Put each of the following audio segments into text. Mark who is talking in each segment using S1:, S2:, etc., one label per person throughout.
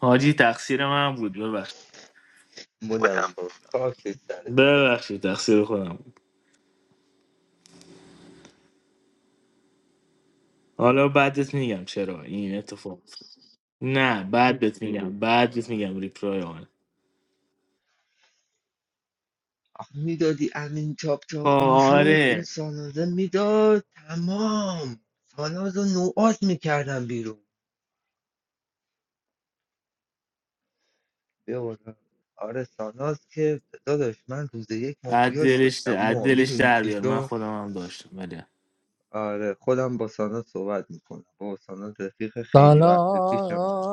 S1: حاجی تقصیر من بود ببخشید
S2: بلم
S1: بودم
S2: کن خاک سرت
S1: ببخشید تقصیر خودم بود. حالا بعدت میگم چرا این اتفاق افتاد. نه بعدت میگم بعدت میگم
S2: آره
S1: ریپلای آن
S2: آخه میدادی امین چاپ چاپ
S1: خب،
S2: میشد اون
S1: آره
S2: سانازه میداد تمام ساناز رو نوعات میکردم بیرون بیا بالا. آره ساناز که داداش من روز یک
S1: از
S2: مافیاش
S1: دلش
S2: داشتم
S1: از
S2: ما
S1: دلش
S2: میدونی
S1: در
S2: چی
S1: بیار من
S2: شد
S1: خودم هم داشتم ولی
S2: آره خودم با ساناز صحبت میکنم با ساناز رفیق خیلی
S3: سالا
S2: وقت پیش منه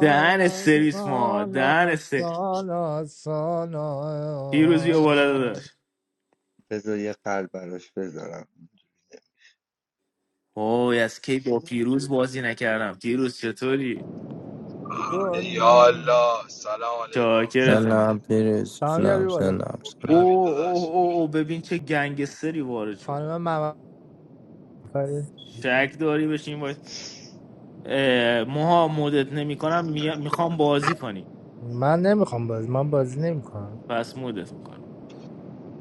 S1: دهن
S2: بیا بالا.
S1: سرویس ما
S3: سالا
S1: دهن سر...
S3: سالا سالا
S1: پیروز بیا بالا داشت
S2: بذار یه قلب براش بذارم
S1: اوه از کی با پیروز بازی نکردم پیروز چطوری
S3: کنی
S4: یا الله سلام علیکم سلام
S1: چاکرتم
S5: سلام
S4: علیکم
S5: پیروز
S3: تمام یاری
S5: سلام
S3: بالا
S5: سلام
S4: خب
S5: سلام
S4: نوید
S1: اوه اوه
S4: داداش
S1: اوه اوه، ببین چه گنگستری وارد شد
S3: خانم محمد آفرین.
S1: شک داری بشین اه، موها مودت نمیکنم میخوام بازی کنی
S3: من نمیخوام بازی من بازی نمیکنم
S1: پس مودت میکنم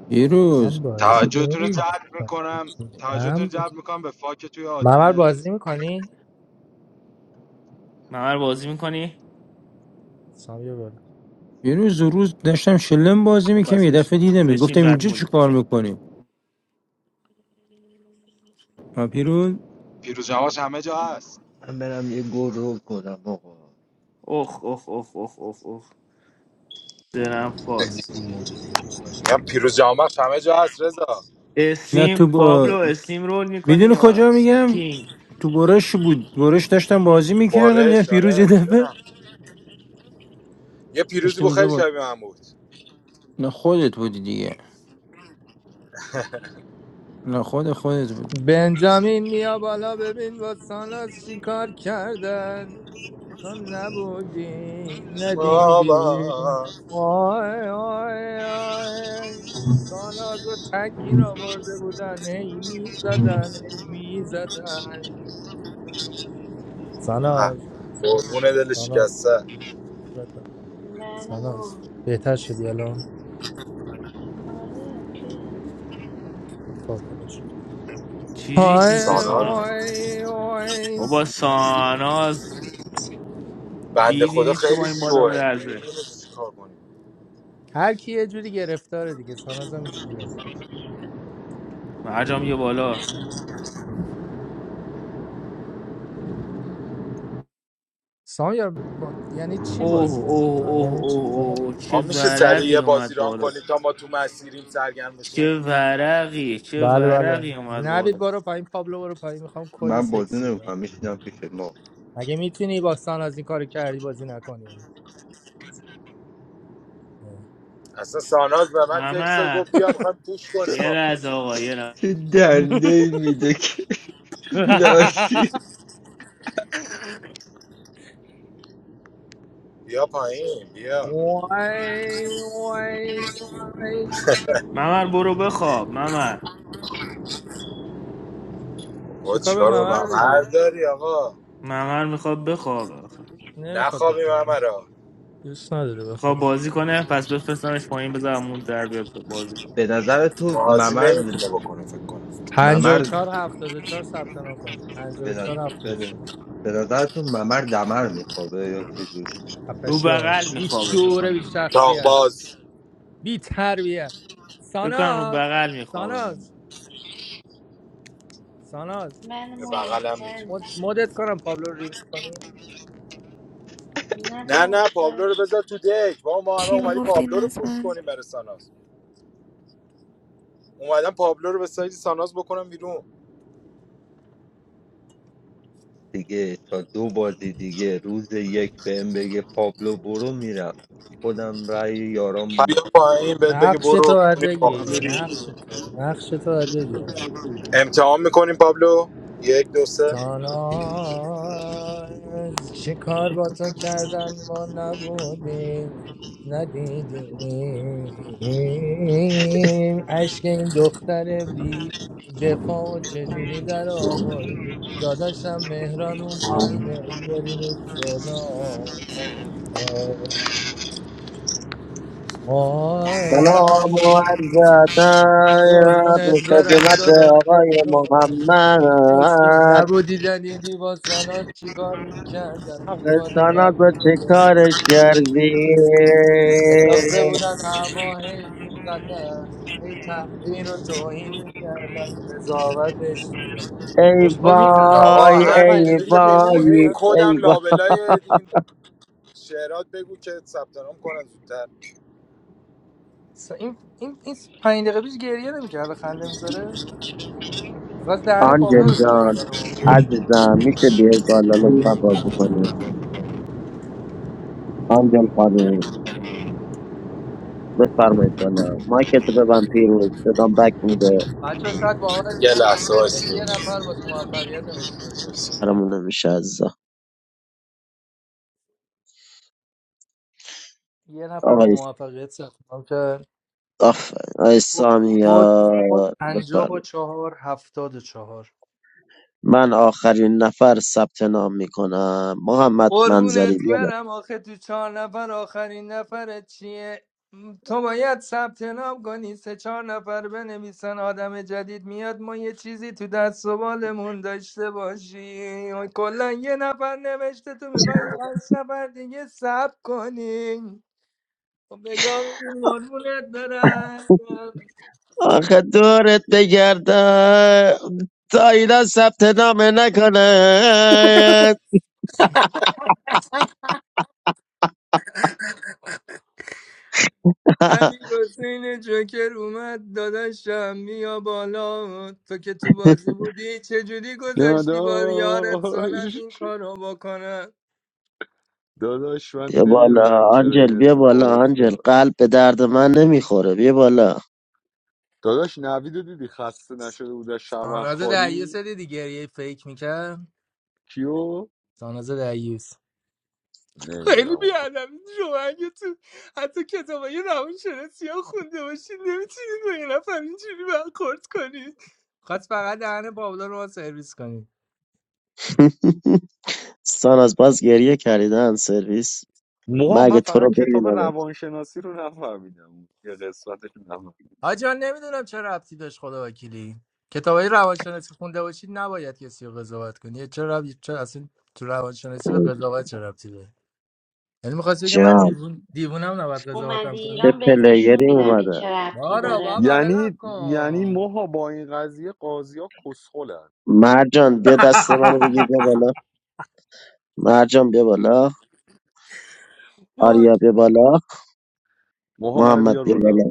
S5: پیروز
S3: من بازی
S4: توجهتون رو جلب
S3: نمیکنم
S4: میکنم توجهتون رو جلب میکنم به فاک توی
S3: من بازی
S4: آدینس
S3: میکنی
S1: ممر بازی میکنی
S5: پیروز اون روز داشتم شلم بازی
S1: خب
S5: میکنم
S1: پس
S5: یه دفعه
S1: بشین
S5: دیدم
S1: بشین
S5: گفتم
S1: بعد
S5: اینجا چی
S1: مودی
S5: کار میکنیم پیروز
S4: پیروز جماش همه جا هست
S2: من برم یه گروه کنم آقا
S1: اخ اخ اخ اخ اخ اخ دلم خواست
S4: میگم پیروز جامبخش همه جا هست رضا
S5: نه تو
S1: اسلیم پابلو
S5: با...
S1: اسلیم رول میکنی
S5: میدونی
S1: یا
S5: کجا میگم
S1: کینگ
S5: تو برش بود برش داشتم بازی میکردم
S4: باره
S5: یه پیروز
S4: آره
S5: یه دفعه
S4: میدونم یه پیروزی
S5: داشتم
S4: بود
S5: اونجا
S4: خیلی
S5: بود
S4: شبیه من بود
S5: نه خودت بودی دیگه نه خود خودت بود
S3: بنجامین میا بالا ببین با ساناز چی کار کردن تو نبودی
S4: ماما
S3: ندیدی آی آی آی ساناز رو تکین آورده بودن هی می زدن هی می زدن ساناز
S4: قربون دل
S3: ساناز
S4: شکسته
S3: صورتم.
S6: من
S3: ساناز
S6: مو
S3: بهتر شدی الان
S6: آره که
S3: خب خدا شد.
S1: چیزی
S3: آی
S1: نیست که
S4: سارا
S1: ساناز
S3: آی آی
S1: بابا ساناز
S4: بنده
S1: بیدی
S4: خدا
S1: نیست که با
S4: خیلی
S1: این بادا
S4: شوه
S1: برده
S4: نمیدونه چیکار کنیم
S3: هر کی یه جوری گرفتاره دیگه ساناز هم اینجوریه
S1: مرجام یه بالا
S3: سامیار با... یعنی چی
S1: اوه
S3: بازی
S1: اوه
S3: نمیکنم
S1: اوه اوه
S3: یعنی چی
S1: اوه
S3: یعنی-
S1: اوه، چه
S4: ما میشه سریع
S1: ورقی
S4: یه بازی
S1: اومد
S4: ران
S1: بالا
S4: کنیم تا ما تو مسیریم سرگرم بشیم
S1: چه ورقی چه
S3: بله بله
S1: ورقی اومد
S3: نوید
S1: بالا
S3: برو پایین پابلو برو پایین میخوام کد
S2: من بازی
S3: سکسی بدم
S2: نمیکنم میشینم پیش ما
S3: اگه میتونی با سان از این کارو کردی بازی نکنی
S4: اصلا ساناز به من تکست داد
S1: ممر
S4: گفت بیا میخوایم پوش کنیم
S1: یه
S4: با
S1: لحظه
S4: تو.
S1: آقا یه لحظه
S2: چه دنده میده که لاشی
S4: بیا پایین بیا
S3: وای وای وای
S1: ممر برو بخواب ممر
S4: با
S3: چیکار به
S4: چیکار به
S3: ممر
S4: ممر
S3: داری
S4: داری آقا
S1: ممر میخواد بخواب آخه.
S3: نمیخواد
S4: نخوابیم
S3: بخوره
S4: ممرا
S3: دوست نداره
S1: میخواد
S3: بخوره
S1: بازی کنه پس بفرستنش پایین بذارم اون در بیاد تو بازی کنه
S2: به نظر تو
S4: بازی
S2: ممر
S4: نمیتونه بکنه فکر کنم
S3: 54
S2: ممر
S3: چهار هفتاد و چهار ثبت نام کنید
S2: به
S3: 54
S2: نظر, به نظر
S3: 74
S2: به نظر تو ممر دمر میخوابه یا چجوری
S1: رو
S3: خفشو
S1: بغل
S3: این
S1: میخوابه
S3: شعور بی
S1: فکرم
S3: شخصیت
S4: تاقباز
S3: بی تربیه
S1: بکنم رو
S3: ساناز
S1: بغل میخوابه
S3: ساناز ساناز
S6: من
S4: به
S6: مو
S4: بغلم
S6: من
S4: میتونه
S3: مد- مدت کنم پابلو رو ریموت کنی
S6: نه
S4: نه
S6: بابا
S4: نه پابلو رو
S6: چیکارش
S4: بذار تو دک ما ما همه
S7: Chhemi
S4: اومدی
S7: kofte
S4: پابلو رو پوش
S7: nazman,
S4: کنیم برای ساناز اومدم پابلو رو به سایز ساناز بکنم بیرون
S2: دیگه تا دو بازی دیگه روز یک بهم بگه پابلو برو میرم خودم رأی یارام می-
S4: بیا پایین بهت بگه
S3: نقش تو
S4: برو
S3: باید
S4: می‌ری واقعا
S3: بگی
S4: میری
S3: نقش تو نقش تو باید بگی
S4: امتحان میکنیم پابلو یک دو سه
S3: ساناز چه کار با تو کردن ما نبودیم ندیدیم اشک این دختر بی دفاع و چجوری در آوردی داداشم مهران اون پایینه بیارینش بالا آی آی
S8: سلام از
S3: قربونت برم
S8: خدمت
S3: داداش باش
S8: آقای
S3: رو بگی. خوشگل
S8: محمد
S3: نبودیدن یه دیوان سالات چیکار میکردن تو بازی
S8: پاکستان به
S3: قبلی
S8: چه
S3: داداش
S8: کارش کردی
S3: انداخته بودن هوا هی میزدن هی تنبیه رو توهین میکردن قضاوتش می‌کردن.
S8: ای
S3: خوشگل میخنده
S8: وای
S4: آقا
S3: همین الان پنج
S8: ای
S3: دقیقه
S4: همینجوری که
S3: پیش گریه
S4: میخونی این
S8: وای
S3: نمیکرد
S4: کدم
S8: ای وای
S4: لابلای این شعرات بگو که ثبت نام کنن زودتر
S3: این این این پنج دقیقه پیش گریه نمیکرد خنده میذاره میخواست دهن پابلو
S8: آنجل
S3: رو بگاهیم
S8: جان
S3: فقط ما
S8: عزیزم میشه بیای بالا لطفا بازی کنی آنجل خانم بفرمایید بالا مایکت رو ببند پیروز بدم بک میده
S3: بچه شاید
S4: یه
S3: باورتون نشه تا
S4: لحظه
S3: حالا
S4: وایسی
S3: یه نفر با موفقیت نوشته
S8: برامون نمیشه عزیزم
S3: یه نفر با
S8: آقای
S3: موفقیت ثبت نام کرد
S8: آف آقای
S3: کد کد
S8: سامیار بفرمایید.
S3: پنجاه و چهار هفتاد و چهار
S8: من آخرین نفر ثبت نام میکنم محمد منظری
S3: قربونت
S8: بیا
S3: برم آخه تو چهار نفر آخرین نفرت چیه تو باید ثبت نام کنی سه چهار نفر بنویسن آدم جدید میاد ما یه چیزی تو دست و بالمون داشته باشی کلا یه نفر نوشته تو میخوای پنج نفر دیگه ثبت کنی خب بگاه ببین، قربونت برم
S8: آخه دورت بگردم تا اینا ثبت نام نکنه
S3: امیر حسین جوکر اومد داداشم بیا بالا تو که تو بازی بودی چجوری گذاشتی با یارت ساناز
S9: داداش
S3: این کارو بکنه
S9: داداش من
S8: بیا بالا
S9: نمیدونم چرا
S8: آنجل
S9: این
S8: بیا بالا
S9: اتفاق
S8: آنجل
S9: افتاد
S8: قلب به درد من نمیخوره بیا بالا
S9: داداش نویدو دیدی خسته نشده بود از
S3: ساناز دعیوس
S9: خاری
S3: رو دیدی گریه فیک میکرد
S9: کیو
S3: ساناز دعیوس
S9: نمیدونم
S3: خیلی
S9: اونو
S3: بیادم شما اگه تو حتی کتابای روان شناسی ها خونده باشید نمیتونید با یه نفر اینجوری برخورد کنید خواست فقط دهن بابلا رو سرویس کنید
S8: سان از باز گریه کردن سرویس مگه
S9: موها من
S8: تو
S9: فقط
S8: رو
S9: کتاب
S8: ببینم
S9: روانشناسی رو نفهمیدم اون یه قسمتش رو نفهمیدم
S3: آجان نمیدونم چه ربطی داشت خدا وکیلی کتابای روانشناسی خونده باشید نباید کسی رو قضاوت کنی چه ربطی چه اصلا تو روانشناسی به قضاوت چه ربطی داره یعنی می‌خواستی بگه من
S8: جان
S3: دیوون دیوونم نباید قضاوتم
S6: اومدی
S8: چه
S6: ایران
S3: کنیم
S6: بهت نشون
S8: پلیری
S6: میدم که
S8: اومده
S6: چه ربطی
S3: بارا
S6: داره
S3: بابا بلم
S9: یعنی یعنی
S3: کن
S9: موها با این قضیه قاضی ها کسخلن
S8: مرجان بیا دست منو بگیر بیا بالا مرجان بیا بالا
S3: وای
S8: آریا بیا بالا
S9: موها منو
S8: محمد
S9: بیار
S8: بیا
S9: بالا
S8: بالا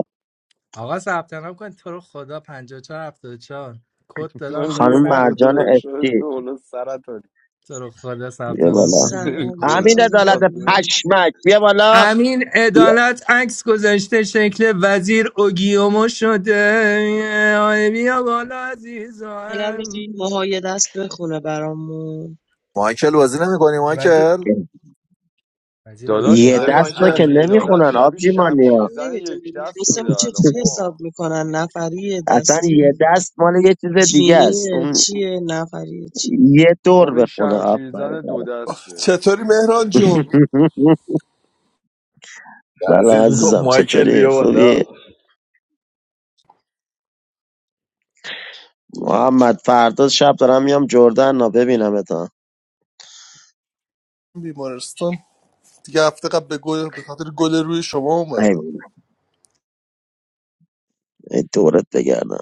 S3: آقا ثبت نام کن تو رو خدا 54 چهار هفتاد و چهار کد دادم
S9: منو
S3: داره
S9: بیار
S8: خانم
S9: بالا
S3: سخت
S8: مرجان
S3: میشه
S9: داداش منو
S8: افتی
S9: بیار بالا سرطانی
S3: تو رو خدا ثبت
S8: بیا
S3: نام
S8: بالا
S3: کن.
S9: نمی
S10: سلام
S8: امین
S9: کنم
S10: چطوری
S8: عدالت
S10: ممنون منتظرم
S8: پشمک بیا
S10: بچه‌ام.
S8: بالا
S3: امین
S8: بیا.
S3: عدالت عکس گذاشته شکل وزیر اوگیومو شده آی بیا بالا
S10: فعلا
S3: عزیزم
S10: بگین ماهای دست بخونه برامون
S11: Michael, was it him? Who was
S3: وزیر
S11: Michael?
S3: وزیر
S9: داداش
S3: اوگیومو
S8: یه
S11: That's right,
S9: ام...
S3: بود
S8: دست رو
S11: Michael.
S8: که
S9: امین عدالت
S8: نمیخونن
S9: شبیه
S8: آبجی
S10: من
S8: مانیا
S9: شمشیرزن یک
S10: نمیدونیم
S9: دست شده
S10: میخواستمون
S9: الان
S10: چجوری حساب
S9: ما
S10: میکنن نفریه
S8: اصلا یه
S10: دستی
S8: دست مال یه چیز دیگه است
S10: جینیه
S8: اون
S10: چیه نفریه چیه
S8: یه
S9: خب
S8: دور
S9: این
S8: بخونه آفرین
S9: شمشیرزن دو دسته
S12: چطوری مهران جون
S11: That's
S8: سلام
S11: it. No,
S8: عزیزم چطوری
S11: Michael.
S8: خوبی محمد فردا شب دارم میام جردن نا ببینم اتا
S12: بیمارستان دیگه هفته قبل به گل به خاطر گل روی شما
S8: ای
S12: اومدیم
S8: بابا، ای دورت بگردم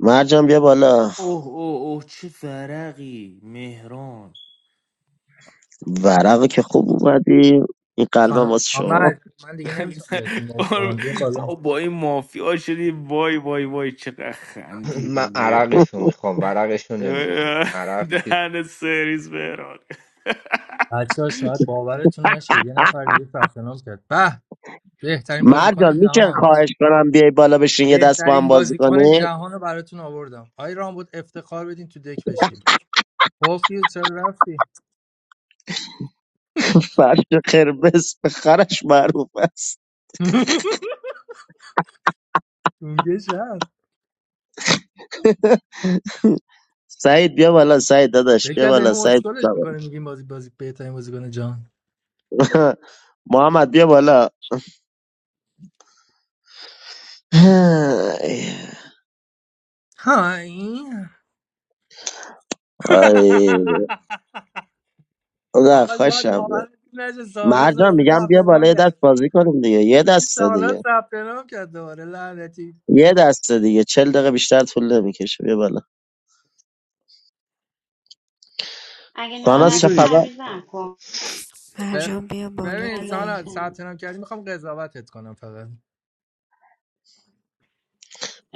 S8: مرجان بیا بالا
S1: اوه اوه اوه چه فرقی مهران
S8: ورقه که خوب اومدی این قلبم
S3: خانم
S8: واسه شما
S3: آمد من دیگه نمیتونم بهتون موضوع بدم بیا بالا
S1: ما با این مافیا شدیم وای وای وای چقدر
S2: من
S1: خندیدیم مهران
S2: عرقشو میخوام ورقشو نمیخوام عرق چی
S1: دهن سریز مهران
S3: بچه ها شاید باورتون نشه یه نفر دیگه ثبت نام کرد به بهترین بازیکن
S8: مرجان میشه
S3: جهان
S8: خواهش کنم بیای بالا بشین یه دست با هم
S3: بهترین
S8: بازی
S3: بازیکن
S8: کنیم
S3: جهان رو براتون آوردم آی رام بود افتخار بدین تو دک بشین گفتی چرا رفتی
S8: فرش قرمز به خرش معروف است
S3: اونگه
S8: سعید بیا بالا سعید داداش
S3: فکر
S8: بیا
S3: کرد داریم
S8: بالا سعید
S3: اسکلش
S8: سلام.
S3: میکنه میگیم بازی بازی بهترین بازیکن جان
S8: محمد بیا بالا
S3: های
S8: آی خدا
S3: آقا زاد
S8: خوشم میاد.
S3: باورتون نشه ساناز
S8: مرجان
S3: دوباره
S8: میگم
S3: ثبت
S8: بیا بالا
S3: نام
S8: یه دست
S3: کرد
S8: بازی کنیم دیگه یه
S3: حاجی
S8: دست
S3: ساناز
S8: دیگه
S3: ثبت نام کرد دوباره لعنتی
S8: یه دست دیگه چل دقیقه بیشتر طول نمیکشه بیا بالا
S6: اگه
S2: آخه
S8: ساناز چه
S6: ناراحتی
S2: میدونی
S8: خبر
S6: تعویزم کن
S3: ب-
S7: majboob ballot
S3: ببین
S7: haiye.
S3: ساناز ثبت
S6: فداتم
S3: نام کردی میخوام قضاوتت کنم فقط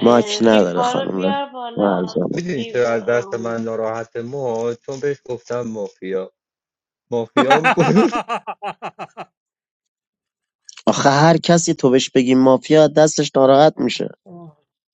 S8: ماک نداره
S6: ریوا رو
S8: خانم
S6: بیار بالا
S8: مرجان
S2: میدونی چرا
S6: ریوا
S2: از دست من
S6: آمد
S2: ناراحت ما چون بهش گفتم مافیا مافیا هم- بود.
S8: آخه هر کسی تو بهش بگی مافیا دستش ناراحت میشه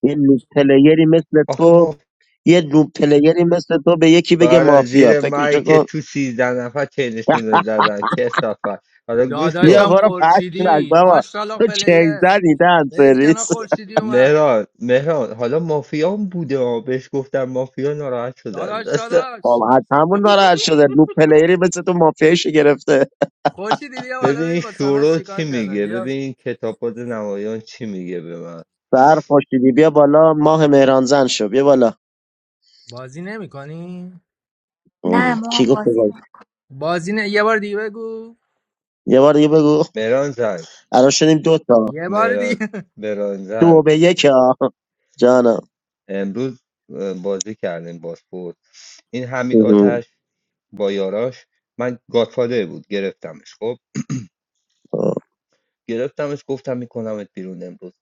S8: یه نوب پلیری مثل
S2: آخه
S8: تو
S2: ما
S8: یه نوب پلیری مثل تو به یکی بگه
S2: برای
S8: مافیا
S2: زیر مایی
S8: فکرشو
S2: که
S8: کن
S2: تو سیزده نفر چینشون رو زدن کسافت حالا گوش
S8: یا
S2: کن
S3: داداشم
S8: برو پشت رک
S3: خورشیدی
S8: بابا
S3: ماشاءالله
S8: تو چنگ
S3: پلیر
S8: زدی دن
S3: برید کنار
S8: سریس
S3: خورشیدی اومد
S2: مهران مهران حالا مافیا هم بوده ها بهش گفتم مافیا ناراحت شده از
S3: داداش
S2: دست
S8: خب
S3: داداش
S8: از همون ناراحت شده نوب پلیری مثل تو مافیایشو گرفته
S3: خورشیدی بیا بالا
S2: ببین
S3: ببین با ساناز
S2: شورو
S3: چیکار
S2: چی میگه
S3: کردن
S2: ببین کتابات نمایان چی میگه به من
S8: سر خوشیدی بیا بالا ماه مهرانزن شو بیا بالا
S3: بازی نمیکنی؟
S13: نه
S8: اوه،
S13: موها
S8: کی گفت
S13: بازی
S8: بگو
S13: نه
S3: بازی نه یه بار دیگه بگو
S8: یه بار دیگه بگو
S2: مهران زن
S8: الان شدیم دو تا
S3: یه بار
S2: مهران,
S3: دیگه
S2: مهران زن
S8: دو به یک ها جانم
S2: امروز اه، بازی کردیم باسپورت این حمید
S8: اوه.
S2: آتش با یاراش من گادفادر بود گرفتمش خب
S8: اوه.
S2: گرفتمش گفتم میکنمت بیرون امروز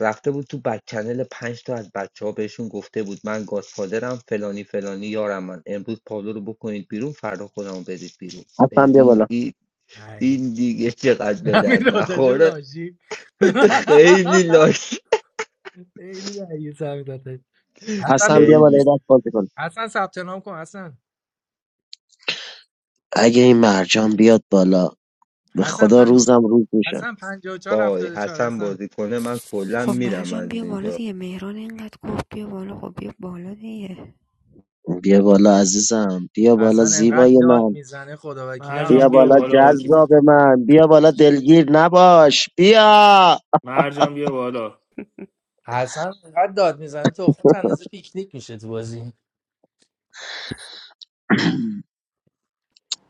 S2: رفته بود تو بک چنل پنج تا از بچه ها بهشون گفته بود من گادفادرم فلانی فلانی یارم من امروز پابلو رو بکنید بیرون فردا خودمو بدید بیرون
S8: حسن بیا
S2: ببین
S8: بالا
S2: این
S3: ای
S2: این دیگه چقدر به درد
S3: همین آتش
S2: نخوره
S3: لاشی
S2: خیلی لاش
S3: خیلی رئیس همین آتش حسن
S8: حسن
S3: بیا
S8: بیا
S3: بالا.
S8: بالا یه
S2: خیلی
S8: دست بازی کن
S3: حسن ثبت نام کن حسن
S8: اگه این مرجان بیاد بالا به
S3: حسن
S8: خدا
S3: پنج
S8: روزم روز میشه
S3: حسن 54
S2: وای
S3: 74
S2: حسن
S3: حسن
S2: بازی کنه من کلا
S7: Ko
S2: میرم از
S7: majboob ballot
S2: اینجا
S7: haiye, mere onen gaat kofte ballot, kofte ballot haiye.
S8: بیا بالا عزیزم بیا بالا
S3: حسن انقدر
S8: زیبای
S3: داد
S8: من
S3: میزنه خدا وکیلی
S1: مرجان
S8: بیا
S1: بیا
S8: بالا
S3: همسایه‌ها
S1: بالا
S8: جذاب من بیا بالا دلگیر نباش بیا
S1: مرجان بیا بالا
S3: حسن انقدر داد میزنه تو خود اندازه پیکنیک میشه تو بازی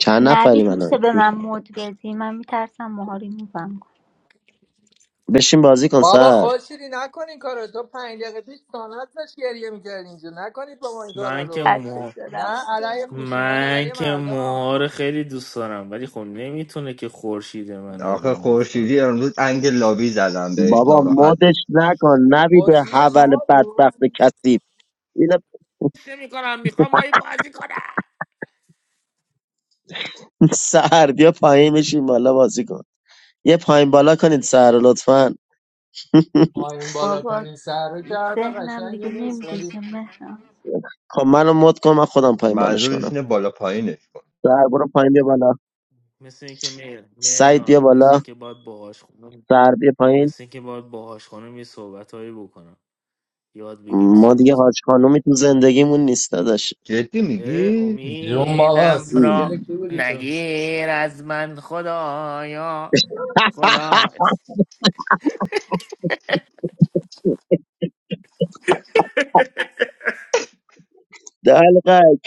S8: چند نفریم
S13: نوید
S8: الان
S13: میشه به
S8: شش
S13: من
S8: نفر.
S13: مود بدی من میترسم موها ریمووم کنه
S8: بشین بازی کن
S3: بابا
S8: سر
S3: خوشیری نکن این کارو تو پنج دقیقه پیش سانت داشت گریه میکرد اینجا نکنید با ما این کارا
S1: من که
S3: رو
S13: خسته
S1: موها
S13: شدم
S3: نه
S13: واسه.
S3: علیه
S13: امروز.
S3: خشونت
S1: من
S3: علیه
S1: که
S3: مردان
S1: موها رو خیلی دوست دارم ولی خب نمیتونه که خورشید منو روی
S2: آخه
S1: موف کنه
S2: خورشیدی امروز انگ لابی زدم بهش
S8: بابا
S2: ناراحته
S8: مدش نکن نبی به
S3: خورشید
S8: حول
S3: شما بود
S8: بدبخت کثیف اینا
S1: نمیکنم میخوام با این بازی کنم
S8: سر بیا پایین بشین بالا بازی کن یه پایین بالا کنید سر رو لطفا
S3: پایین بالا
S13: بابا
S3: کنین سر رو که حرف
S13: ذهنم
S3: قشنگی
S13: دیگه
S3: نیست ولی
S13: نمیکشه مهرم
S8: خب منو مد کن من خودم پایین بالاش
S2: منظورش
S8: کنم
S2: اینه بالا پایینش کن
S8: سر برو پایین بیا بالا
S1: مثل اینکه مهر-
S8: سعید بیا
S1: مهران مثل
S8: بالا
S1: اینکه باید باهاش خونم
S8: سر بیا پایین
S1: مثل اینکه باید باهاش خونم یه صحبت هایی بکنم یاد بگیری
S8: ما دیگه
S1: صحبت
S8: حاج خانومی تو زندگیمون نیست
S2: جدی
S1: اه،
S2: میگی؟
S3: جون بابا
S1: امیدم
S3: سینگل
S1: را
S3: کی بودی تو
S1: نگیر از من خدایا خدا
S8: دلقک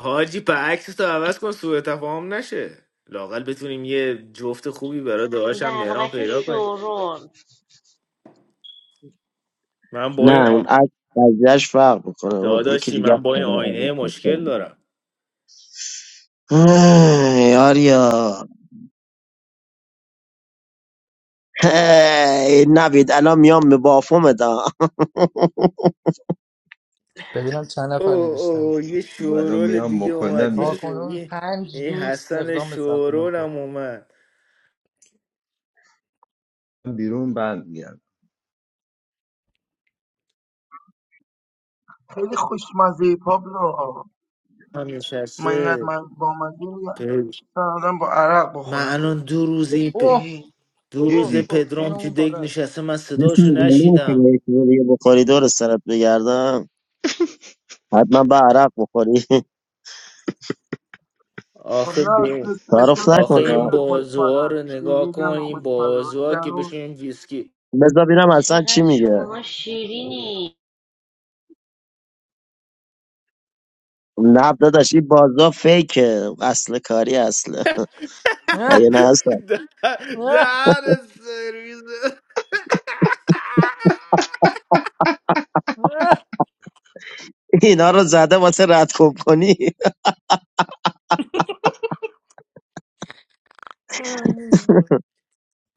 S1: حاجی عکس تو عوض کن سوء تفاهم نشه لاقل بتونیم یه جفت خوبی برای داداشم مهران
S6: دلغک
S1: پیدا کنیم
S6: شورول
S1: من با این
S8: نه
S1: آ...
S8: اون عکس قضیهش فرق میکنه اون یکی
S1: داداشی
S8: دیگه
S1: من
S8: است
S1: با
S8: که
S1: این
S8: در
S1: آینه
S8: عوض
S1: مشکل
S8: هستن.
S1: دارم
S8: آه، یاریا هی، نوید الان میام به بافوم دا
S3: ببینم چند نفر
S1: اوه اوه
S3: نوشتم
S1: یه
S2: بگو الان
S1: شورول
S2: میام
S1: دیگه اومد یه
S2: مکنمت
S1: شو...
S3: تاکنون
S1: یه...
S3: پنج
S1: یه
S3: دوست
S1: حسن
S3: اقدام به ثبت نام کرد
S1: شورولم اومد
S2: بیرون بند میام
S14: خیلی خوشمزه ای پابلو
S1: هم
S14: من اینقدر
S1: نشسته
S14: من با مزه
S1: پ-
S14: اصلا آدم با عرق
S1: من
S14: بخورم
S1: الان دو روز این پ...
S3: اوه
S14: هی.
S1: دو روز
S3: اوه
S2: دیدی
S3: اوه
S1: پدرام تو
S3: جونمون
S1: دک
S3: پاره است.
S1: نشسته من
S8: مثل
S1: صداشو
S8: گله که
S1: نشیدم
S8: با یکی دیگه بخوری دور سرت بگردم حتما به عرق بخوری
S14: خب نه
S1: آخه
S14: احساس
S8: تعارف
S1: آخه
S14: رو
S1: این
S8: نکنه
S14: خیلی خوشمزه
S1: بازوها
S14: است
S1: رو نگاه
S14: اینجوری
S1: کن
S14: هم
S1: این
S14: خوشمزه باشه در
S1: بازوها که بشه
S14: اون
S1: این ویسکی
S8: بذار ببینم اصلا چی
S6: چقدر
S8: میگه
S6: شماها شیرینی
S8: نه داداش این بازار فیکه اصل کاری اصله مگه نه اصلا
S1: دهن سرویس
S8: اینا رو زده واسه رد خوب کنی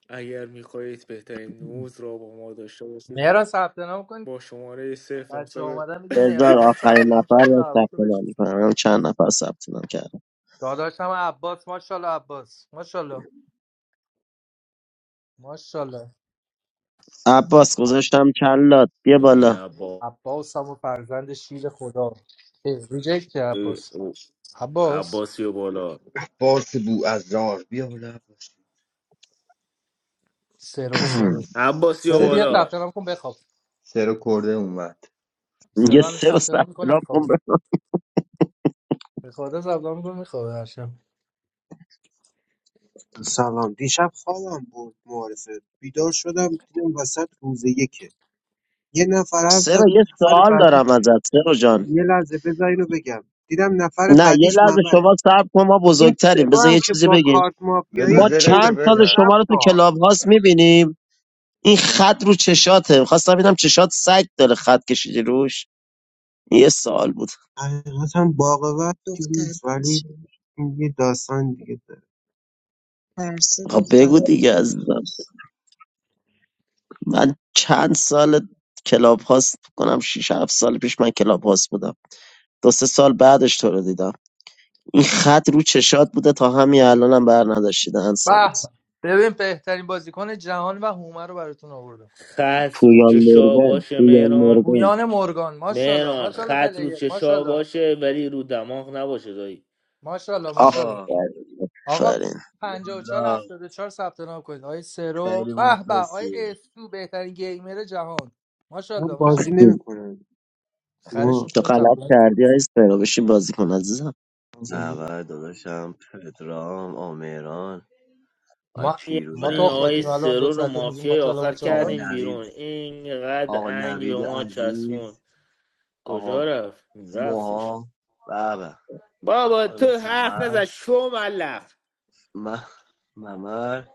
S1: اگر میخواهید بهترین نوز را با ما داشته باشید
S3: مهران ثبت نام کن
S1: با شماره
S3: بچه ها
S1: 0900
S3: اومدن میگه مهران
S8: بذار
S3: زن
S8: آخرین
S3: ثبت نام
S8: نفر
S3: کرده به
S8: رو
S3: هوای
S8: ثبت
S3: تو
S8: نام
S3: بشین
S8: میکنم هم چند نفر ثبت نام کردم
S3: داداشم عباس ماشاءالله عباس ماشاءالله ماشاءالله
S8: عباس
S3: عب...
S8: گذاشتم کلات بیا
S1: ببین
S8: بالا
S1: عبا
S3: عباس هم و فرزند شیر خدا اه، ریجکت کرد
S1: ببین-
S3: عباس
S1: او،
S3: عباس
S1: عباسی و بالا
S2: عباس بو از رار بیا بالا عباس
S3: سرو سرو
S1: عباسی و
S3: سرو
S2: سر
S3: بیا
S1: بالا
S3: ثبت نام کن بخواب
S2: سر کرده اومد
S8: یه
S3: سرو هم
S8: سه رو
S3: ثبت
S8: ثبت
S3: نام میکنه
S8: نام کن
S3: میخوابه
S8: ب-
S3: به خدا ثبت نام میکنه میخوابه هر شب
S15: سلام دیشب خوابم برد معارفه بیدار شدم دیدم وسط روز یکه یه نفر حرف
S8: سه
S15: زد
S8: رو یه
S15: نفر
S8: سوال
S15: بعدی
S8: دارم ازت سه رو جان
S15: یه لحظه بذار اینو بگم دیدم نفر
S8: نه یه
S15: بعدیش
S8: لحظه
S15: ممره
S8: شما صبر کن ما
S15: این
S8: بزرگتریم
S15: سوا
S8: بذار
S15: هم
S8: یه
S15: که
S8: چیزی
S15: با
S8: بگیم
S15: کارت
S2: بذار
S15: مافیایی
S8: ما
S2: زرش رو
S8: چند سال
S15: گرسید
S2: بزن
S8: شما رو
S15: رفت
S8: تو
S15: ها
S8: کلاب هاست میبینیم این خط رو چشاته خواستم ببینم چشات سگ داره خط کشیدی روش یه سال بود
S15: حقیقتا باقوت چیزی
S10: دختر
S15: نیست ولی
S10: کوشه
S15: این یه داستان دیگه داره
S10: ترسه
S8: خب بگو
S10: دخترا
S8: دیگه از
S10: بکنیش
S8: من چند سال کلاب هاست کنم 6 7 سال پیش من کلاب هاست بودم دو سه سال بعدش تو رو دیدم این خط رو چشات بوده تا همین الانم هم بر نداشتی دهن
S3: به
S8: سرویس
S3: به. ببین بهترین بازیکن جهان و هومر رو براتون آوردم
S1: خط رو
S8: پویان
S1: چشا
S8: مورگان
S1: باشه
S8: پویان
S1: مهران
S8: مورگان
S3: گویان مورگان ماشاءالله
S1: مهران
S3: ماشاءالله
S1: خط رو
S3: پلیر
S1: چشا
S3: ماشاءالله
S1: باشه ولی رو دماغ نباشه دایی.
S3: ماشاءالله ماشاءالله
S16: آقا
S8: آفرین
S3: آقا 54
S16: یالا
S3: 74 ثبت نام کنید آقای سرو
S16: خیلی
S3: به به آقای
S16: مخلصی
S3: اسو بهترین گیمر جهان
S15: من
S3: ماشاءالله
S15: بازی
S3: ماشاءالله
S15: نمیکنم
S3: خرشون
S15: ما
S8: تو
S3: کنیم ثبت
S8: غلط
S3: نام کنیم.
S8: کردی عزیز برو بشین بازی کن عزیزم
S16: نوه داداشم پدرام آمران آی
S3: ما
S16: پیروز
S3: ما
S1: این آقای
S3: تخمتیم
S16: عزیز
S3: الان دو
S1: سرور و
S3: ساعته میگیم
S1: مافیای
S3: ماشاءالله
S1: آخر
S16: آقا
S3: ماشاءالله
S1: کردیم بیرون
S16: نوید آقا
S1: اینقدر انگ به
S16: نوید
S1: ما چسبون
S16: عزیز
S1: کجا
S16: آقا
S1: رفت رفتش
S16: موها بابا
S1: بابا
S16: خانم
S1: تو حرف نزد
S16: سمت
S1: شو ملق
S16: من ممر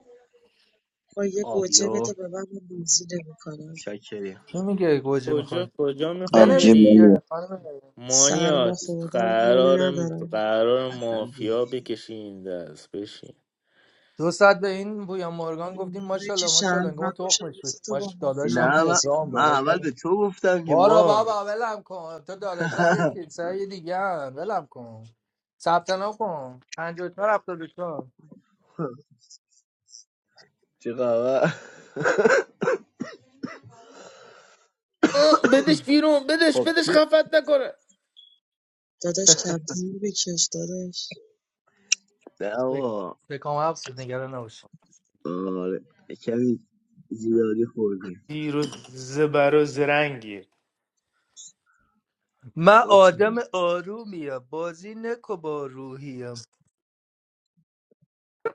S10: با یه گوجه
S16: پابلو
S10: بده به من من بازی نمیکنم
S16: چاکریم
S3: کی میگه گوجه
S1: کجا
S3: میخواد
S1: کجا میخوای
S8: آبجی
S3: بنویس
S1: بری
S8: منو
S3: دیگه خانم
S10: سرما
S1: مانیات
S10: خوردم حال
S1: قرارم
S10: ندارم
S1: قرار
S16: اصل
S1: مافیا
S16: که-
S1: بکشین دست بشین
S3: دو ساعت به این بویا مورگان گفتیم
S10: انگاره که
S3: ماشاءالله ماشاءالله انگار ما
S10: شهروند باشم
S3: تخمش
S10: مثل
S3: بود
S10: تو با
S3: ماش داداش
S10: مافیا
S3: هم
S16: نه من,
S10: بازی
S3: پدرام
S16: من
S10: کنم
S3: داداش
S16: اول
S3: هم
S16: به تو گفتم که
S3: بارا
S16: ما
S3: بابا ولم کن تو داداشات یک کیسه دیگه هم ولم کن ثبت نام کن 54 چهار هفتاد و چهار
S16: چه خبر
S1: آه، بدش بیرون بدش
S16: خب
S1: بدش خفت نکنه
S10: داداش کمتر بکش داداش
S16: نه
S3: فکر
S16: آقا
S3: فکرم حبس بود نگران نباش
S16: آره کمی زیادی خوردیم
S1: دیر و زبر و زرنگی
S3: من
S16: کچ
S3: آدم
S16: می‌گی.
S3: آرومیم بازی نکو با روحیم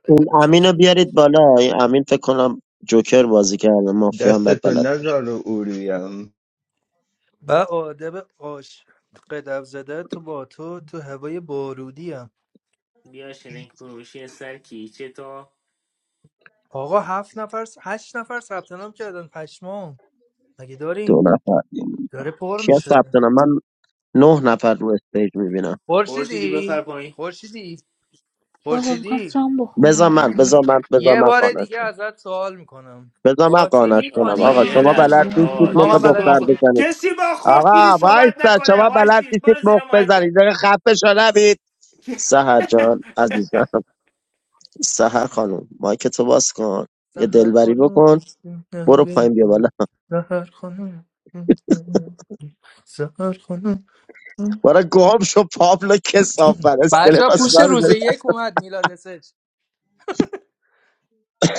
S8: اون امینو بیارید بالا این امین فکر کنم جوکر بازی کرده مافیا هم بد
S2: دستتو
S8: بلد
S2: نزار و اوریم
S3: من آدم آش قدم زده تو با تو تو هوای بارودیم
S1: بیا شرنگ فروشی سر کیچه تا
S3: آقا هفت نفر هشت نفر ثبت نام کردن پشمام مگه
S8: دو
S3: داریم
S8: نفر
S3: داره پر
S8: کیا
S3: میشه
S8: ثبت نام من نه نفر رو استیج میبینم
S1: خورشیدی بپر
S3: خورشیدی
S1: پایین
S3: خورشیدی
S13: بابا میخوام
S3: خورشیدی
S13: شام بخورم
S8: بذار من
S13: مامان.
S8: بذار من بذار
S3: یه
S8: من
S3: بار
S8: قانعش
S3: دیگه ازت سوال میکنم
S8: بذار من
S3: بازی
S8: قانعش کنم
S1: آقا
S8: آقا
S1: یه
S13: نه نه
S3: میکنی
S8: شما
S1: لحظه
S8: بلد
S13: مامان
S8: نیستید
S1: آقا
S8: مخ
S13: نمی‌خوام.
S3: آ من
S1: کسی
S3: بلد
S1: با
S8: دختر
S3: نیستم
S1: خود
S8: بزنید
S1: کسی با خورشیری
S8: آقا
S1: صحبت
S8: وایسا
S1: نکنه
S8: شما
S1: وای
S8: بلد
S1: سیز
S8: نیستید
S1: برو زیر
S8: مخ
S1: مایکت
S8: بزنید دیگه خفه شو نبید سهر جان عزیزم سهر خانم مایک تو باز کن یه
S3: سهر
S8: دلبری
S3: خانم
S8: بکن برو پایین بیا بالا
S3: سهر خانم سهر خانم
S8: برو گم شو پابلو کسافت
S3: بچه ها
S8: اسکلت
S3: پوش
S8: اصلا
S3: روز
S8: میذاری
S3: یک اومد میلاد اسج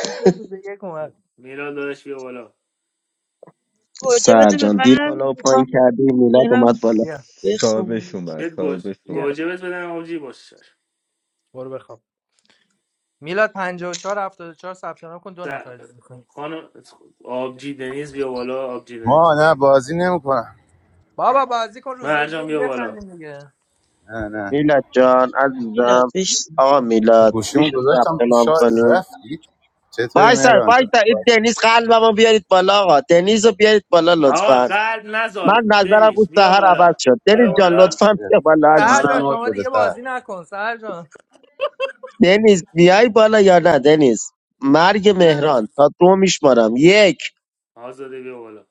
S3: پوش روز یک اومد
S1: میلاد داداش بیا بالا
S10: گوجه
S8: سهر
S10: بده به
S8: جان دیر
S10: من
S8: بالا و پایین
S10: میخوام
S8: کردی میلاد اومد
S10: برم
S8: بالا
S3: بیا
S2: صاحبش
S10: بخوام
S2: اومد
S1: بهت گوج...
S2: صاحبش
S3: بیا
S2: اومد
S1: گوجه بهت بدن آبجی باشه
S3: برو بخواب میلاد 54 74 ثبت نام کن دو
S1: سر...
S3: نفر دیگه می‌کنیم.
S1: خانم آبجی دنیز بیا بالا آبجی
S17: ما
S1: دنیز
S17: نه بازی نمیکنم
S3: بابا بازی کن روز یک
S1: مرجان
S3: بری
S1: بیا بالا
S3: بخندیم دیگه
S17: نه نه
S8: میلاد جان عزیزم
S10: میلاد بشین
S8: آقا
S17: این
S8: میلاد
S17: گوشیمو
S8: میشه
S17: گذاشتم
S8: ثبت
S17: تو
S8: نام
S17: شارژ
S8: کنی
S17: رفتید چطوری
S8: وایسا
S17: مهران جان
S8: وایسا این دنیز قلبمو بیارید بالا آقا دنیز رو بیارید بالا
S1: آقا
S8: لطفا
S1: قلب
S8: من
S1: نزار
S8: نظرم
S1: دنیز
S8: بود
S1: بیا
S8: سهر عوض
S1: بالا
S8: شد
S1: بیا
S8: دنیز
S17: آره،
S8: جان
S17: بله.
S1: بالا
S8: لطفا بیا بالا
S17: به
S3: سهر
S17: منم
S3: جان
S8: عزیزم
S17: مود
S3: شما
S17: بده
S3: دیگه
S17: سر
S3: بازی نکن سهر جان
S8: دنیز بیای بالا یا نه دنیز مرگ مهران تا دو میشمارم یک
S1: آزاده بیا بالا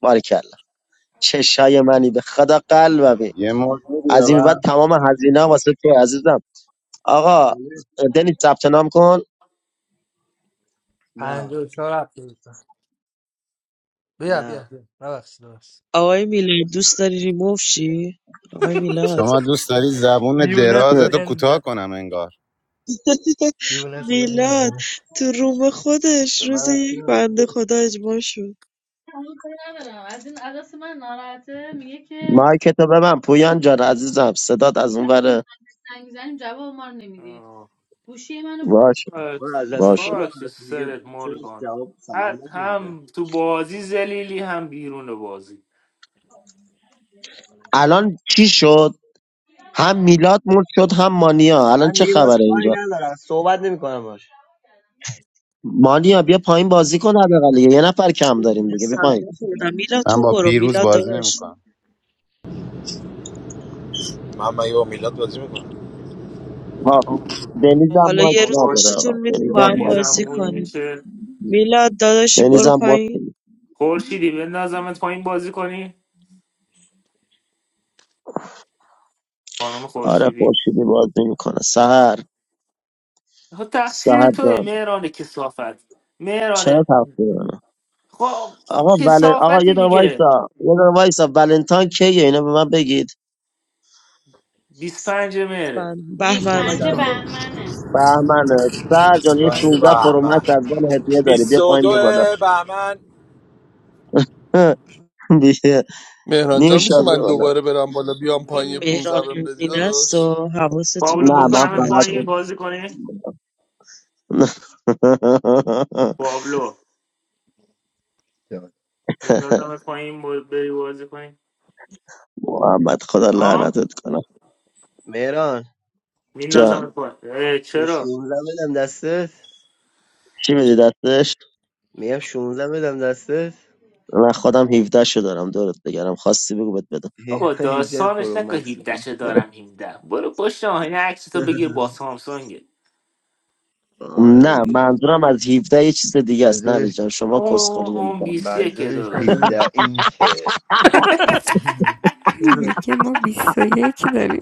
S8: بارکلا چشای منی به خدا قلبمی
S17: یه مود میدی به
S8: از این به بعد
S17: من
S8: تمام هزینه واسه تو عزیزم آقا
S16: آره
S8: دنیز ثبت نام کن
S16: نه
S3: 54 چهار هفتاد و چهار. بیا
S16: نه
S3: بیا بیا ببخشید ببخشید
S10: آقای میلاد دوست داری ریموو شی آقای میلاد
S17: شما دوست داری زبون
S3: دیوونه دیو
S17: درازتو
S3: این
S17: کوتاه
S3: میزنه
S17: کنم انگار
S3: دیوونه دیو این
S10: میلاد
S3: میزنه
S10: تو روم خودش
S16: به من
S10: روز
S16: رفتی
S10: یک
S16: ندارم
S10: بنده خدا اجماع شد
S16: همون کاری ندارم از این عدس من ناراحته میگه که
S8: مایک تو به من پویان جان عزیزم صدات از اون وره.
S16: زنگ میزنیم جواب ما رو نمیدی
S1: آه.
S16: گوشی منو
S8: باش
S16: من از
S1: خاکسی
S16: دست تو
S8: باشه
S1: خاکسی
S16: ناراحت دیگه
S1: سرت
S16: چرا
S1: مورگان
S16: جواب سلام نمیدم
S1: هم تو بازی زلیلی هم بیرون بازی
S8: الان چی شد هم میلاد مرد شد هم مانیا الان
S16: من
S8: چه
S16: دیگه بس
S8: خبره
S16: کاری
S8: اینجا
S16: ندارم صحبت نمیکنم باش
S8: مانیا بیا پایین بازی کن حداقل دیگه. یه نفر کم داریم دیگه بیا پایین
S10: سلام خوردم میلاد
S17: من
S10: تو
S17: با
S10: برو
S17: پیروز
S10: میلاد
S17: بازی
S10: داداش
S17: نمیکنم
S4: من من یه میلاد بازی میکنم
S8: ها
S1: آه.
S8: دنیزم
S10: حالا
S8: مایک
S10: یه
S1: آه،
S10: روز
S1: باشه
S8: نداره
S10: اشتتون
S8: آقا
S10: میدیم با
S8: دنیزم
S10: هم
S1: دنیز
S8: مایک
S10: بازی
S1: هم
S8: نداره.
S1: اونی
S10: کنیم
S1: که
S10: میلاد داداشی برو
S8: دنیزم مرد
S10: پایین
S8: شد.
S1: خورشیدی بندازمت پایین بازی کنی خانم
S8: آره
S1: خورشیدی
S8: خورشیدی بازی میکنه سهر
S1: خب تقصیر
S8: سهر
S1: توه
S8: جان
S1: مهران کسافت مهران
S8: چرا تفسیر منه
S1: خب
S8: آقا ول... آقا
S1: کسافتی
S8: یه دقیقه
S1: دیگه
S8: وایسا یه دقیقه وایسا ولنتاین کیه اینا به من بگید
S1: 25 مهره
S10: بند- بهمن
S1: میخوای
S6: 25
S16: شب
S1: چیکار
S6: بهمنه
S8: بهمنه سهر جان یه 16 پرو
S4: بهمن
S8: مکس از من هدیه داری بیا پایین
S4: 22
S8: بیا بالا
S4: بهمن
S8: دیگه.
S12: مهران
S8: نیم
S12: جان میشه
S8: شبیه
S12: من
S8: حالا
S12: دوباره برم بالا بیام
S10: این
S12: پایین یه
S10: مهران
S12: 15 بهم بدی
S10: هزینه است
S12: داداش
S10: و حواستون
S1: پابلو
S8: نه من
S10: باشه
S1: بکنم
S8: فقط
S1: پایین
S10: بچه
S1: بازی کنی پابلو
S2: جان.
S1: بندازم پایین با- بری بازی کنی
S8: محمد خدا
S1: ها
S8: لعنتت کنم
S16: مهران
S1: میندازم
S8: جان
S1: پایین اه،
S16: یه
S1: چرا
S16: 16 بدم دستت
S8: چی میدی دستش
S16: میگم 16 بدم دستت
S8: من خودم 17 شو دارم دورت بگرم خواستی بگو بهت بدم
S1: بابا
S16: 17
S1: داستانش
S16: پرو
S1: نکن
S16: مکس
S1: 17 شو
S16: هفده.
S1: دارم 17 برو پشت آهنه عکس تو بگیر با سامسونگ
S16: آره
S8: نه
S16: دیگه
S8: منظورم از 17 یه چیز دیگه است نه
S2: منظورش
S8: جان شما
S1: اون
S8: کسخلی
S1: اون
S8: نمی‌کنم
S1: 21
S2: منظورش
S1: داداش
S2: 17 اینچه
S7: Miki mo bhi soye ki dari.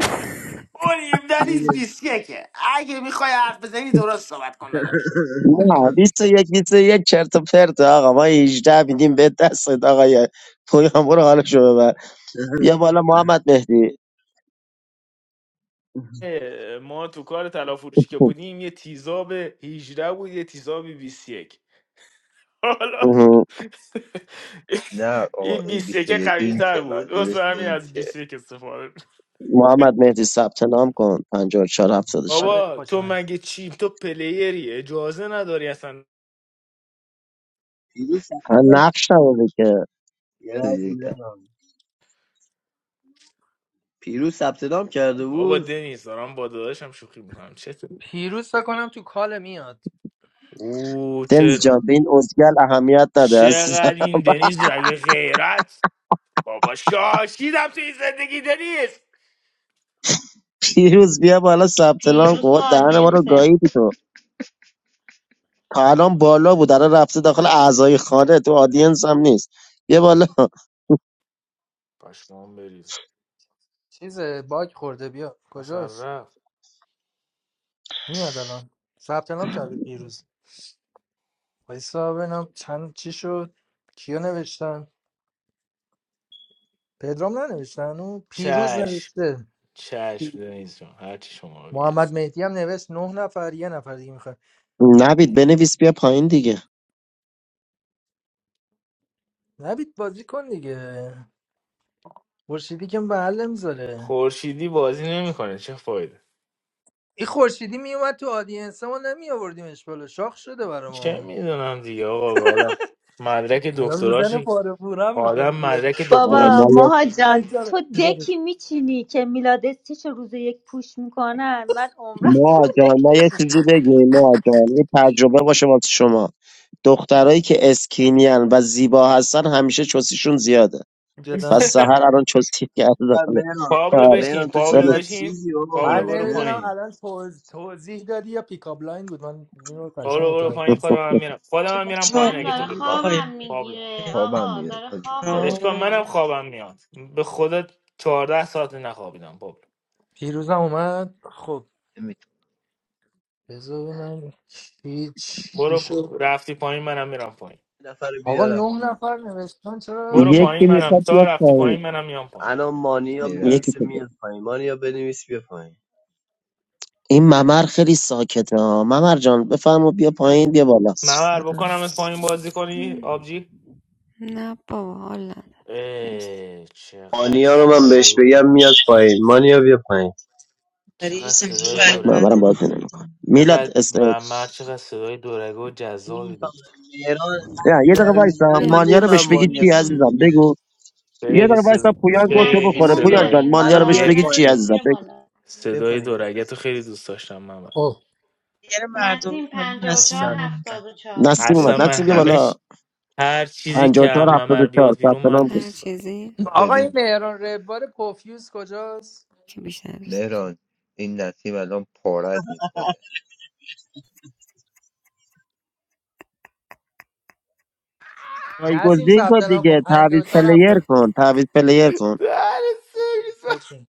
S1: اون 17 نیست
S16: دیگه.
S1: 21 اگه میخوای حرف بزنی درست صحبت کن داداش
S8: نه بیست و یک بیست و یک چرت و پرت آقا ما 18 میدیم به دست آقا پویان برو حالشو ببر بیا بالا محمد مهدی
S1: اه، ما تو کار تلافروشی که بودیم یه تیزاب 18 بود یه تیزاب 21 حالا
S2: نه آقا
S1: این
S2: این
S1: 21
S2: 21
S1: قوی تر
S2: اینچه
S1: بود واسه
S2: منظورش
S1: همین از
S2: اینچه
S1: 21 استفاده می‌کنم.
S8: محمد مهدی ثبت نام کن 54
S3: آره تو
S1: بابا
S3: خوش
S1: تو مگه چی تو پلیری اجازه نداری اصلا
S16: پیروز ثبت نام
S8: نقش نبوده که
S16: یه لحظه
S2: 21
S16: مهران. پیروز ثبت نام کرده
S1: بابا
S16: بود
S1: دنیز دارم با داداشم شوخی میکنم چه
S3: پیروز فکر کنم تو کال میاد
S1: او چه
S8: دنز جان
S16: آه.
S8: به این ازگل اهمیت نده عزیزم
S1: چقدر این دنیز رگه غیرت بابا شاشیدم تو این زندگی دنیست
S8: پیروز بیا بالا ثبت نام
S6: پیروز تو
S8: کن دهن ما رو
S6: آدینسه
S8: گاییدی تو تا الان بالا بود الان رفته داخل اعضای خانه تو آدینس هم نیست بیا بالا
S1: پشمام بریزم
S3: چیزه باگ خورده بیا
S1: اصلا
S3: کجاست
S1: رفت
S3: میاد الان ثبت نام کرده پیروز وایسا ببینم چند چی شد کیا نوشتن پدرام ننوشتن او پیروز
S1: چشم
S3: نوشته پی-
S1: چشم دنیز جان هرچی شما بگید
S3: محمد مهدی هم نوشت نه نفر یه نفر دیگه میخواد
S8: نبید بنویس بیا پایین دیگه
S3: نبید بازی کن دیگه خورشیدی که محل میذاره
S1: خورشیدی بازی نمیکنه چه فایده
S3: این خورشیدی میومد تو آدینس ما نمی آوردیمش بالا شاخ شده برا
S1: چه
S3: ما
S1: میدونم دیگه آقا آدم مدرک
S3: الان
S1: دکتراش
S3: میزنه پاره پورم میکنه
S1: آدم
S3: بیاد
S1: مدرک
S8: ما
S1: دکتراش
S13: بابا
S8: ما یه
S13: ماها جان
S3: اینجا رو-
S13: تو
S3: اینجا رو.
S13: دکی میچینی که میلاد استیش روز یک پوش میکنن من عمرم تو
S8: ما
S13: اون
S8: جان
S13: دک
S8: ما یه
S13: نشینم.
S8: چیزی بگیم ما جان این تجربه باشه واسه شما دخترایی که اسکینیان و زیبا هستن همیشه چوسیشون زیاده پس
S3: جدا
S8: سهر الان چوسی کرده
S16: مهران
S1: پابلو
S8: آره
S16: مهران
S1: بشین
S16: تو
S1: پابلو
S8: ولش
S16: چقدر
S1: بشین
S16: چیزی آقا
S1: پابلو
S3: من
S1: برو
S16: مهران
S3: نمیدونم
S1: پایین
S16: یه
S3: الان توض... توضیح دادی یا پیکاپ لاین بود من اینو قشنگ
S1: پابلو برو
S3: متوجه
S1: پایین
S3: نشدم.
S8: کن.
S1: خودم هم میرم
S10: که
S1: خودم هم
S10: ما
S1: میرم پایین
S6: من
S1: اگه تو
S6: داره
S1: بری
S10: چاقیم
S1: پایین
S6: خوابم
S10: آقای
S1: پابلو
S6: میگیره
S2: خوابم
S6: آقا
S2: میاد
S6: داره
S2: حاجی
S6: خوابم
S2: خوابم
S1: اشکال
S10: مهران
S6: میبره
S1: منم خوابم میاد به خدا 14 ساعت نخوابیدم پابلو.
S3: پیروزم اومد خب بذار ببینم چی چی
S1: برو پ-
S3: شد
S1: رفتی پایین منم میرم پایین
S16: نفر رو
S3: آقا
S16: بیارم
S3: نه نفر نوشتن چرا
S1: برو
S3: نه
S8: یکی
S1: پایین
S3: نفر
S1: منم
S8: میخواد
S1: تا
S8: بیاد
S1: رفتی پایین منم میام پایین
S16: الان مانیا
S2: میرم
S8: یکی
S16: بنویسه
S8: که بود.
S16: میاد پایین مانیا بنویس بیا
S8: این ممر خیلی ساکته ها ممر جان بفرما بیا
S10: من
S8: پایین بیا بالا
S10: دوست
S1: ممر
S10: شدم
S1: بکنم پایین بازی کنی آبجی
S7: Na pohala, mes
S1: اه، چقدر
S16: مانیا رو من بهش
S1: صدای
S16: بگم میاد پایین مانیا بیا پایین
S10: برای
S1: چقدر صدای
S10: زمینم
S1: دورگه
S8: ممرم
S10: بده
S1: و-
S10: به
S8: بازی نمیکن
S10: خودم
S8: میلاد
S1: چقدر
S8: اس...
S1: ممر چقدر صدای دورگه و جذابی
S16: نمیفهمم
S1: داشت
S16: مهران انقدر
S8: نه، یه دقیقه
S16: زر
S8: وایسا
S16: میزنه من
S8: مانیا
S7: pehla
S8: رو بهش
S16: نمیفهم
S7: se
S8: بگی
S16: مانی
S8: چی
S16: از
S7: muja
S16: چی
S8: عزیزم
S16: میگه
S8: بگو یه
S1: خیلی
S8: دقیقه
S1: صدا
S8: وایسا پویان گوشو
S1: خیلی
S6: نسیم
S8: بخوره
S6: رو
S8: پویان
S1: صدای
S8: جان
S6: میارین
S8: مانیا رو
S16: الان
S8: بهش
S16: میاد
S6: بالا
S1: یه
S8: بگی چی
S16: پایین
S6: نسیم
S8: عزیزم
S6: بیا
S8: بگو
S6: بالا
S16: بیا
S1: صدای
S16: پایین
S1: دورگه تو خیلی دوست داشتم ممر
S3: خب
S10: یعنی مردم
S6: نسیم
S10: همون
S6: پنجاه و
S10: نسیم
S6: چهار
S1: اصلا
S6: هفتاد و چهار
S8: نسیم اومد
S1: اصلا
S2: ببین
S1: من
S8: نسیم بیا
S2: کی
S8: بالا
S1: همش هر چیزی که
S8: 54
S1: هم ممر
S8: 74
S1: بیاد بیرون
S8: ثبت
S1: من
S8: نام کن
S7: har
S1: دوست
S7: chizi
S3: آقا
S2: ببین
S3: این مهران ربار پوفیوز کجاست
S7: ki bichne dosar.
S2: مهران این نسیم الان پارت میکنه
S3: نسیم
S8: جایگزین کن
S3: ثبت نام کن
S8: دیگه تعویض
S3: 54
S8: پلیر
S3: 74
S8: کن تعویض پلیر کن
S1: دارم
S3: اوکی.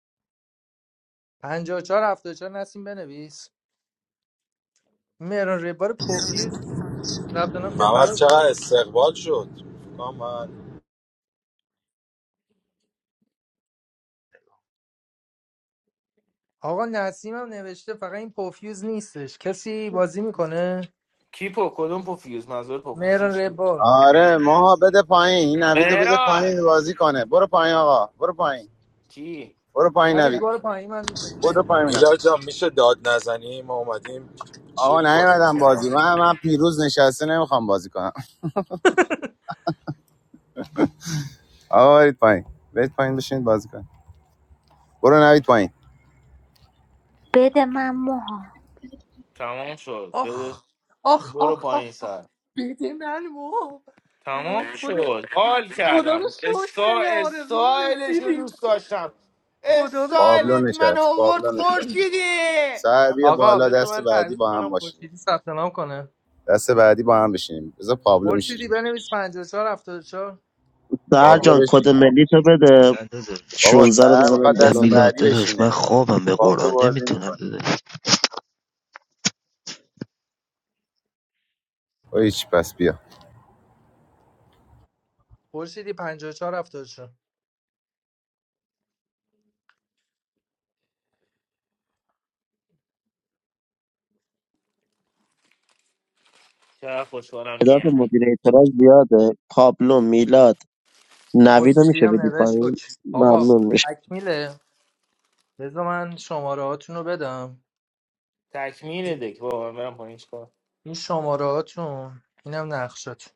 S3: 54 74 نسیم بنویس این مهران ربار پوفیوز ثبت نام کرد
S4: محمد
S3: فرار
S4: چقدر
S3: کرد
S4: استقبال شد آقا
S3: آقا نسیم هم نوشته فقط این پوفیوز نیستش کسی بازی میکنه
S1: کی پو کدوم پوفیوز منظور پو
S3: مهران
S1: پوفیوز کی
S3: ربار
S17: آره ماها بده پایین این نویدو بده
S1: مهران
S17: پایین بازی کنه برو پایین آقا برو پایین
S1: کی
S17: برو پایین
S3: نوید
S17: نوید
S3: بار پایین من
S17: برو
S3: چنج کنم
S17: پایین اینم.
S4: میلاد جان میشه داد نزنی ما اومدیم
S17: آقا
S4: چیل کنیم با
S17: نیومدم بازی
S4: هم.
S17: من من پیروز نشسته نمیخوام بازی کنم آقا برید پایین برید پایین بشینید بازی کنید برو نوید پایین
S13: بده من موها
S1: تمام شد بده
S3: آخ آخ
S1: برو
S3: آخ
S1: پایین
S3: آخ آخ
S1: سر
S3: بده من مو وای
S1: تمام
S3: خدا
S1: شد حال
S3: خدا رو
S1: کردم
S3: شکر ما
S1: استا
S3: به آرزو
S1: استایلش رو
S3: رسیدیم
S1: دوست داشتم
S3: خدا رو
S17: پابلو
S3: شکر
S1: استایلت من
S17: نشست
S1: آورد
S17: پابلو نشست
S1: خورشیدی
S17: سر بیا
S3: آقا
S17: بالا
S3: بذار
S17: دست
S3: من
S17: بعدی
S3: تعویض
S17: با
S3: کنم
S17: هم باشیم
S3: خورشیدی ثبت نام کنه
S17: دست بعدی با هم بشینیم بذار پابلو
S3: خورشیدی
S17: میشینیم
S3: بنویس 54 چهار هفتاد و چهار.
S8: سهر
S17: پابلو پابلو
S8: جان کد
S17: بشین
S8: ملی تو بده
S2: نه داداش
S17: بابا
S8: 16 رو
S17: سر
S8: بزنم
S17: میخواد
S8: به
S2: نه
S17: دست
S8: نام
S2: میلاد
S17: بعدی
S2: داداش من
S17: بشینه
S2: خوابم به
S17: پابلو
S2: قرآن
S17: بازی
S2: نمیتونم
S17: میکنه
S2: داداش
S17: اوه چی پس بیا
S3: خورشیدی 54 74
S1: چرا خوشحالم که
S8: تعداد
S1: یعنی
S8: مدیر اعتراض زیاده پابلو میلاد نوید رو
S3: خورشیدی
S8: میشه
S3: هم
S8: بدی
S3: نوشت
S8: پایین
S3: اوکی آقا
S8: ممنون میشه
S3: تکمیله بذار من شماره هاتون رو بدم
S1: تکمیل دک بابا من برم پایین چیکار
S3: این شماره هاتون اینم نقشات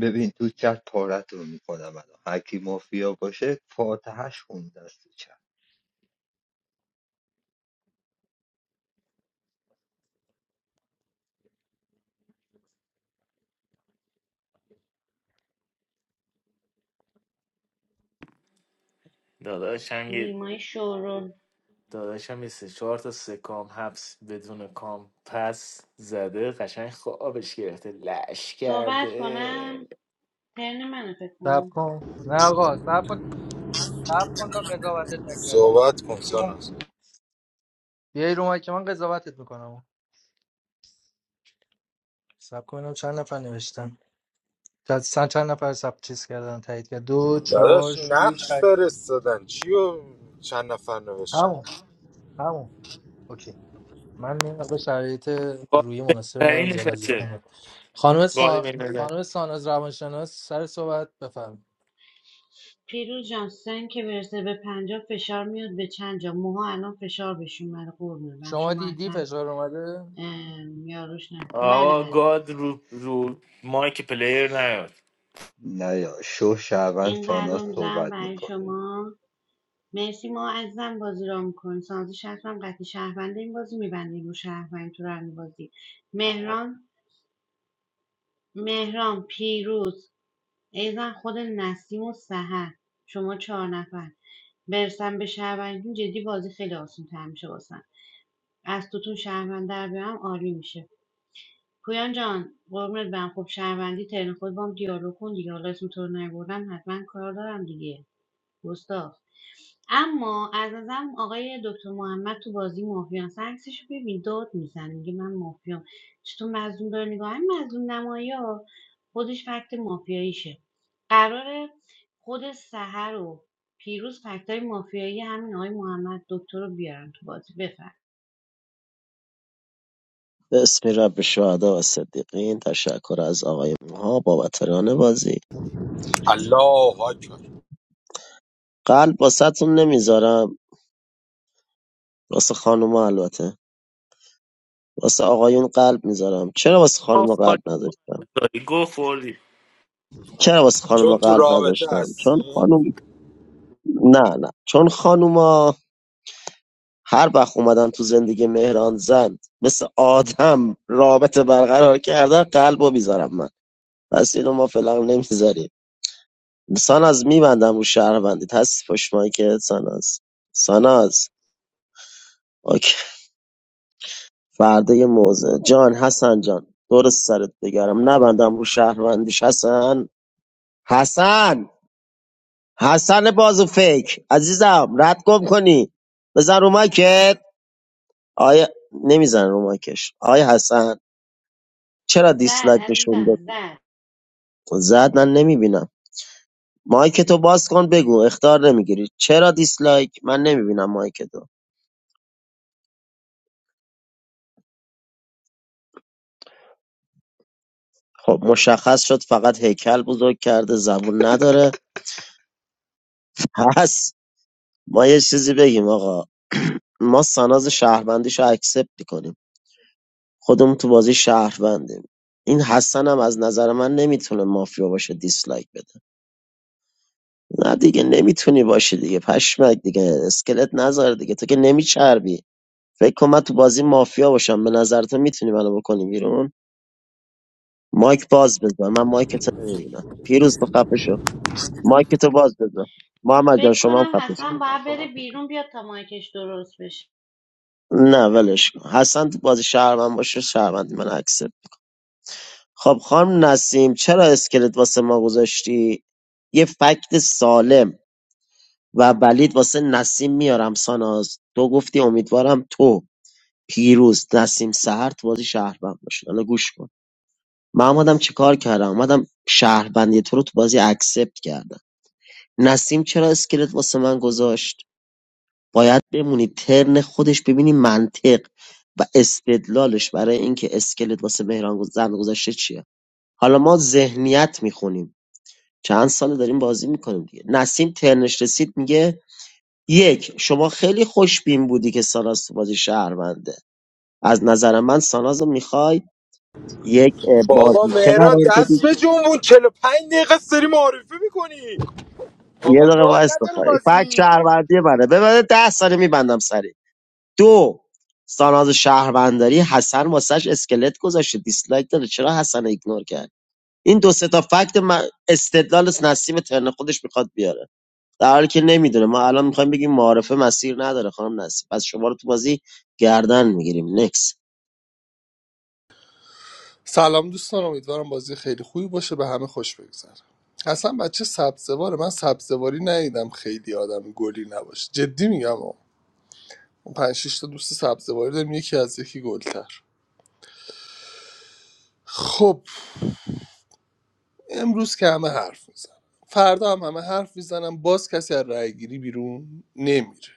S2: ببین تو چت پارت رو میکنم الان هر کی مافیا باشه فاتحهش خونده است تو چت
S1: داداشم یه
S6: نیمای شورون
S1: داداشم یه سه چهار تا سکام حبس بدون کام پس زده قشنگ خوابش گرفته لش
S6: صحبت
S1: کرده
S6: کنم ترن منو فکر
S3: سب
S6: کنم
S3: کن نه آقا سب کن سب کن تا قضاوتت نکردم
S4: صحبت کن
S3: بیای رو مایک
S4: ساناز
S3: بیای رو مایک که من قضاوتت میکنم سب کن اینم چند نفر نوشتن چند چند چند نفر سب چیز کردن تایید کرد دو چهار
S4: داداش
S3: شیش
S4: نقش
S3: هشت
S4: فرستادن چی و چند نفر نوشتن
S3: همون همون اوکی من اینقدر شرایط
S1: گاد
S3: روی مناسب ندارم
S1: بین‌المللی
S3: زیاد اذیت
S1: نشسته
S3: نکنم خانم
S1: گاد
S3: سان...
S1: بین‌المللی
S3: خانم ساناز روانشناس سر صحبت بفرمایید
S6: پیروز جان سن که برسه به پنجاه فشار میاد به چند جا موها الان فشار بهش اومده قربونه برم
S3: شما
S6: شما
S3: دیدی
S6: اصلا
S3: فشار اومده
S6: یاروش نه بله
S1: آقا
S6: بله
S1: گاد رو رو مایک پلیر نیاد
S2: نه یا شو شعبان
S6: این
S2: سانا
S6: قلبم میزنم
S2: صحبت
S6: برای
S2: میکنه
S6: شما مرسی ما عزیزم بازی را میکنی سازش حتما قطعی شهروند این بازی میبندیم و شهروند تو رنگ بازی مهران مهران پیروز ایزن خود نسیم و سهر شما چهار نفر برسم به شهروندیتون جدی بازی خیلی آسون تر میشه واسم از توتون شهروند در بیارم عالی میشه پویان جان قربونت برم خب شهروندی ترن خود بام دیالوگ کن دیگه حالا اسم تو رو نبردم حتما کار دارم دیگه گستاخ اما از نظرم آقای دکتر محمد تو بازی مافیان است عکسش رو ببین داد میزن میگه من مافیام چطور مظلوم داره نگاه این مظلوم نمایی خودش فکت مافیاییشه قراره خود سحر و پیروز فکتای مافیایی همین آقای محمد دکتر رو بیارن تو بازی بفر
S8: بسم رب شهدا و صدیقین تشکر از آقای موها بابت ران بازی
S4: الله اکبر
S8: قلب واسهتون نمیذارم واسه خانوما البته واسه آقایون قلب میذارم چرا واسه
S1: گو
S8: خانوما
S1: خوردی
S8: قلب نذاشتم
S1: داری گو خوردی
S8: چرا واسه خانوما
S4: چون تو
S8: قلب
S4: رابطه
S8: نذاشتم چون
S4: هستی
S8: خانوم نه نه چون خانوما هر وقت اومدن تو زندگی مهران زند مثل آدم رابطه برقرار کردن قلب رو میذارم من پس اینو ما فعلا نمیذاریم ساناز میبندم رو شهروندیت هستی پشت که ساناز ساناز اوکی فردا یه موزه جان حسن جان درست سرت بگرم نبندم رو شهروندیش حسن حسن حسن بازو فیک عزیزم رد گم کنی بزن رو مایکت آیا نمیزن رو مایکش آیا حسن چرا
S6: زد
S8: دیسلایک نشون
S6: عزیزم
S8: داد
S6: زد
S8: زد من نمیبینم مایکتو باز کن بگو اختار نمیگیری چرا دیسلایک من نمیبینم مایکتو خب مشخص شد فقط هیکل بزرگ کرده زبون نداره پس ما یه چیزی بگیم آقا ما سناز شهروندیش رو اکسپت میکنیم خودمون تو بازی شهروندیم این حسن هم از نظر من نمیتونه مافیا باشه دیسلایک بده نه دیگه نمیتونی باشی دیگه پشمک دیگه اسکلت نذار دیگه تو که نمیچربی فکر کن من تو بازی مافیا باشم به نظر تو میتونی منو بکنی بیرون مایک باز بزن من مایک تو نمیبینم پیروز تو خفه شو. مایکتو باز بذار محمد جان
S6: فکر
S8: شما هم
S6: کنم
S8: خفه شد.
S6: حسن باید بره بیرون بیاد تا مایکش درست بشه
S8: نه ولش کن حسن تو بازی شهروند باشه شهروند من اکسل خب خانم نسیم چرا اسکلت واسه ما گذاشتی یه فکت سالم و ولید واسه نسیم میارم ساناز تو گفتی امیدوارم تو پیروز نسیم سهر تو بازی شهروند باشه حالا گوش کن من اومدم چه کار کردم اومدم شهروندی تو رو تو بازی اکسپت کردم نسیم چرا اسکلت واسه من گذاشت باید بمونی ترن خودش ببینی منطق و استدلالش برای اینکه اسکلت واسه مهران زن گذاشته چیه حالا ما ذهنیت میخونیم چند سال داریم بازی میکنیم دیگه نسیم ترنش رسید میگه یک شما خیلی خوشبین بودی که ساناز تو بازی شهرونده از نظر من ساناز رو میخوای یک اه،
S4: بابا
S8: بازیچه
S4: مهران
S8: قرار
S4: دست
S8: بدی
S4: به جنبون 45 دقیقه سری معرفی میکنی
S8: یه
S4: آقا
S8: دقیقه
S4: گاد
S8: وایس
S4: نداره
S8: بخوای فکر
S4: بازی
S8: شهروندی منه ببره ده ساله میبندم سری دو ساناز شهرونداری حسن واسش اسکلت گذاشته دیسلایک داره چرا حسن ایگنور کرد این دو سه تا فکت من استدلال نسیم ترن خودش میخواد بیاره در حالی که نمیدونه ما الان میخوایم بگیم معارفه مسیر نداره خانم نسیم پس شما رو تو بازی گردن میگیریم نکس
S12: سلام دوستان امیدوارم بازی خیلی خوبی باشه به همه خوش بگذره اصلا بچه سبزواره من سبزواری ندیدم خیلی آدم گلی نباشه جدی میگم ها. اون پنج شش تا دوست سبزواری داریم یکی از یکی گلتر خب امروز که همه حرف میزنن فردا هم همه حرف میزنن باز کسی از رأی گیری بیرون نمیره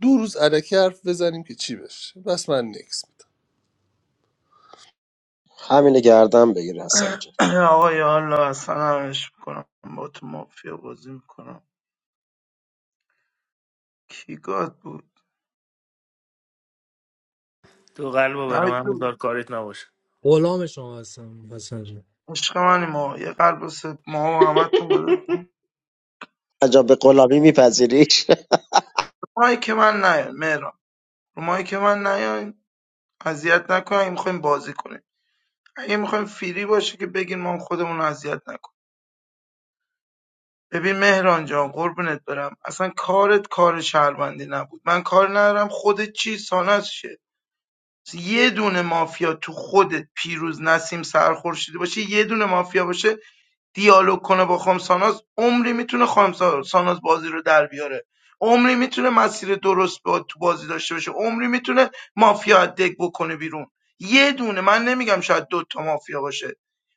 S12: دو روز علکی حرف بزنیم که چی بشه بس من نکس میدم
S8: همینه گردن بگیر حسن جان
S14: آقا یا الله اصلا همش میکنم با تو مافیا بازی میکنم کی گاد بود
S1: تو قلب رو برای
S14: نه
S1: من
S14: تو
S1: بذار کارت نباشه
S3: غلام شما هستم حسن
S14: عشق منی ما یه قلب واسه ما همه تون گذاشتم
S8: عجب به قلابی میپذیریش
S14: مایی که من نیاین مهران رو مایی که من نیاین اذیت نکنین اگه میخوایم بازی کنیم اگه میخوایم فیری باشه که بگین ما خودمون رو اذیت نکنیم ببین مهران جان قربونت برم اصلا کارت کار شهروندی نبود من کار ندارم خودت چی ساناز شه یه دونه مافیا تو خودت پیروز نسیم سرخورشیدی باشه یه دونه مافیا باشه دیالوگ کنه با خامساناز عمری میتونه خامساناز بازی رو در بیاره عمری میتونه مسیر درست با تو بازی داشته باشه عمری میتونه مافیا از دک بکنه بیرون یه دونه من نمیگم شاید دو تا مافیا باشه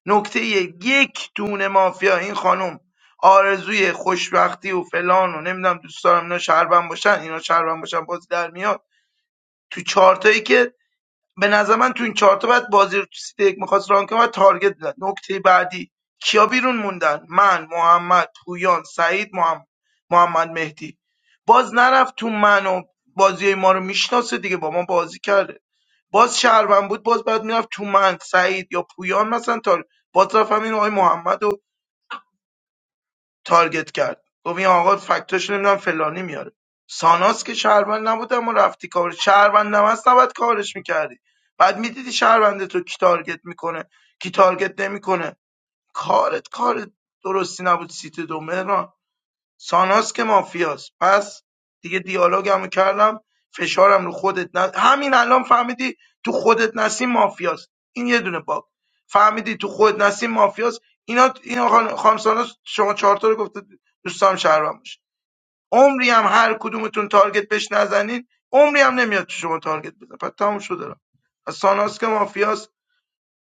S14: نکته یک یک دونه مافیا این خانم آرزوی خوشبختی و فلان و نمیدونم دوست دارم اینا شهروند باشن اینا شهروند باشن بازی در میاد تو چارتایی که به نظر من تو این چهارتا باید بازی رو تو سیت یک میخواست ران کنه و تارگت میزد نکته بعدی کیا بیرون موندن من محمد پویان سعید محمد, محمد مهدی باز نرفت تو من و بازی ما رو میشناسه دیگه با ما بازی کرده باز شهروند بود باز باید میرفت تو من سعید یا پویان مثلا تا باز رفت همین آقای محمد و تارگت کرد گفت این آقا فکتاش نمیدونم فلانی میاره ساناس که شهروند نبود اما رفتی کار شهروند هم هست نباید کارش میکردی بعد میدیدی شهرونده تو کی تارگت میکنه کی تارگت نمیکنه کارت کار درستی نبود سیت دو مهران ساناس که مافیاست پس دیگه دیالوگمو کردم فشارم رو خودت نه همین الان فهمیدی تو خودت نسیم مافیاست این یه دونه باگ فهمیدی تو خودت نسیم مافیاست اینا اینا خان- خانم ساناس شما چهار تا رو گفته دوستام شهروند باشه عمری هم هر کدومتون تارگت بهش نزنین عمری هم نمیاد تو شما تارگت بزن پس تموم شده را ساناس که مافیاست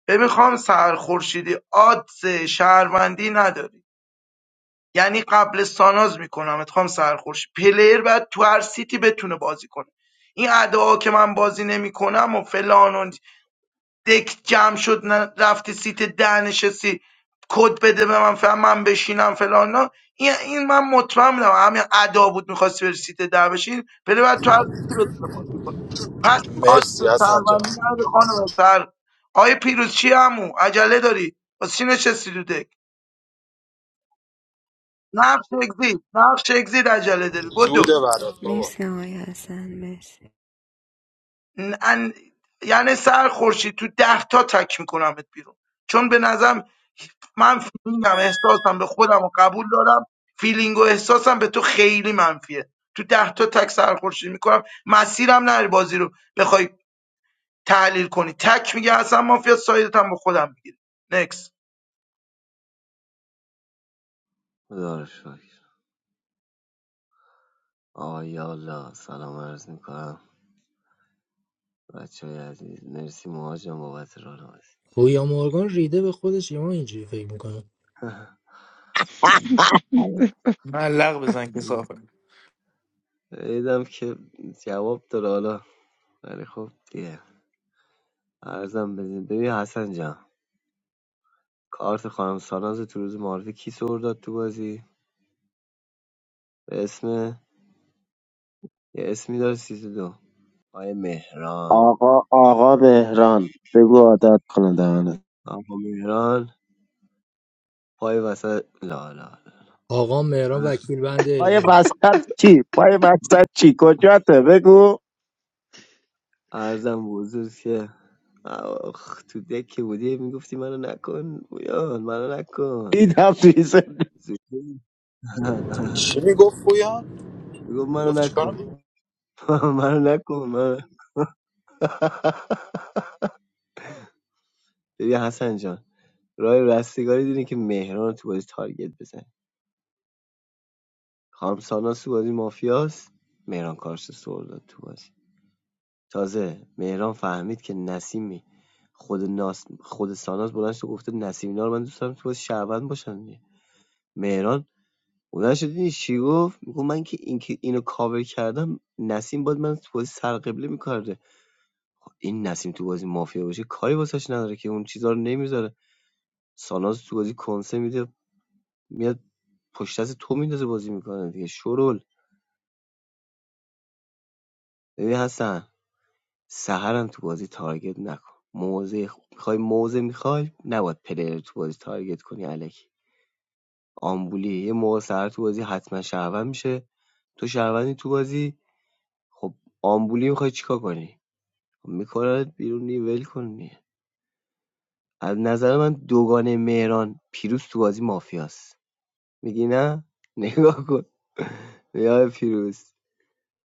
S14: ببین خانم سر خورشیدی آدز شهروندی نداری یعنی قبل ساناز میکنمت خام سرخوش پلیر بعد تو هر سیتی بتونه بازی کنه این ادعا که من بازی نمیکنم و فلان و دک جمع شد نه- رفتی سیت ده نشستی کد بده به من فهم من بشینم فلان این این من مطمئن بودم همین ادا بود میخواستی بری سیت ده بشین پلیر بعد تو هر سیتی بتونه بازی کنه پس آد
S4: مرسی
S14: به
S4: حسن
S14: شهروندی
S4: جان
S14: نداری خانم سر آیه پیروز چی همو عجله داری واسه چی نشستی تو دک نقش اگزید نقش اگزید عجله داری بدو
S4: زوده برات
S7: Mes
S4: بابا
S7: kahayasen mes.
S14: ن- ان... یعنی سر خورشید تو ده تا تک میکنمت بیرون چون به نظرم من فیلینگم احساسم به خودم و قبول دارم فیلینگ و احساسم به تو خیلی منفیه تو ده تا تک سر خورشید میکنم مسیرم نری بازی رو بخوای تحلیل کنی تک میگه اصلا مافیا سایدت هم به خودم میگیره نکس
S16: خدا رو شکر آقا یا الله سلام عرض میکنم بچه های عزیز مرسی مهاجم بابت راه نمازی
S3: گویا مورگان ریده به خودش یه ما اینجوری فکر میکنه
S16: آقا،
S1: ملق بزن که صافه
S16: دیدم که جواب داره حالا ولی خب دیگه عرضم بدین ببین حسن جان کارت خانم ساناز تو روز معارفه کی سر داد تو بازی به اسم یه اسمی داره سیزده آقای مهران
S8: آقا آقا مهران بگو عادت کنه دهنه
S16: آقا مهران پای وسط لا لا
S3: آقا مهران
S16: لا.
S3: وکیل بنده
S8: پای
S3: اوین
S8: وسط چی پای وسط چی کجاته بگو
S16: عرضم حضور که آخ تو دک بودی میگفتی منو نکن بویان منو نکن
S8: این هم ریزه
S16: زوجی.
S4: چی میگفت پویان؟
S16: میگفت منو
S4: میگفت
S16: نکن
S4: چیکارم؟
S16: منو نکن منو ببین حسن جان راه رستگاری دینه که مهران رو تو بازی تارگت بزن خانم ساناس تو بازی مافیاست مهران کارش سر داد تو بازی تازه مهران فهمید که نسیمی خود ناس خود ساناز بلند شد گفته نسیم اینا رو من دوست دارم تو بازی شعبان باشن مهران بلند شد دیدی چی گفت گفت من که این که اینو کاور کردم نسیم باید من تو بازی سرقبله میکرده این نسیم تو بازی مافیا باشه کاری واسش نداره که اون چیزا رو نمیذاره ساناز تو بازی کنسه میده میاد پشت از تو میندازه بازی میکنه دیگه شرول ببین حسن سحرم تو بازی تارگت نکن موزه خوب میخوای موزه میخوای نباید پلیر تو بازی تارگت کنی الکی آمبولی یه موقع سحر تو بازی حتما شهروند میشه تو شهروندی تو بازی خب آمبولی میخوای چیکار کنی میکنه بیرون نی ول کن از نظر من دوگانه مهران پیروز تو بازی مافیاست میگی نه نگاه کن یا پیروز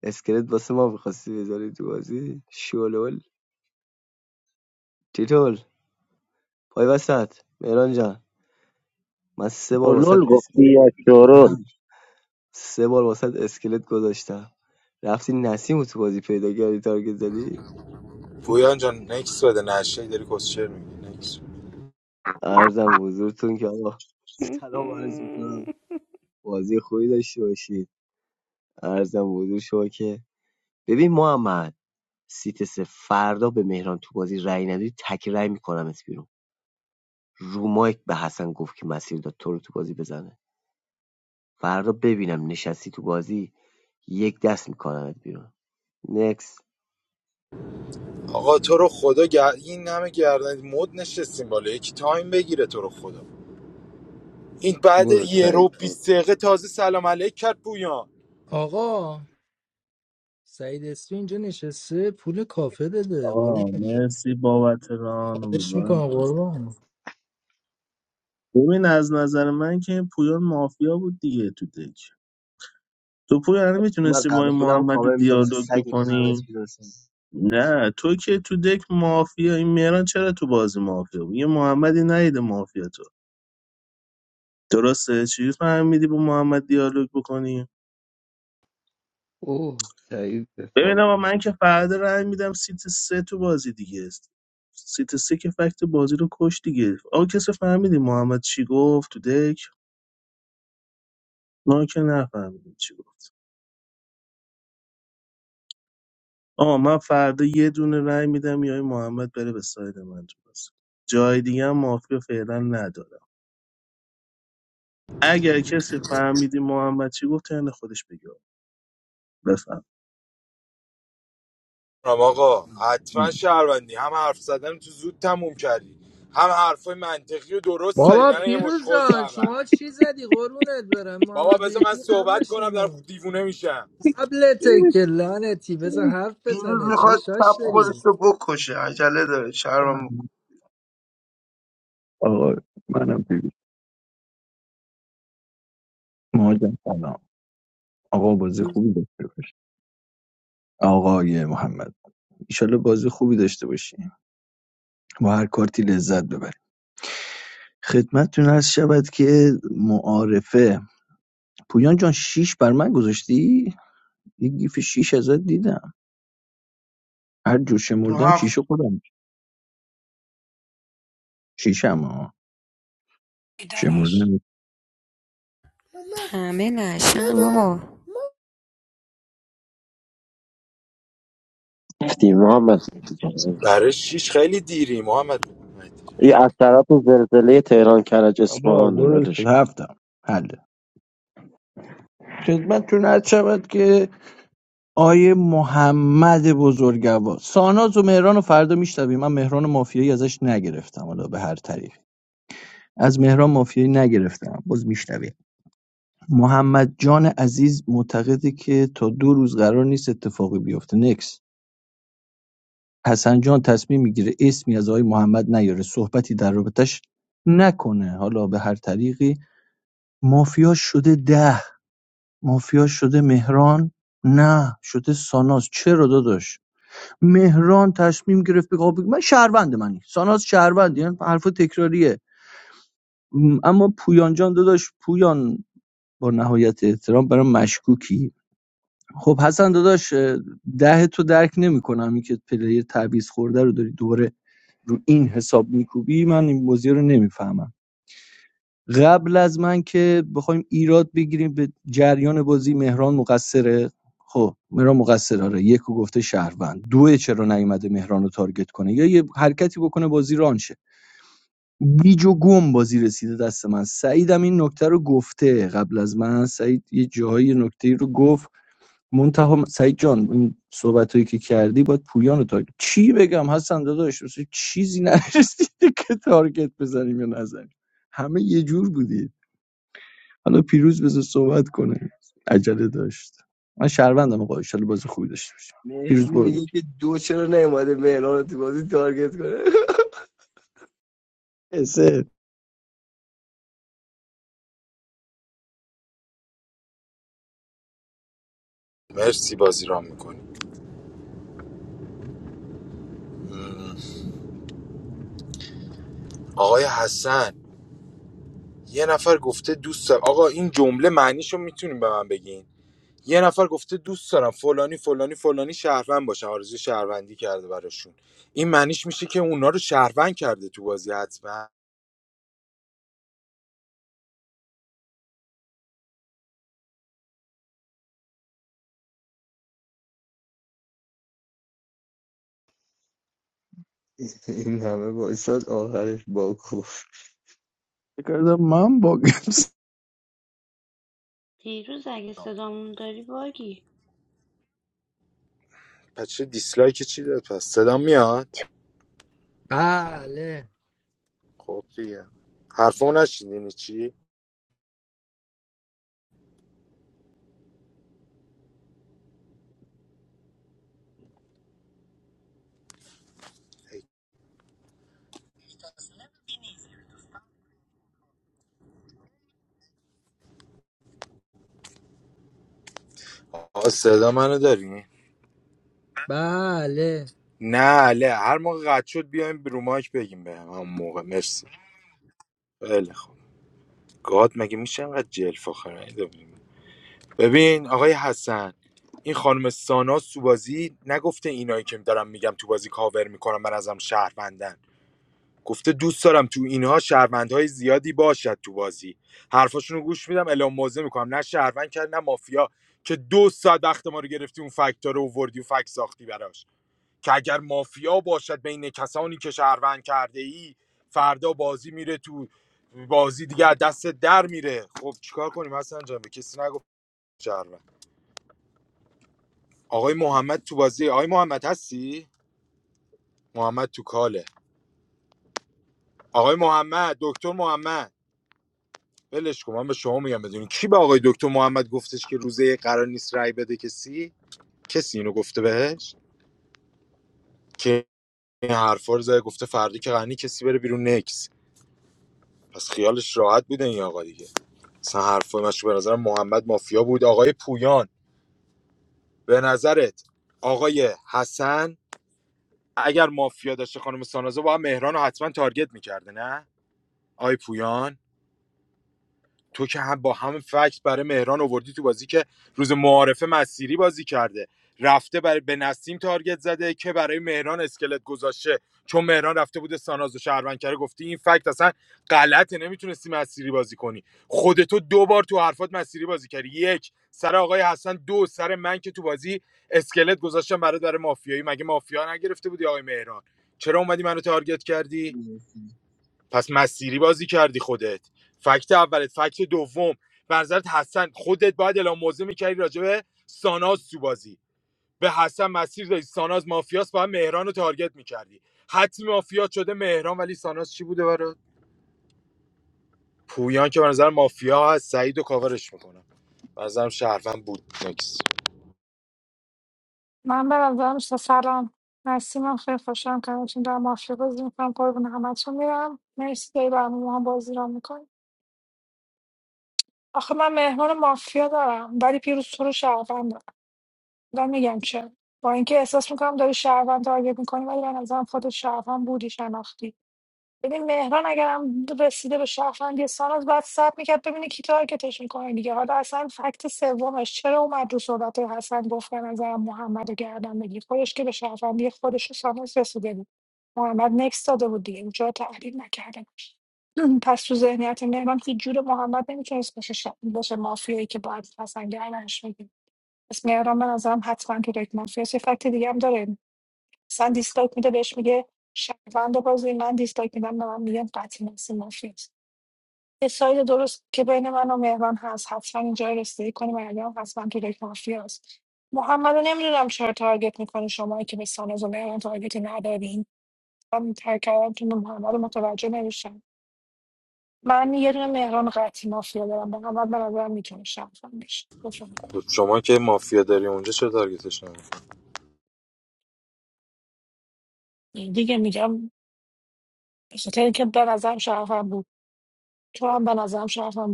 S16: اسکلت واسه ما میخواستی بذاری تو بازی شلول تیتول پای وسط مهران جان من سه بار
S8: گلول
S16: واسط
S8: گفتی
S16: اسکلت
S8: یا شورول
S16: سه بار واسط اسکلت گذاشتم رفتی نسیم رو تو بازی پیدا کردی تارگت زدی
S4: پویان جان نکس بده نشه داری کسچر میگی
S16: ارزم حضورتون که آقا سلام عرض میکنم بازی خوبی داشته باشید ارزم حضور شما که ببین محمد سیت سه فردا به مهران تو بازی رأی نداری تک رأی میکنم اس بیرون رو مایک به حسن گفت که مسیر داد تو رو تو بازی بزنه فردا ببینم نشستی تو بازی یک دست میکنم بیرون نکس.
S4: آقا تو رو خدا گر... این همه گردن مد نشستیم بالا یکی تایم بگیره تو رو خدا این بعد
S2: برو
S4: یه رو
S2: سعید
S4: 20
S2: برو
S4: دقیقه تازه سلام علیک کرد پویان
S3: آقا سعید اسمی اینجا نشسته پول کافه داده قربون
S18: آقا مرسی بابت ران
S3: خواهش
S18: امیدوارم
S3: میکنم
S18: بازی
S3: قربون
S18: ببین از نظر من که این پویان مافیا بود دیگه تو دک تو پویان
S16: تو من
S18: میتونستی با
S16: قبل
S18: این
S16: خودم
S18: محمد رو
S16: کاور میکنم مثل
S18: دیالوگ
S16: سگ میکنم از
S18: بکنی
S16: بیرون سن
S18: نه تو که تو دک مافیا این میران چرا تو بازی مافیا بود یه محمدی نیده مافیا تو درسته چی فهمیدی با محمد دیالوگ بکنی
S2: اوه سعید به فاک
S18: ببینم من که فردا رای میدم سیت سه تو بازی دیگه است سیت سه که فکت بازی رو کش دیگه آقا کسی فهمیدی محمد چی گفت تو دک ما که نفهمیدیم چی گفت آه من فردا یه دونه رای میدم یا این محمد بره به ساید من تو بازی جای دیگه هم مافیا فعلا ندارم اگر کسی فهمیدی محمد چی گفت ترن خودش بگه بفهم
S4: رام آقا حتما شهروندی هم حرف زدن تو زود تموم کردی هم حرفای منطقی و درست زدی
S3: بابا
S4: نه یه
S3: پیروز
S4: مشخوز
S3: جان
S4: اول
S3: شما چی زدی قربونت برم
S4: بابا
S3: محمد
S4: بذار من
S3: مهدی قبل
S4: صحبت کنم در
S3: شما
S4: دیوونه میشم
S3: قبلته که لعنتی بذار حرف
S14: پیروز
S3: بزنه چه
S14: میخواد سب
S3: شاش
S14: خودش
S3: داری
S14: رو بکشه عجله داره شرمم بکن.
S19: آقا منم بیبی مهاجم سلام آقا بازی خوبی داشته باشی آقای محمد ایشالله بازی خوبی داشته باشیم با هر کارتی لذت ببریم خدمتتون هست شود که معارفه پویان جان شیش بر من گذاشتی یه گیف شیش ازت دیدم هر جور
S14: تو
S19: شمردم
S14: هفت
S19: شیشه خودم شیشم ها
S20: ای داداش
S19: شمردم
S7: Hamen aasha ho,
S8: گفتی محمد مهدی جان.
S4: برای شیش خیلی دیری محمد
S8: این از طرف زلزله تهران کرج
S19: بار
S8: اصفهانه
S19: درست
S8: ولش
S19: شد
S8: کن.
S19: هفتم حله خدمتتون هست شود که آیه محمد بزرگوار ساناز و مهران رو فردا میشتویم من مهران مافیایی ازش نگرفتم حالا به هر طریق از مهران مافیایی نگرفتم باز میشنویم محمد جان عزیز معتقده که تا دو روز قرار نیست اتفاقی بیفته نکس حسن جان تصمیم میگیره اسمی از آقای محمد نیاره صحبتی در رابطش نکنه حالا به هر طریقی مافیا شده ده مافیا شده مهران نه شده ساناز چرا داداش مهران تصمیم گرفت به کاوه بگه آقا من شهروند منی ساناز شهروندی یعنی حرف تکراریه م، اما پویان جان داداش پویان با نهایت احترام برام مشکوکی خب حسن داداش اه، ده تو درک نمیکنم که پلیر تعویض خورده رو داری دوباره رو این حساب میکوبی من این موضوع رو نمیفهمم قبل از من که بخوایم ایراد بگیریم به جریان بازی مهران مقصره خب مهران مقصر آره یکو گفته شهروند دو چرا نیومده مهران رو تارگت کنه یا یه حرکتی بکنه بازی رانشه گیج و گم بازی رسیده دست من سعیدم این نکته رو گفته قبل از من سعید یه جاهای نکته رو گفت منتها سعید جان این صحبت که کردی باید پویان رو تارگت چی بگم حسن داداش مثل چیزی نرسیده که تارگت بزنیم یا نزنیم همه یه جور بودی حالا پیروز بذار صحبت کنه عجله داشت من شهروندم آقا ان شاء الله بازی خوبی داشته باشیم
S16: مهدی
S19: پیروز برو
S16: میگه که دو چرا نیومده مهران رو تو بازی تارگت کنه
S19: اسه
S4: مرسی بازی رام میکنی آقای حسن یه نفر گفته دوست دارم آقا این جمله معنیشو میتونیم به من بگین یه نفر گفته دوست دارم فلانی فلانی فلانی شهروند باشه آرزو شهروندی کرده براشون این معنیش میشه که اونا رو شهروند کرده تو بازی حتما
S2: این همه بایستاد آخرش با کفت
S19: فکر کردم من باگم
S6: پیروز اگه صدامون داری باگی
S4: پس چه دیسلایک چی داد پس صدا میاد
S3: بله
S4: خب دیگه حرفمو نشیدین چی آه، صدا منو داری
S3: بله
S4: نه له هر موقع قد شد بیایم رو مایک بگیم به هم. همون موقع مرسی خیلی خب گاد مگه میشه انقدر جلف آخر ببین آقای حسن این خانم ساناز تو بازی نگفته اینایی که دارم میگم تو بازی کاور میکنم من ازم شهروندن گفته دوست دارم تو اینها شهروندهای زیادی باشد تو بازی حرفاشونو گوش میدم اعلام موضع میکنم نه شهروند کرد نه مافیا که دو ساعت وقت ما رو گرفتی اون فکتار رو اووردی و فکت ساختی براش که اگر مافیا باشد بین کسانی که شهروند کرده ای فردا بازی میره تو بازی دیگه از دست در میره خب چیکار کنیم حسن جان به کسی نگفت شهروند آقای محمد تو بازی آقای محمد هستی محمد تو کاله آقای محمد دکتر محمد ولش کن من به شما میگم بدونی کی به آقای دکتر محمد گفتش که روزه یک قرار نیست رأی بده کسی کسی اینو گفته بهش که این حرفا رو زده گفته فردی که غنی کسی بره بیرون نکس پس خیالش راحت بوده این آقا دیگه مثلا حرفای مشو به نظر محمد مافیا بود آقای پویان به نظرت آقای حسن اگر مافیا داشته خانم سانازه با مهران رو حتما تارگت میکرده نه آقای پویان تو که هم با هم فکت برای مهران آوردی تو بازی که روز معارفه مسیری بازی کرده رفته برای به نسیم تارگت زده که برای مهران اسکلت گذاشته چون مهران رفته بوده ساناز و شهروند کرده گفتی این فکت اصلا غلطه نمیتونستی مسیری بازی کنی خودتو دو بار تو حرفات مسیری بازی کردی یک سر آقای حسن دو سر من که تو بازی اسکلت گذاشتم برای برای مافیایی مگه مافیا نگرفته بودی آقای مهران چرا اومدی منو تارگت کردی پس مسیری بازی کردی خودت فکت اولت فکت دوم به حسن خودت باید اعلام موضع میکردی راجع به ساناز تو بازی به حسن مسیر دادی ساناز مافیاس باید مهران رو تارگت میکردی حتی مافیا شده مهران ولی ساناز چی بوده برات پویان که به نظر مافیا هست سعید و کاورش میکنم به نظرم شهروند بود نکس
S20: من به نظرم س- سلام نسیمم خیلی خوشم کنارتون دارم مافیا بازی میکنم قربون همتون میرم مرسی داری برامون هم بازی را میکنی آخه من مهمان مافیا دارم ولی پیروز تو رو شهروند دارم دارم میگم چه با اینکه احساس میکنم داری شهروند تارگت میکنی ولی به نظرم خود شهروند بودی شناختی ببین مهران اگرم رسیده به شهروندی ساناز باید صبر میکرد ببینه کی تارگتش میکنه دیگه حالا اصلا فکت سومش چرا اومد رو صحبت حسن گفت به نظرم محمد رو گردن بگیر خودش که به شهروندی خودش و ساناز رسیده بود محمد نکس داده بود دیگه اونجا رو تحلیل نکرده بود پس تو ذهنیت مهران هیچ جور محمد نمیتونست باشه ش... باشه مافیایی که باید حسن گردنش بگیر پس مهران به نظرم حتما تو یک مافیا صفت دیگه هم داره اصلا دیسلایک میده بهش میگه شهروند بازی من دیسلایک میدم به من میگن قطعی نسی مافیاست یه ساید درست که بین من و مهران هست حتما اینجا رسیدگی کنیم مریم حتما تو لیگ مافیاست محمد رو نمیدونم چرا تارگت میکنه شما که به سانوز و مهران تارگتی ندارین من ترک کردم تو محمد رو متوجه نمیشم من یه دونه مهران قطعی مافیا دارم محمد به نظرم میتونه شهروند بشه بفهم.
S4: شما که مافیا داری اونجا چه تارگتش نمی
S20: دیگه میگم به خاطر اینکه به نظرم شرفم بود تو هم به نظرم شرفم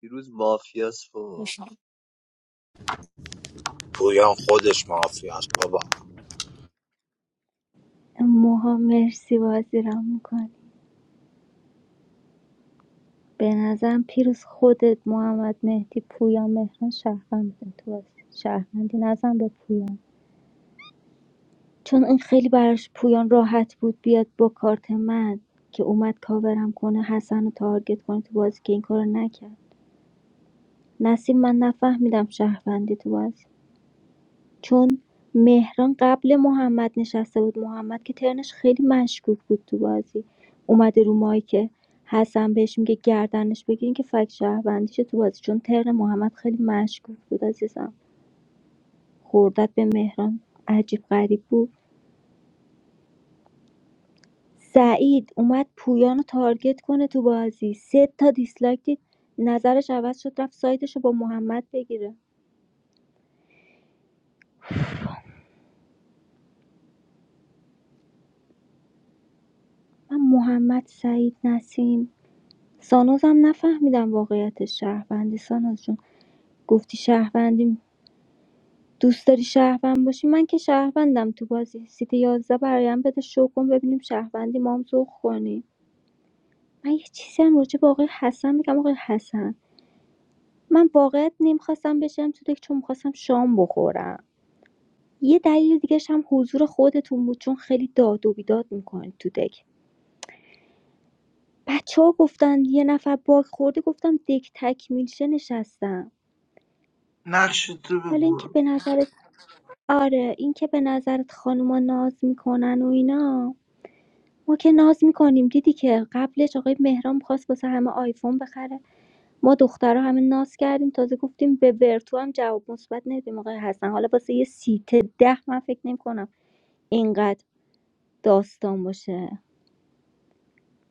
S16: دیروز مافیاس فوق
S20: بود
S4: پویان خودش مافیا است. بابا
S13: موها مرسی بازی را میکنه. به نظرم پیروز خودت محمد مهدی پویان مهران شهروند بودن تو بازی شهروندی نزن به پویان چون این خیلی براش پویان راحت بود بیاد با کارت من که اومد کاورم کنه حسن رو تارگت کنه تو بازی که این کارو نکرد نسیم من نفهمیدم شهروندی تو بازی چون مهران قبل محمد نشسته بود محمد که ترنش خیلی مشکوک بود تو بازی اومده رو مایک حسن بهش میگه گردنش بگیرین که فک شهروندیشه تو بازی چون ترن محمد خیلی مشکوک بود عزیزم خوردت به مهران عجیب غریب بود سعید اومد پویان رو تارگت کنه تو بازی سه تا دیسلایک دید نظرش عوض شد رفت سایدش رو با محمد بگیره من محمد سعید نسیم سانوزم نفهمیدم واقعیت شهروندی ساناز جون. گفتی شهروندیم دوست داری شهروند باشی من که شهروندم تو بازی سیت 11 برایم بده شو کن ببینیم شهروندی ما هم ذوق کنی من یه چیزی هم راجع به آقای حسن میگم آقای حسن من واقعیت نمیخواستم بشم تو دک چون میخواستم شام بخورم یه دلیل دیگه هم حضور خودتون بود چون خیلی داد و بیداد میکنید تو دک بچه ها گفتن یه نفر باگ خورده گفتم دک تکمیلشه نشستم
S14: نقش تو
S13: حالا اینکه
S14: بگو
S13: به نظرت آره اینکه به نظرت خانوما ناز میکنن و اینا ما که ناز میکنیم دیدی که قبلش آقای مهران خواست واسه همه آیفون بخره ما دخترها همه ناز کردیم تازه گفتیم به ورتو هم جواب مثبت ندیم آقای حسن حالا واسه یه سیت ده من فکر نمیکنم اینقدر داستان باشه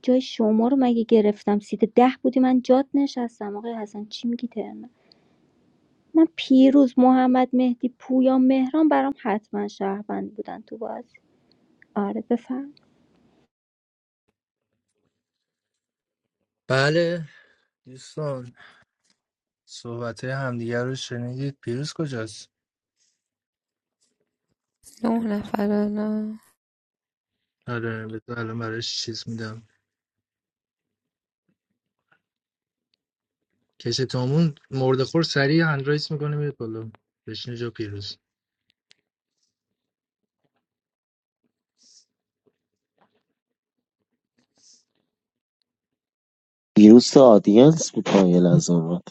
S13: جای شما رو مگه گرفتم سیت ده بودی من جات نشستم آقای حسن چی میگی ترنه من پیروز محمد مهدی پویا مهران برام حتما شهروند بودن تو بازی آره بفهم
S3: بله دوستان صحبت همدیگه رو شنیدید پیروز کجاست
S7: nuhna farana.
S3: آره بذار الان براش چیز میدم کش تومون مرده خور سریع هندرایس میکنه میره بالا بشینه جا پیروز
S8: دیروز تو آدینس بود پایل از اومد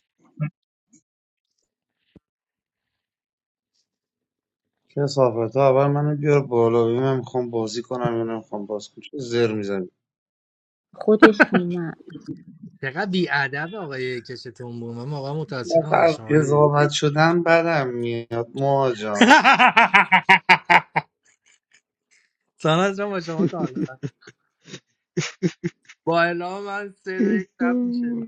S21: کسافتا اول منو بیار بالا ببین من میخوام بازی کنم یا نمیخوام بازی کنم چه زر میزنی
S13: خودش اومد
S3: چقدر بیادب آقای کش تومون من واقعا متاسفم
S21: آخه
S3: از
S21: از
S3: شما
S21: قضاوت شدن بدم میاد ما جان
S3: ساناز جان با شما کار دارم با اعلام من سه دو یک تپ میشه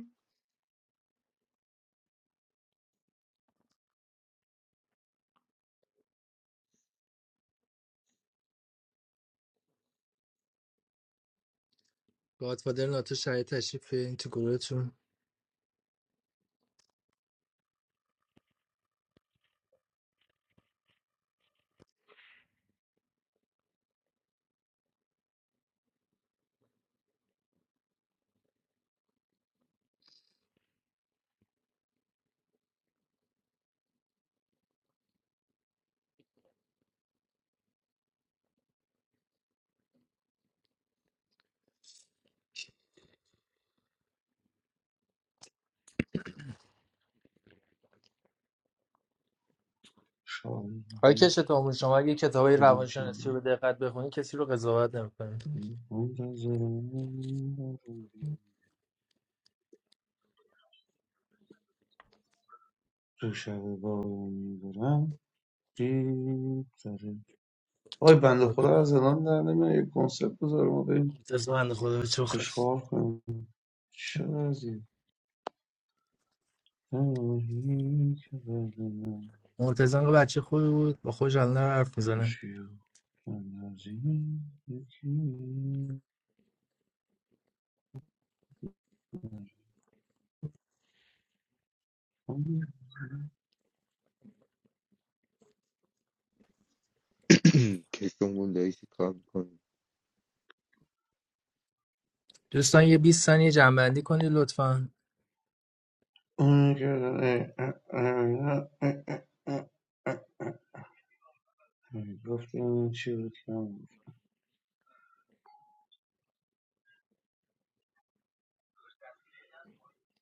S3: گادفادر ناتو شاید تشریف بیارین تو گروهتون
S21: شاید
S3: آقای
S21: بگی-
S3: کش تومون شما اگه کتابای
S21: بگم چی
S3: روانشناسی
S21: میگی
S3: رو به دقت بخونی کسی رو قضاوت نمیکنید
S21: تو شب با میبرم دید داره. آی بنده خدا از الان در نمیاد یه کنسپت بذاره ما بریم
S3: مرتضی بنده خدا به چخ
S21: اشغال کنیم چه وضعی؟
S3: مرتضی هم بچه خوبی بود با خوش الان حرف میزنه
S21: خوشگل اندازی یکی
S2: که شما داشتی کار میکنی
S3: دوستان یه 20 ثانیه جنبندی کنید لطفا
S21: اون کردن اه، اه، اه، اه، اه، اه. گفتیم این چی بود که من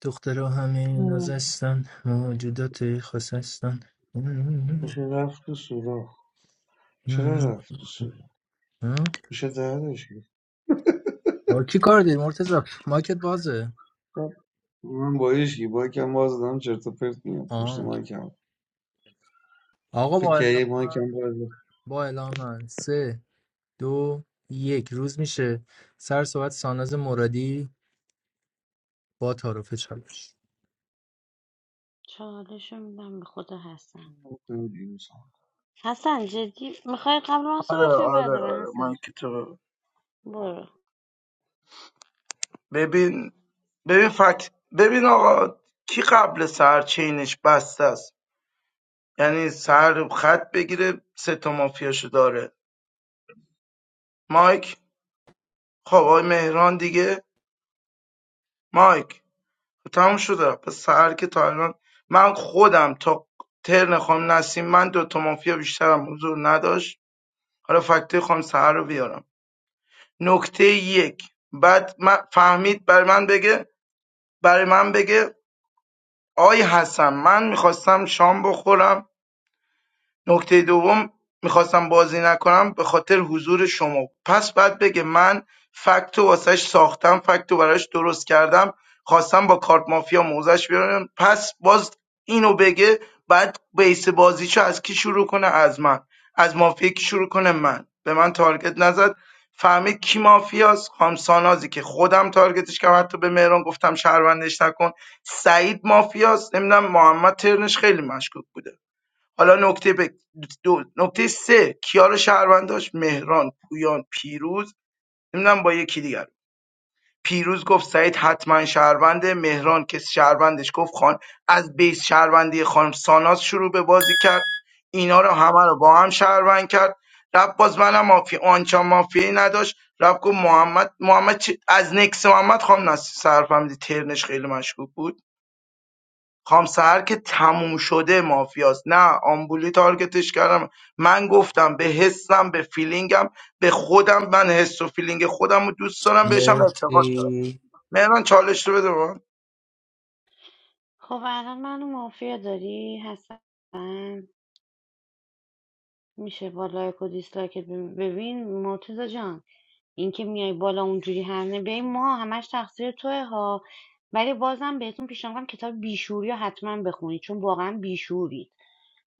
S3: دخترها همه
S21: گفتم؟
S3: نازستن موجودات خاص هستن
S21: میشه رفت تو سوراخ چرا رفت تو سوراخ میشه درش گرفت
S3: با کی کار داری مرتزا ماکت بازه
S21: خب، من با هیچکی با یکم باز دادم چرت و پرت میام پشت
S3: آه.
S21: مایکم
S3: آقا
S21: فکر
S3: با
S21: کنم یه
S3: اعلام من-
S21: مایکم باز
S3: با اعلام من. سه دو یک روز میشه سر صحبت ساناز مرادی با تعارف چالش
S6: چالش رو میدم به خود حسن
S21: کنم دیروز
S6: حسن جدی میخوای قبل من
S14: آره
S6: صحبت کنی یا بعد
S14: آره
S6: من
S14: آره
S6: حسن جان؟
S14: مایک تو
S6: برو
S14: ببین ببین فکت ببین آقا کی قبل سر چینش بسته است یعنی سر خط بگیره سه تا مافیاشو داره مایک خب آقای مهران دیگه مایک تموم شده پس سر که تا الان من خودم تا ترن خانم نسیم من دو تا مافیا بیشترم حضور نداشت حالا فکته خانم سهر رو بیارم نکته یک بعد من فهمید برای من بگه برای من بگه آقای حسن من میخواستم شام بخورم نکته دوم میخواستم بازی نکنم به خاطر حضور شما پس بعد بگه من فکتو واسش ساختم فکتو براش درست کردم خواستم با کارت مافیا موزش بیارم پس باز اینو بگه بعد بیس بازیشو از کی شروع کنه از من از مافیا کی شروع کنه من به من تارگت نزد فهمید کی مافیاست خام سانازی که خودم تارگتش کردم حتی به مهران گفتم شهروندش نکن سعید مافیاست نمیدونم محمد ترنش خیلی مشکوک بوده حالا نکته ب... دو... نکته سه کیا رو شهروند داشت مهران پویان پیروز نمیدونم با یکی دیگر پیروز گفت سعید حتما شهرونده مهران که شهروندش گفت خان از بیس شهروندی خانم ساناز شروع به بازی کرد اینا رو همه رو با هم شهروند کرد رفت باز منم مافی آنچا مافی نداشت رفت گفت محمد محمد چی- از نکس محمد خانم نصر سرفهمیدی ترنش خیلی مشکوک بود خام سهر که تموم شده مافیاست نه آمبولی تارگتش کردم من گفتم به حسم به فیلینگم به خودم من حس و فیلینگ خودم رو دوست دارم بهشم اعتقاد دارم
S3: مرسی
S14: مهران چالش رو بده به من.
S6: خب الان منو مافیا داری حسن میشه با لایک و دیسلایکت بب- ببین مرتزا جان اینکه میای بالا اونجوری هرنه بیای ما همش تقصیر توه ها ولی بازم بهتون پیشنهاد میکنم کتاب بیشوری رو حتما بخونید چون واقعا بیشورید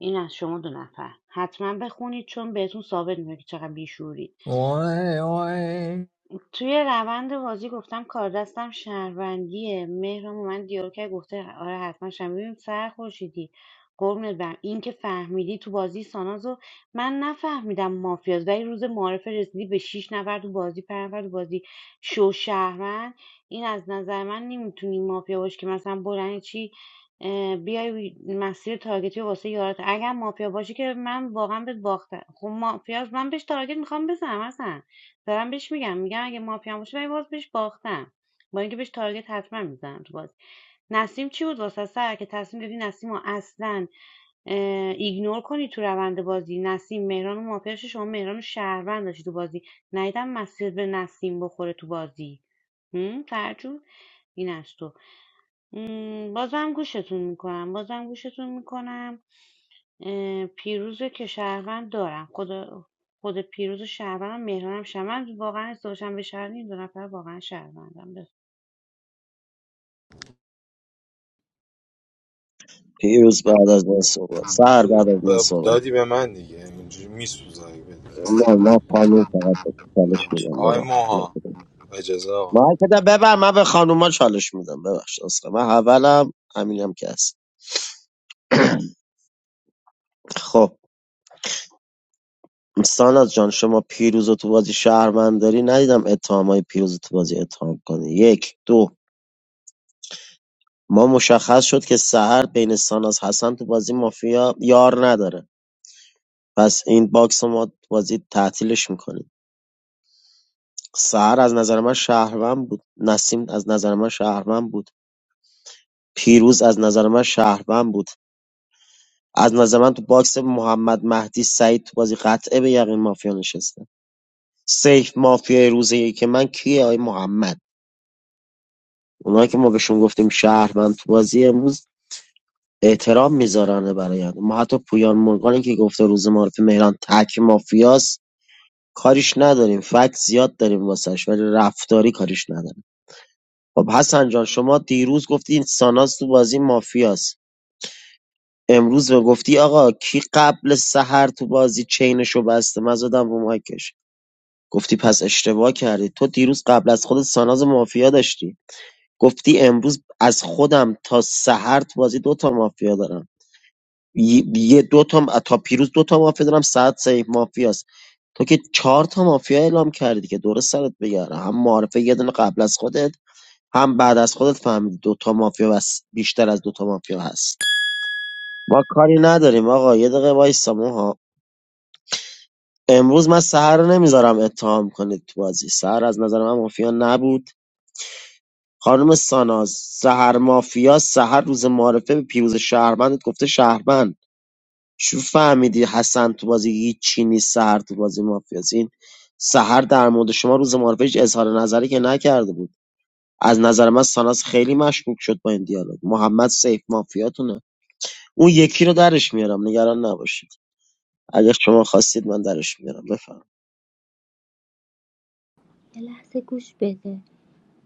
S6: این از شما دو نفر حتما بخونید چون بهتون ثابت میکنه که چقدر بیشورید
S3: آه آه.
S6: توی روند بازی گفتم کار دستم شهروندیه مهرم من دیالوگ کرد گفته آره حتما شم ببین سر خورشیدی قربونت برم این که فهمیدی تو بازی سانازو من نفهمیدم مافیاز ولی روز معارفه رسیدی به شیش نفر تو بازی پنج نفر تو بازی شو شهروند این از نظر من نمیتونی مافیا باشی که مثلا بلند چی اه، بیای مسیر تارگتی رو واسه یارت اگر مافیا باشی که من واقعا بهت باختم خب مافیاز من بهش تارگت میخوام بزنم اصلا دارم بهش میگم میگم اگه مافیا باشه ولی باز بهش باختم با اینکه بهش تارگت حتما میزنم تو بازی نسیم چی بود واسه سر که تصمیم گرفتی نسیم رو اصلا ایگنور کنی تو روند بازی نسیم مهران و مافیاش شما مهران و شهروند داشتی تو بازی نیدم مسیر به نسیم بخوره تو بازی هم، فرجون این از تو م، بازم گوشتون میکنم بازم گوشتون میکنم اه، پیروز رو که شهروند دارم خدا خود پیروز و شهروندم مهرانم شهر من واقعا ازدواجم به شهر این دو نفر واقعا شهروندم بس
S8: دیروز بعد از من صحبت سهر بعد از من
S4: ب-
S8: صحبت
S4: دادی به من دیگه اینجوری میسوزایی بده
S8: نه نه خانوم فقط به چالش میدم
S4: آقای
S8: ببخش
S4: موها اجازه آقا
S8: من که ده ببر من به خانوما چالش میدم ببخش اصلا من اولم همینم که هست خب ساناز جان شما پیروز رو تو بازی شهروند داری ندیدم اتهام های پیروز رو تو بازی اتهام کنی یک دو ما مشخص شد که سحر بین ساناز حسن تو بازی مافیا یار نداره پس این باکس رو ما تو بازی تعطیلش میکنیم سحر از نظر من شهروند بود نسیم از نظر من شهروند بود پیروز از نظر من شهروند بود از نظر من تو باکس محمد مهدی سعید تو بازی قطعه به یقین مافیا نشسته سیف مافیا روزی که من کیه آی محمد اونایی که ما بهشون گفتیم شهروند تو بازی امروز احترام می‌ذارن برآینده ما حتی پویان مورگانی که گفته روز معارف مهران تک مافیاست کاریش نداریم فکت زیاد داریم واسش ولی رفتاری کاریش نداریم خب حسن جان شما دیروز گفتی این ساناز تو بازی مافیاست امروز به گفتی آقا کی قبل سحر تو بازی چینشو بسته من زدم رو مایکش گفتی پس اشتباه کردی تو دیروز قبل از خود ساناز مافیا داشتی گفتی امروز از خودم تا سحر تو بازی دوتا مافیا دارم ی- یه دو تا م- تا پیروز دو تا مافیا دارم سعد سیف مافیاست تو که چهار تا مافیا اعلام کردی که درست سرت بگردم هم معرفه یه دونه قبل از خودت هم بعد از خودت فهمیدی دو تا مافیا بس بیشتر از دو تا مافیا هست ما کاری نداریم آقا یه دقیقه وایسا ها امروز من سهر رو نمیذارم اتهام کنید تو بازی سهر از نظر من مافیا نبود خانم ساناز سهر مافیا سهر روز معرفه به پیروز شهرمندت گفته شهروند شو فهمیدی حسن تو بازی هیچی نیست سهر تو بازی مافیاست این سهر در مورد شما روز معرفه هیچ اظهار نظری که نکرده بود از نظر من ساناس خیلی مشکوک شد با این دیالوگ محمد سیف مافیاتونه اون یکی رو درش میارم نگران نباشید اگر شما خواستید من درش میارم بفهم
S13: یه لحظه گوش بده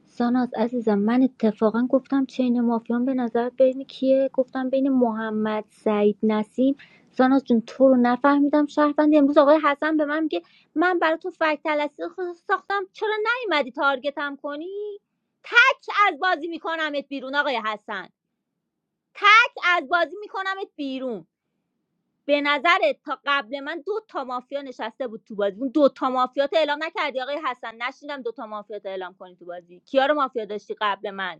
S13: ساناز عزیزم من اتفاقا گفتم چین مافیان به نظرت بین کیه گفتم بین محمد سعید نسیم ساناز جون تو رو نفهمیدم شهروند امروز آقای حسن به من میگه من برای تو فکت تلسی خ- ساختم چرا نیومدی تارگتم کنی تک از بازی میکنمت بیرون آقای حسن تک از بازی میکنمت بیرون به نظرت تا قبل من دو تا مافیا نشسته بود تو بازی اون دو تا مافیات اعلام نکردی آقای حسن نشیدم دو تا مافیات اعلام کنی تو بازی کیا رو مافیا داشتی قبل من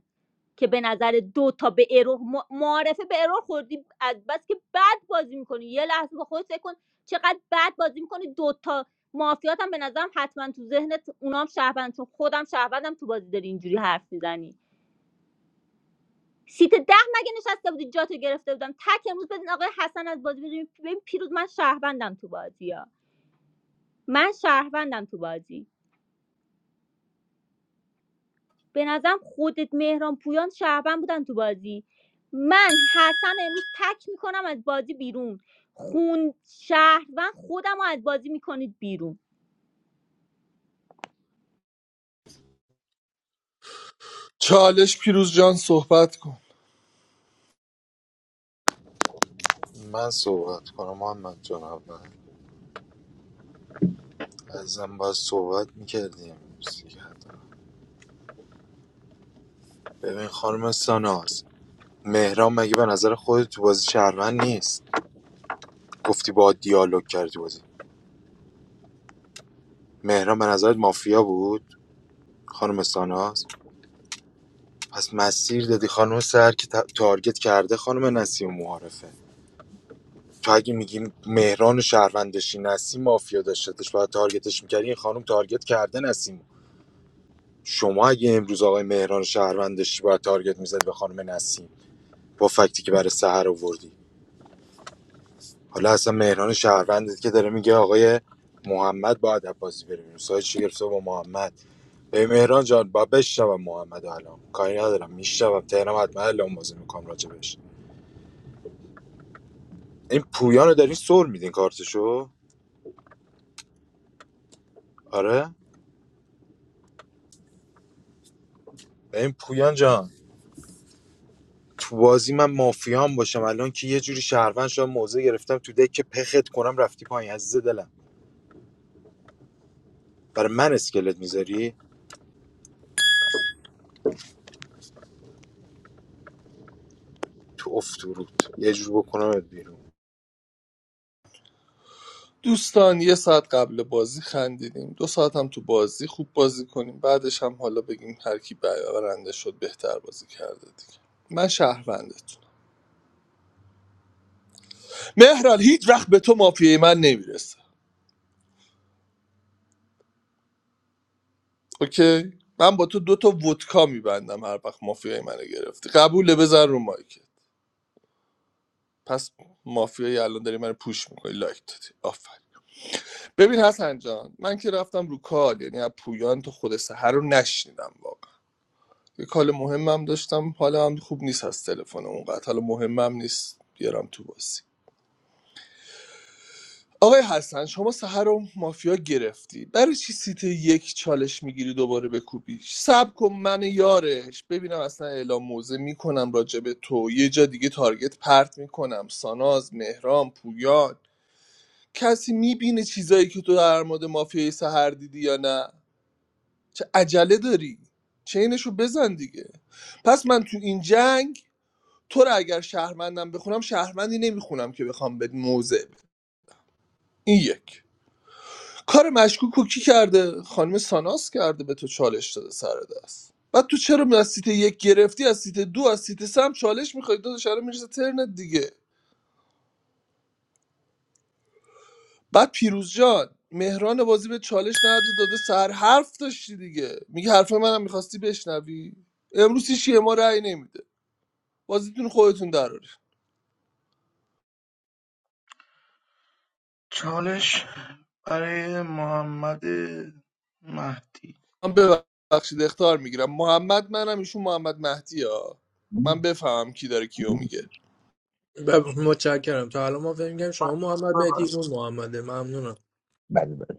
S13: که به نظر دو تا به ارور ما- معارفه به ارور خوردی از بس که بد بازی میکنی یه لحظه با خودت فکر کن چقدر بد بازی میکنی دو تا مافیات هم به نظرم حتما تو ذهنت اونام شهروند چون خودم شهروندم تو بازی داری اینجوری حرف میزنی سیت ده مگه نشسته بودی جاتو گرفته بودم تک امروز بدین آقای حسن از بازی بدین ببین پیروز من شهروندم تو بازی ها من شهروندم تو بازی به نظرم خودت مهران پویان شهروند بودن تو بازی من حسن امروز تک میکنم از بازی بیرون خون شهروند خودم رو از بازی میکنید بیرون
S12: چالش پیروز جان صحبت کن
S4: من صحبت کنم محمد جان اول ازم باید صحبت میکردیم ببین خانم ساناز مهران مگه به نظر خودت تو بازی شهروند نیست گفتی با دیالوگ کردی تو بازی مهران به نظرت مافیا بود خانم ساناز پس مسیر دادی خانم سر که تا- تارگت کرده خانم نسیم معارفه تو اگه میگیم مهران و شهروند داشتی نسیم مافیا داشتش باید تارگتش میکردی این خانم تارگت کرده نسیم شما اگه امروز آقای مهران شهروند داشتی باید تارگت میزد به خانم نسیم با فکتی که برای سحر آوردی حالا اصلا مهران شهروندت که داره میگه آقای محمد باید عباسی بره بیرون سایت چی گرفته با محمد به مهران جان با بشنوم محمد الان کاری ندارم میشنوم تهرم حتما الان بازی میکنم راجبش این پویان رو دارین سر میدین کارتشو آره این پویان جان تو بازی من مافیام باشم الان که یه جوری شهروند شدم موضع گرفتم تو دک که پخت کنم رفتی پایین عزیز دلم برای من اسکلت میذاری تو افتورود یه جور بکنم بیرون
S12: دوستان یه ساعت قبل بازی خندیدیم دو ساعت هم تو بازی خوب بازی کنیم بعدش هم حالا بگیم هر کی برنده شد بهتر بازی کرده دیگه من شهروندتون مهران هیچ وقت به تو مافیای من نمیرسه اوکی من با تو دو تا ودکا میبندم هر وقت مافیای منو گرفتی قبوله بزن رو مایکت پس مافیای الان داری من پوش میکنی لایک دادی آفر ببین حسن جان من که رفتم رو کال یعنی از پویان تو خود سهر رو نشنیدم واقعا یه کال مهمم داشتم حالا هم خوب نیست از تلفن اونقدر حالا مهمم نیست بیارم تو بازی آقای حسن شما سهر رو مافیا گرفتی برای چی سیت یک چالش میگیری دوباره بکوبیش سب کن من یارش ببینم اصلا اعلام موزه میکنم راجع به تو یه جا دیگه تارگت پرت میکنم ساناز مهران پویان کسی میبینه چیزایی که تو در مورد مافیای سهر دیدی یا نه چه عجله داری چینشو بزن دیگه پس من تو این جنگ تو رو اگر شهرمندم بخونم شهرمندی نمیخونم که بخوام به موزه بدم. این یک کار مشکوک رو کی کرده خانم ساناس کرده به تو چالش داده سر دست بعد تو چرا از سیت یک گرفتی از سیت دو از سیت سه هم چالش میخوای دو دچار میرسه ترنت دیگه بعد پیروز جان مهران بازی به چالش نداده داده سر حرف داشتی دیگه میگه حرف منم میخواستی بشنوی امروز هیچ ما رأی نمیده بازیتون خودتون دراره
S14: چالش برای محمد مهدی
S12: من ببخشید اختار میگیرم محمد منم ایشون محمد مهدی ها من بفهمم کی داره کیو میگه
S3: ب- متشکرم تا الان ما فهمیدیم شما محمد مهدی
S14: ببن.
S3: اون محمده ممنونم
S19: بله بله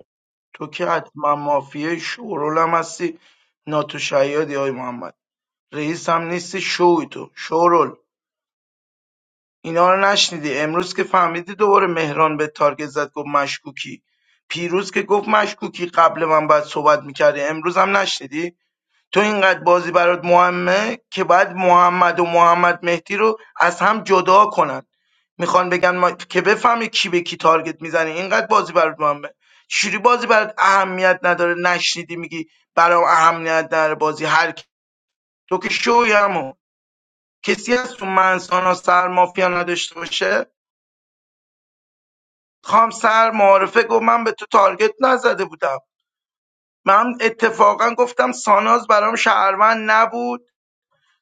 S14: تو که حتما مافیه شورول هم هستی ناتو شیادی های محمد رئیس هم نیستی شوی تو شورول اینا رو نشنیدی امروز که فهمیدی دوباره مهران به تارگت زد گفت مشکوکی پیروز که گفت مشکوکی قبل من باید صحبت میکردی امروز هم نشنیدی تو اینقدر بازی برات مهمه که باید محمد و محمد مهدی رو از هم جدا کنن میخوان بگن ما... که بفهمی کی به کی تارگت میزنی. اینقدر بازی برات مهمه چجوری بازی برات اهمیت نداره نشنیدی میگی برام اهمیت نداره بازی هر کی... تو که شویمو کسی از تو منسانا سر مافیا نداشته باشه خام سر معارفه گفت من به تو تارگت نزده بودم من اتفاقا گفتم ساناز برام شهروند نبود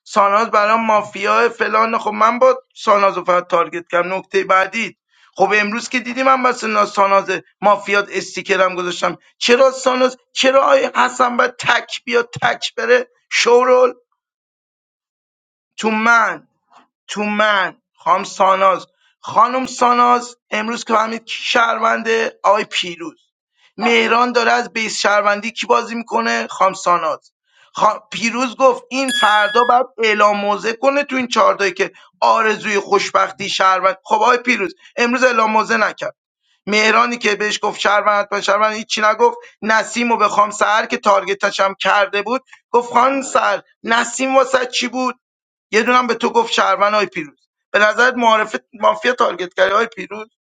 S14: ساناز برام مافیا فلان خب من با ساناز رو فقط تارگت کردم نکته بعدی خب امروز که دیدی من بس ساناز مافیات استیکرم گذاشتم چرا ساناز چرا آی حسن باید تک بیا تک بره شورول تو من تو من خانم ساناز خانم ساناز امروز که فهمید کی شهرونده آقای پیروز مهران داره از بیس شهروندی کی بازی میکنه خانم ساناز خا- پیروز گفت این فردا باید اعلام موضع کنه تو این چهارتایی که آرزوی خوشبختی شهروند خب آقای پیروز امروز اعلام موضع نکرد مهرانی که بهش گفت شهروند حتما شهروند هیچی نگفت نسیم و به خام سهر که تارگتش هم کرده بود گفت خان سر نسیم واسه چی بود یه دونم به تو گفت شهروند های پیروز به نظرت معارف مافیا تارگت کردی های پیروز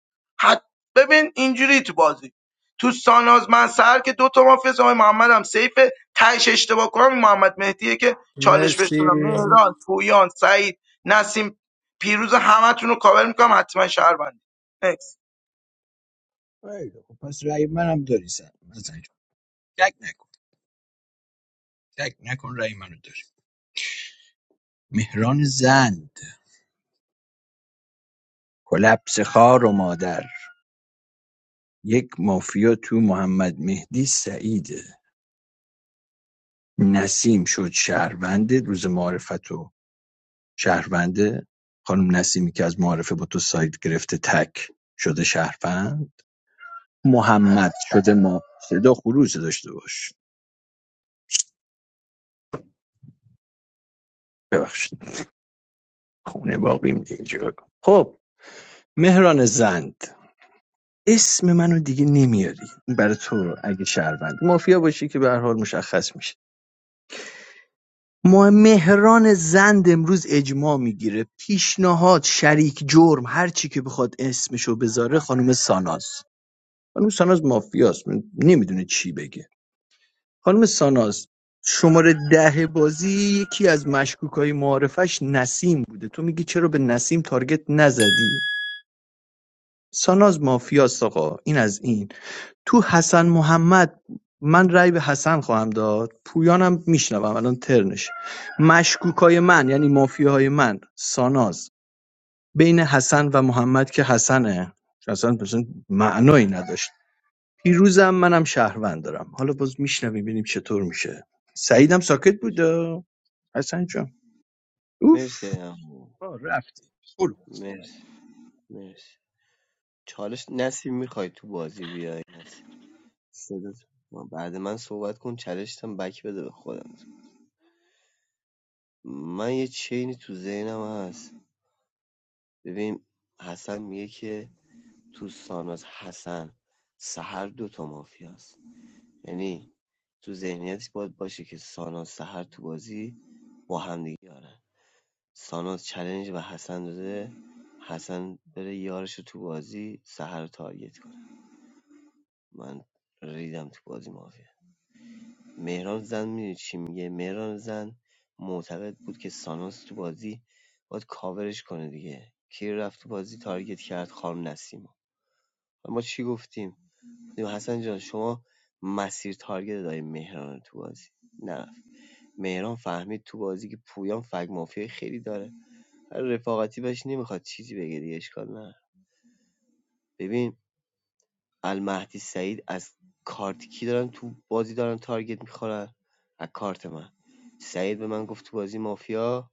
S14: حد ببین اینجوری تو بازی تو ساناز من سر که دو تا مافیا است، آقای محمد هم سیفه تهش اشتباه کنم این محمد مهدیه که چالش بهش
S3: مرسی
S14: دادم مهران پویان سعید نسیم پیروز همتون رو کاور میکنم حتما شهروند Next.
S19: خیلی خوب. پس رأی منم داری سن مثلا شک نکن شک نکن رأی منو داری مهران زند کلپس خار و مادر یک مافیا تو محمد مهدی سعیده نسیم شد شهروند روز معرفتو شهرونده؟ خانم نسیمی که از معارفه با تو ساید گرفته تک شده شهروند محمد شده ما صدا خروج داشته باش ببخشید خونه باقیم دیگه اینجا. خب مهران زند اسم منو دیگه نمیاری این برای تو اگه شهروند مافیا باشی که به هر حال مشخص میشه ما مهران زند امروز اجماع میگیره پیشنهاد شریک جرم هر چی که بخواد اسمشو بذاره خانم ساناز خانم ساناز مافیاست نمیدونه چی بگه خانم ساناز شماره ده بازی یکی از مشکوکای معارفش نسیم بوده تو میگی چرا به نسیم تارگت نزدی ساناز مافیاست آقا این از این تو حسن محمد بود. من رأی به حسن خواهم داد پویانم میشنوم الان ترنش مشکوکای من یعنی مافیاهای من ساناز بین حسن و محمد که حسنه حسن مثلا معنایی نداشت پیروزم منم شهروند دارم حالا باز میشنویم ببینیم چطور میشه سعیدم ساکت بود آه. حسن جان اوف
S16: مرسی عمو.
S19: آه، رفتی برو
S16: مرسی مرسی چالش نسیم میخوای تو بازی بیای نسیم صدات من- بعد من صحبت کن چالشتم بک بده به خودم من یه چینی تو ذهنم هست ببین حسن میگه که تو ساناز حسن سهر دوتا مافیاست یعنی تو ذهنیتش باید باشه که ساناز سهر تو بازی با همدیگه یارن ساناز چلنج به حسن داده حسن بره یارش تو بازی سهر رو تارگت کنه من ریدم تو بازی مافیا مهران زن میدونی چی میگه مهران زن معتقد بود که ساناز تو بازی باید کاورش کنه دیگه کی رفت تو بازی تارگت کرد خانم نسیما و ما چی گفتیم حسن جان شما مسیر تارگت داری مهران تو بازی نه مهران فهمید تو بازی که پویان فگ مافیا خیلی داره هر رفاقتی بهش نمیخواد چیزی بگه دیگه اشکال نه ببین المهدی سعید از کارت کی دارن تو بازی دارن تارگت میخورن از کارت من سعید به من گفت تو بازی مافیا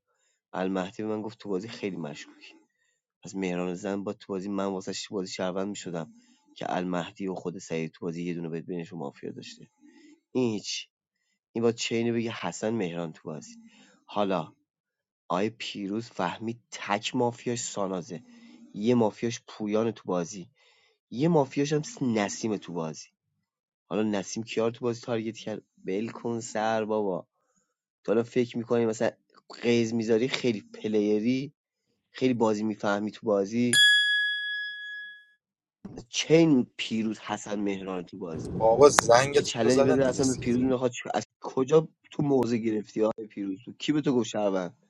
S16: المهدی به من گفت تو بازی خیلی مشکوکی از مهران زن با تو بازی من واسه تو بازی شهروند میشدم که المهدی و خود سعید تو بازی یه دونه بهت بینشون مافیا داشته این هیچ این باید چه اینو بگه حسن مهران تو بازی حالا آقای پیروز فهمید تک مافیاش سانازه یه مافیاش پویان تو بازی یه مافیاش هم نسیم تو بازی حالا نسیم کیار تو بازی تارگت کرد بل کن سر بابا تو حالا فکر میکنی مثلا قیز میذاری خیلی پلیری خیلی بازی میفهمی تو بازی چین پیروز حسن مهران تو بازی
S4: بابا زنگ
S16: یه
S4: تو
S16: چلنج
S4: زدن
S16: بده
S4: دیگه
S16: اصلا به پیروز
S4: سیکتی
S16: میخواد از کجا تو موزه گرفتی های پیروز تو کی به تو گفت شهروند؟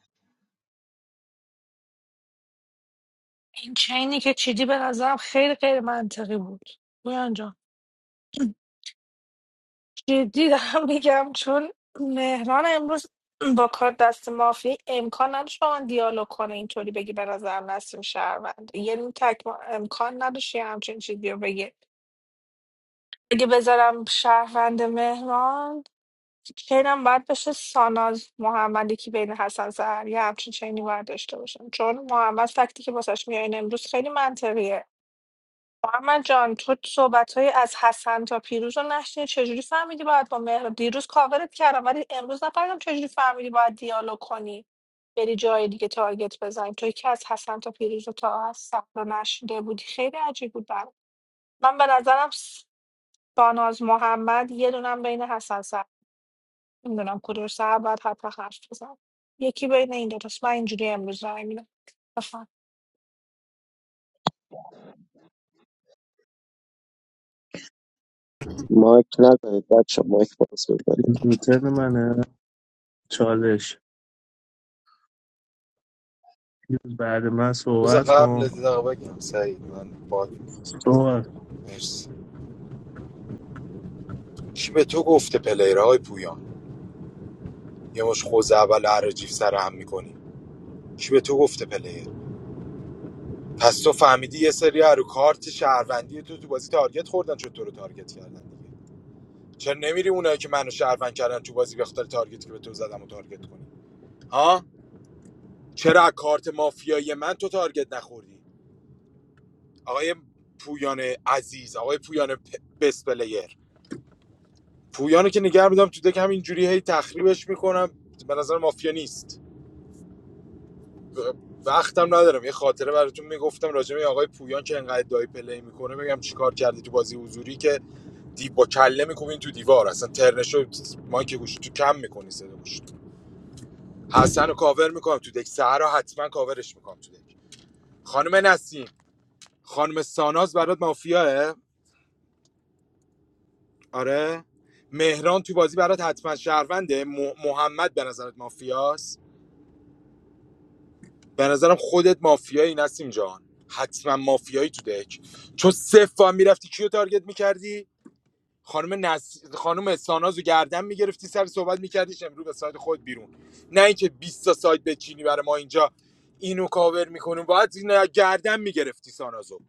S20: این چینی که چیدی به نظرم خیلی غیر منطقی بود بویان جان جدی دارم میگم چون مهران امروز با کار دست مافی امکان نداشت با من دیالوگ کنه اینطوری بگی به نظرم نسیم شهروند یعنی تک امکان نداشت یه همچین چیزی رو بگی اگه بذارم شهروند مهران چینم باید بشه ساناز محمدی که بین حسن سهر یه همچین چینی باید داشته باشم چون محمد فکتی که واسش میارین امروز خیلی منطقیه محمد جان تو صحبت از حسن تا پیروز رو نشنیدی چجوری فهمیدی باید با مهراب دیروز کاورت کردم ولی امروز نفهمیدم چجوری فهمیدی باید دیالوگ کنی بری جای دیگه تارگت بزنی توی که از حسن تا پیروز رو تا از صفر نشنیده بودی خیلی عجیب بود برام من به نظرم س- ساناز محمد یه دونم بین حسن سر نمیدونم کدوم سر باید حتما حرف بزن یکی بین این دوتاست من اینجوری امروز رای میدم
S8: مایک نزنید بچه مایک باز بکنید
S18: ترن منه چالش پیروز بعد من
S4: روز
S18: صحبت
S4: قبل یه
S18: کن
S4: دقیقه بگم سعید من باد
S18: صحبت کن
S4: مرسی کی به تو گفته پلیرهای پویان یه مش خوز اول عرجیف سر هم میکنی کی به تو گفته پلیر پس تو فهمیدی یه سری رو کارت شهروندی تو تو بازی تارگت خوردن چطور تو رو تارگت کردن چرا نمیری اونایی که منو شهروند کردن تو بازی بخاطر تارگت که به تو زدم و تارگت کنی ها چرا کارت مافیایی من تو تارگت نخوردی آقای پویان عزیز آقای پویان پ- بست پلیر پویانو که نگه میدم تو دک همینجوری هی تخریبش میکنم به نظر مافیا نیست و- وقتم ندارم یه خاطره براتون میگفتم راجع به آقای پویان که انقدر دای پلی میکنه بگم چیکار کرده تو بازی حضوری که دی با کله میکنین تو دیوار اصلا ترنشو مایک گوش تو کم میکنی صدا گوش حسن کاور میکنم تو دک سهر رو حتما کاورش میکنم تو دک خانم نسیم خانم ساناز برات مافیاه آره مهران تو بازی برات حتما شهرونده م- محمد به نظرت مافیاست به نظرم خودت مافیایی نسیم جان حتما مافیایی تو دک چون صفر هم میرفتی کیو تارگت میکردی خانم نس... خانم سانازو گردن میگرفتی سر صحبت میکردیش امروز به سایت خود بیرون نه اینکه 20 تا سایت بچینی برای ما اینجا اینو کاور میکنیم باید اینو گردن میگرفتی سانازو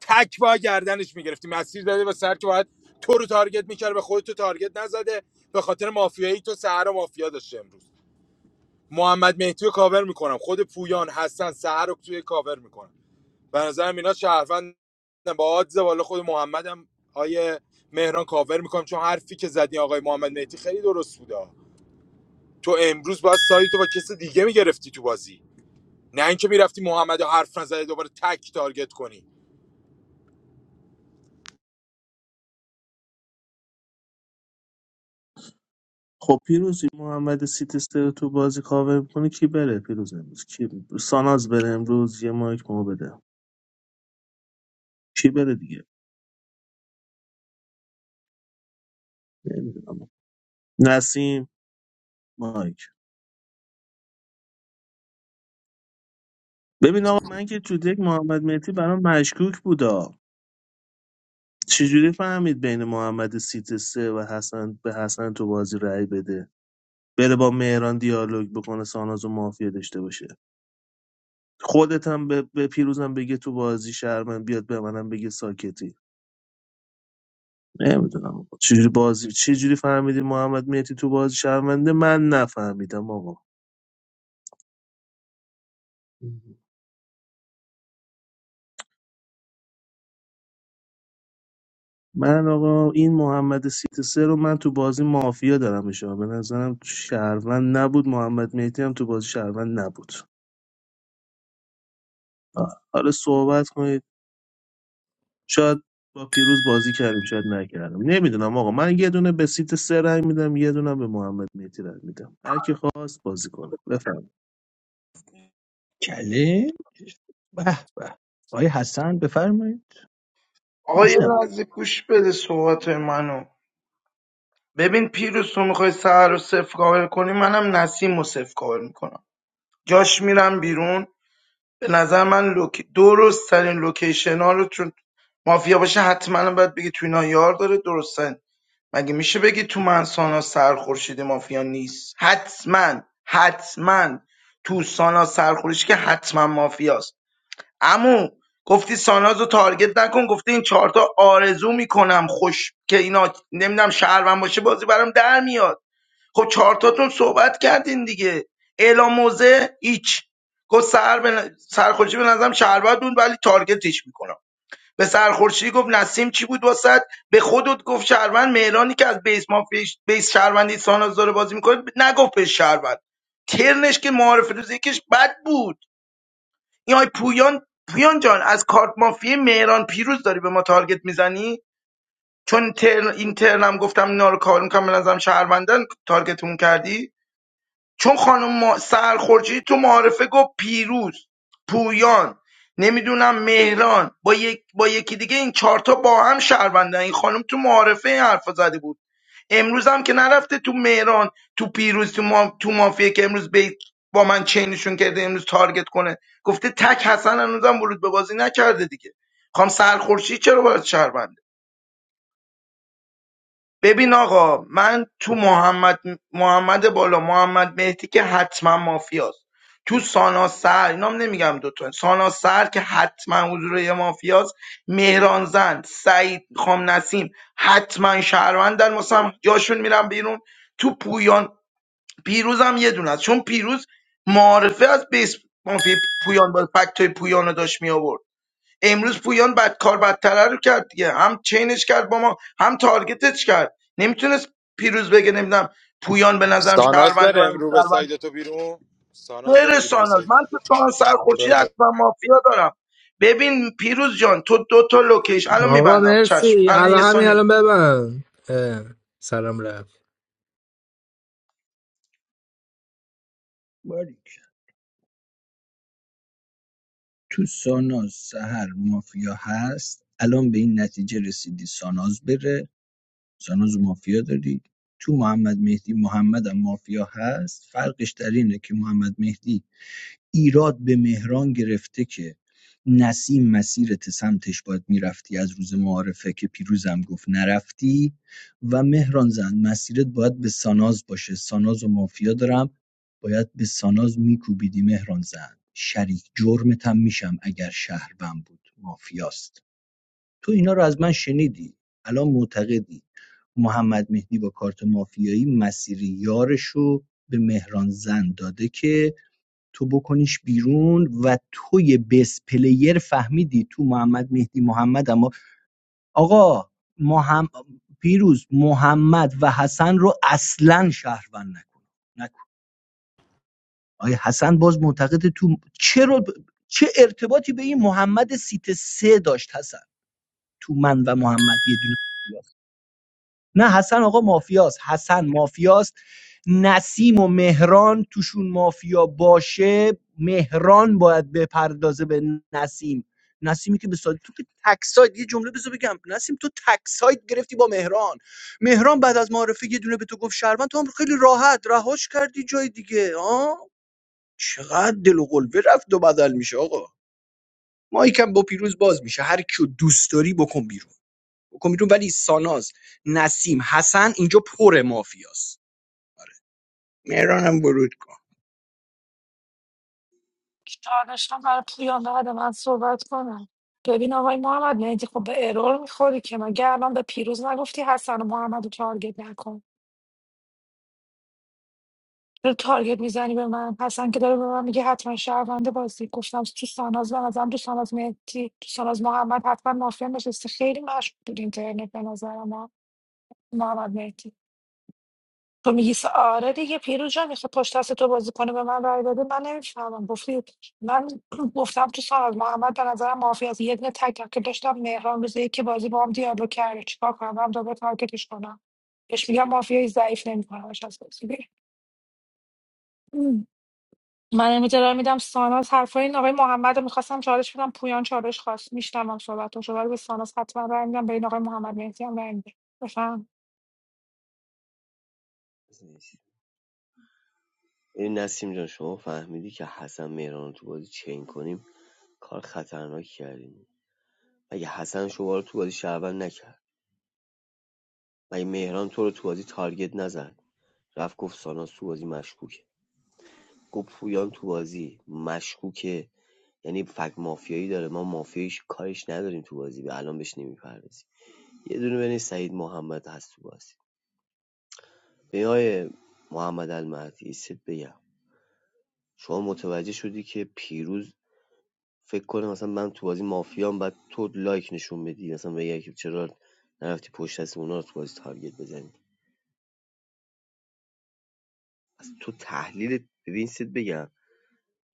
S4: تک با گردنش میگرفتی مسیر داده و سر که باید تو رو تارگت میکرد به خودت تو تارگت نزده به خاطر مافیایی تو سهر و مافیا داشته امروز محمد مهدی رو کاور میکنم خود پویان حسن سهر رو توی کاور میکنم به نظرم اینا شهروند با آدز بالا خود محمدم آیه مهران کاور میکنم چون حرفی که زدی آقای محمد مهدی خیلی درست بوده تو امروز باید سایت تو با کسی دیگه میگرفتی تو بازی نه اینکه میرفتی محمد رو حرف نزده دوباره تک تارگت کنی
S18: خب پیروزی محمد سیتسته رو تو بازی کاور میکنه کی بره پیروز امروز کی ساناز بره امروز یه مایک ما بده کی بره دیگه نمیدونم نسیم مایک ببین آقا من که تو دک محمد مهدی برام مشکوک بودا چجوری فهمید بین محمد سیت سه و حسن به حسن تو بازی رأی بده بره با مهران دیالوگ بکنه ساناز و مافیا داشته باشه خودت هم به, به پیروزم بگه تو بازی شرمن بیاد به منم بگه ساکتی نمیدونم آقا. چجوری بازی چجوری فهمیدی محمد مهدی تو بازی شرمنده من نفهمیدم آقا من آقا این محمد سیت سه رو من تو بازی مافیا دارمش آقا. به نظرم شهروند نبود محمد مهدی هم تو بازی شهروند نبود آه. حالا صحبت کنید شاید با پیروز بازی کردیم شاید نکردم نمیدونم آقا من یه دونه به سیت سه رای میدم یه دونه به محمد مهدی رای میدم هر کی خواست بازی کنه بفهم
S19: کله به به آقای حسن بفرمایید
S14: آقا یه
S19: میشنوم
S14: لحظه گوش بده صحبت منو ببین پیروز تو میخوای سهر رو صفر کاور کنی منم نسیم رو صفر کاور میکنم جاش میرم بیرون به نظر من لوک... درست ترین لوکیشن ها رو چون مافیا باشه حتما باید بگی تو اینا یار داره درست مگه میشه بگی تو منسانا سرخورشید مافیا نیست حتما حتما تو سانا سرخورشید که حتما مافیاست امو گفتی ساناز رو تارگت نکن گفتی این چهارتا آرزو میکنم خوش که اینا نمیدونم شهروند باشه بازی برام در میاد خب چهارتاتون صحبت کردین دیگه اعلام موضع هیچ گفت سر به ن- سرخوشی به نظرم شهروند بود ولی تارگتش میکنم به سرخوشی گفت نسیم چی بود واسط به خودت گفت شهروند مهرانی که از بیس ما پیش بیس شهروندی ساناز داره بازی میکنه نگفت به شهروند ترنش که معارف روز یکش بد بود این های پویان پویان جان از کارت مافی مهران پیروز داری به ما تارگت میزنی چون ترن این ترنم گفتم اینا رو کار میکنم به نظرم شهروندن تارگتمون کردی چون خانم ما- تو معارفه گفت پیروز پویان نمیدونم مهران با, یک با یکی دیگه این چهارتا با هم شهروندن این خانم تو معارفه این حرفا زده بود امروز هم که نرفته تو مهران تو پیروز تو, ما... تو مافیه که امروز به با من چینشون کرده امروز تارگت کنه گفته تک حسن هنوزم ورود به بازی نکرده دیگه خانم سرخورشی چرا باید شهرونده ببین آقا من تو محمد محمد بالا محمد مهدی که حتما مافیاست تو سانا سر اینام نمیگم دوتا سانا سر که حتما حضور یه مافیاست مهران زند سعید خام نسیم حتما شهروند در مثلا جاشون میرم بیرون تو پویان پیروز هم یه دونه است چون پیروز معارفه از بیس مافیا پویان با فکت های پویان رو داشت می آورد. امروز پویان بد کار بدتره رو کرد دیگه هم چینش کرد با ما هم تارگتش کرد نمیتونست پیروز بگه نمیدونم پویان به نظرم
S4: ساناز
S14: شهرونده
S4: بره
S14: برام
S4: امرو به
S14: شهرونده
S4: ساید تو بیرون ساناز بره
S14: غیر
S4: بیرون به
S14: ساناز
S4: ساید
S14: من تو ساناز سرخورشید
S4: بله
S14: حتما مافیا دارم ببین پیروز جان تو دو تا لوکیش الان
S3: آقا
S14: میبندم چشم
S3: مرسی
S14: الان یه
S3: الان همین
S14: سانی
S3: الان ببند اه، سلام رفت
S19: باریک تو ساناز سهر مافیا هست الان به این نتیجه رسیدی ساناز بره ساناز و مافیا داری تو محمد مهدی محمد هم مافیا هست فرقش در اینه که محمد مهدی ایراد به مهران گرفته که نسیم مسیرت سمتش باید میرفتی از روز معارفه که پیروزم گفت نرفتی و مهران زن مسیرت باید به ساناز باشه ساناز و مافیا دارم باید به ساناز میکوبیدی مهران زن شریک جرمتم میشم اگر شهروند بود مافیاست تو اینا رو از من شنیدی الان معتقدی محمد مهدی با کارت مافیایی مسیر یارشو به مهران زن داده که تو بکنیش بیرون و توی بس پلیر فهمیدی تو محمد مهدی محمد اما آقا محم... پیروز محمد و حسن رو اصلا شهروند نکن نکن آیا حسن باز معتقد تو چرا چه ارتباطی به این محمد سیت سه داشت حسن تو من و محمد یه دونه نه حسن آقا مافیاست حسن مافیاست نسیم و مهران توشون مافیا باشه مهران باید بپردازه به نسیم نسیمی که به سادی تو که تکساید یه جمله بذار بگم نسیم تو تکساید گرفتی با مهران مهران بعد از معارفه یه دونه به تو گفت شهروند تو هم خیلی راحت رهاش کردی جای دیگه آه چقدر دل و قلبه رفت و بدل میشه آقا ما یکم با پیروز باز میشه هر کیو دوست داری بکن بیرون بکن بیرون ولی ساناز نسیم حسن اینجا پر مافیاست مهرانم ورود کن
S20: چالشم برای پویان بعد من صحبت کنم ببین آقای محمد مهدی خب به ارور میخوری که مگه الان به پیروز نگفتی حسن و محمد رو تارگت نکن چرا تارگت میزنی به من حسن که داره به من میگه حتما شهرونده بازی گفتم تو ساناز به نظرم تو ساناز مهدی تو ساناز محمد حتما مافیا نشسته خیلی مشغول بود اینترنت به نظر ما محمد مهدی تو میگی س- آره دیگه پیرو جان میخواد پشت دست تو بازی کنه به من رای بده من نمیفهمم گفتی من گفتم تو سال محمد به نظرم معافی از یه دونه تک تک که داشتم مهران روزی که بازی با هم دیالوگ کرده چیکار کنم هم دوباره تارگتش کنم بهش میگم مافیای ضعیف نمیکنمش از بازی بیرون. ام. من امروز ارائه میدم ساناز حرفای این آقای محمد رو میخواستم چالش بدم پویان چالش خواست میشتمم صحبتش رو ولی به ساناز حتما رای میدم به این آقای محمد مهدی هم رای میدم بفهم
S16: ببین نسیم جان شما فهمیدی که حسن مهران رو تو بازی چین کنیم کار خطرناکی کردیم مگه حسن شما رو تو بازی شعبن نکرد مگه مهران تو رو تو بازی تارگت نزد رفت گفت ساناز تو بازی مشکوکه گفت پویان تو بازی مشکوکه یعنی فک مافیایی داره ما مافیاییش کارش نداریم تو بازی به الان بهش نمیپردازیم یه دونه بین سعید محمد هست تو بازی به آقای محمد المهدی ست بگم شما متوجه شدی که پیروز فکر کنه مثلا من تو بازی مافیام بعد تو لایک نشون بدی مثلا بگی که چرا نرفتی پشت دست اونا رو تو بازی تارگت بزنی از تو تحلیل ببین سید بگم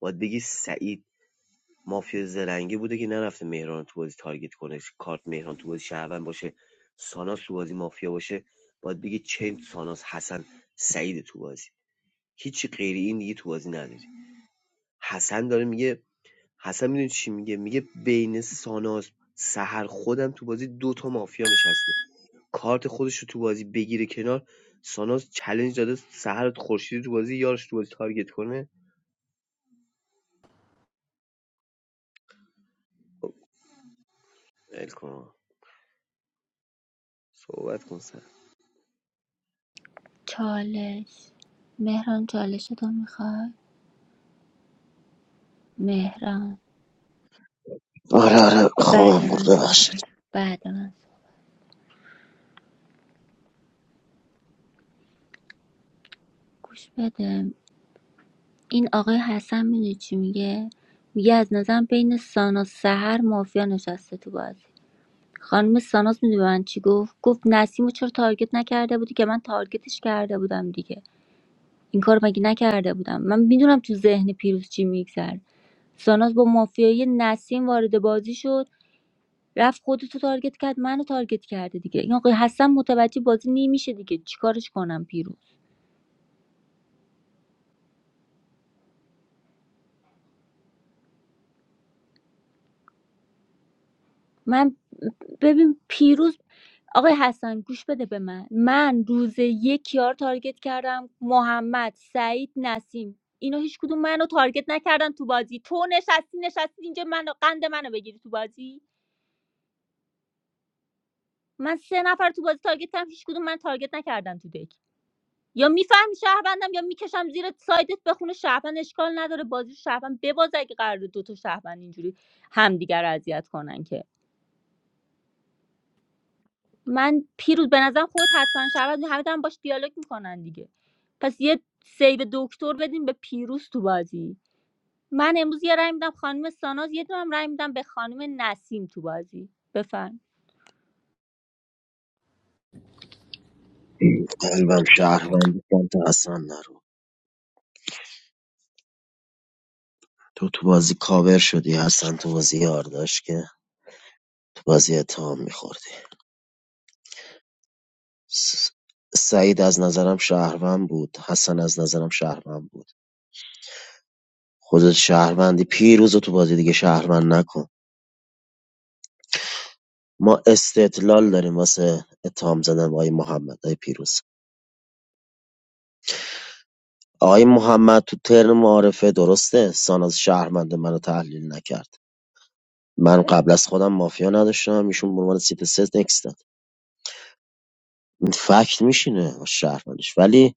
S16: باید بگی سعید مافیا زرنگی بوده که نرفته مهران تو بازی تارگت کنه کارت مهران تو بازی شهروند باشه ساناس تو بازی مافیا باشه باید بگی چند ساناس حسن سعید تو بازی هیچی غیر این دیگه تو بازی نداری حسن داره میگه حسن میدونی چی میگه میگه بین ساناس سهر خودم تو بازی دو تا مافیا نشسته کارت خودش رو تو بازی بگیره کنار ساناز چلنج داده سهر خورشیدی تو بازی یارش تو بازی تارگت کنه خب ول کن آقا. صحبت کن سر
S13: چالش مهران چالشتو میخوای مهران
S8: آره آره
S13: بعد
S8: خوابم برد
S13: من
S8: ببخشید
S13: صحبت بعد من صحبت. گوش بده این آقای حسن میدونی چی میگه میگه از نظرم بین سانا سهر مافیا نشسته تو بازی خانم ساناز میدونی به من چی گفت گفت نسیم چرا تارگت نکرده بودی که من تارگتش کرده بودم دیگه این کار مگه نکرده بودم من میدونم تو ذهن پیروز چی میگذره ساناز با مافیای نسیم وارد بازی شد رفت خودتو تارگت کرد منو تارگت کرده دیگه این آقای حسن متوجه بازی نمیشه دیگه چیکارش کنم پیروز من ببین پیروز آقای حسن گوش بده به من من روز یک یار تارگت کردم محمد سعید نسیم اینا هیچ کدوم منو تارگت نکردن تو بازی تو نشستی نشستی اینجا منو قند منو بگیری تو بازی من سه نفر تو بازی تارگت کردم هیچ کدوم من تارگت نکردن تو دک یا میفهمی شهروندم یا میکشم زیر سایدت بخونه شهروند اشکال نداره بازی شهروند بباز اگه قرار دو تا شهروند اینجوری همدیگر رو اذیت کنن که من پیروز به نظرم خودت حتما شود همه دارن باش دیالوگ میکنن دیگه پس یه سیو دکتر بدیم به پیروز تو بازی من امروز یه رای میدم خانم ساناز یه دونم رای میدم به خانم نسیم تو بازی بفرم
S8: قلبم شهروندی سمت حسن نرو تو تو بازی کاور شدی حسن تو بازی یار داشت که تو بازی اتهام میخوردی س- سعید از نظرم شهروند بود حسن از نظرم شهروند بود خودت شهروندی پیروز رو تو بازی دیگه شهروند نکن ما استدلال داریم واسه اتهام زدن به آقای محمد آقای پیروز آقای محمد تو ترن معارفه درسته ساناز شهروند منو تحلیل نکرد من قبل از خودم مافیا نداشتم ایشون به عنوان سیت ست نکس داد این فکت میشینه شهروندش ولی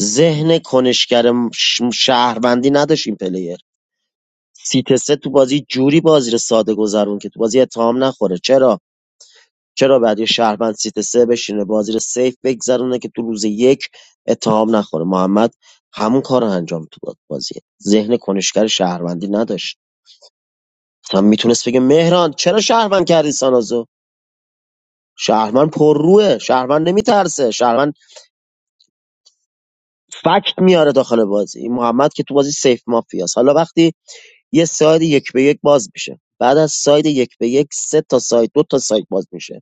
S8: ذهن کنشگر م- ش- شهروندی نداشت این پلیه سیت سه تو بازی جوری بازی رو ساده گذرون که تو بازی اتهام نخوره چرا چرا بعد یه شهروند سیت سه بشینه بازی رو سیف بگذرونه که تو روز یک اتهام نخوره محمد همون کار رو انجام تو داد، بازی ذهن کنشگر شهروندی نداشت مثلا میتونست بگه مهران چرا شهروند کردی سانازو شهروند پرروه شهروند نمیترسه شهروند فکت میاره داخل بازی این محمد که تو بازی سیف مافیاست حالا وقتی یه ساید یک به یک باز میشه بعد از ساید یک به یک سه تا ساید دو تا ساید باز میشه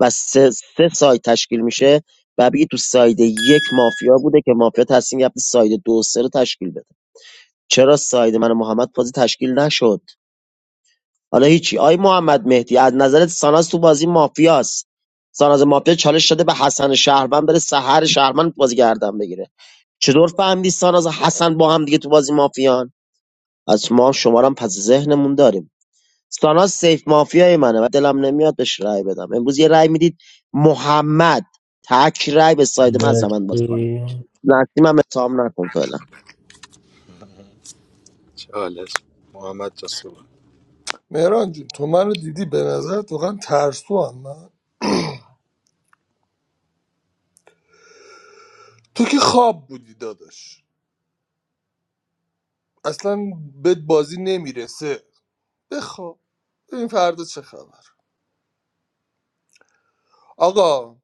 S8: و سه, سه ساید تشکیل میشه و بگی تو ساید یک مافیا بوده که مافیا تصمیم گرفته ساید دو و سه رو تشکیل بده چرا ساید من و محمد بازی تشکیل نشد حالا هیچی آی محمد مهدی از نظرت ساناز تو بازی مافیاست ساناز مافیا چالش شده به حسن شهرمن بره سحر شهرمن بازی گردن بگیره چطور فهمیدی ساناز و حسن با هم دیگه تو بازی مافیان از ما شما رو هم پس ذهنمون داریم ساناز سیف مافیای منه و دلم نمیاد بهش رأی بدم امروز یه رأی میدید محمد تک رأی به ساید من از من باز کنه
S3: مرسی
S8: نسیم هم اتهام نکن فعلا
S4: چالش محمد جان صبح.
S12: مهران جون تو منو دیدی به نظر واقعا ترسو هم من تو که خواب بودی داداش اصلا به بازی نمیرسه بخواب ببین فردا چه خبر آقا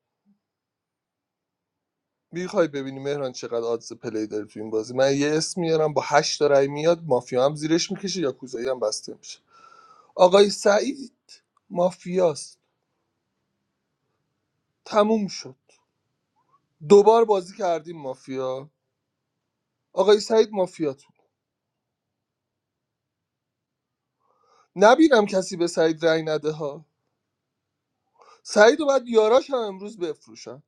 S12: میخوای ببینی مهران چقدر آدز پلی داره تو این بازی من یه اسم میارم با هشت تا رای میاد مافیا هم زیرش میکشه یا کوزایی هم بسته میشه آقای سعید مافیاست تموم شد دوبار بازی کردیم مافیا آقای سعید مافیاتون نبینم کسی به سعید رأی نده ها سعید و بعد یاراش هم امروز بفروشن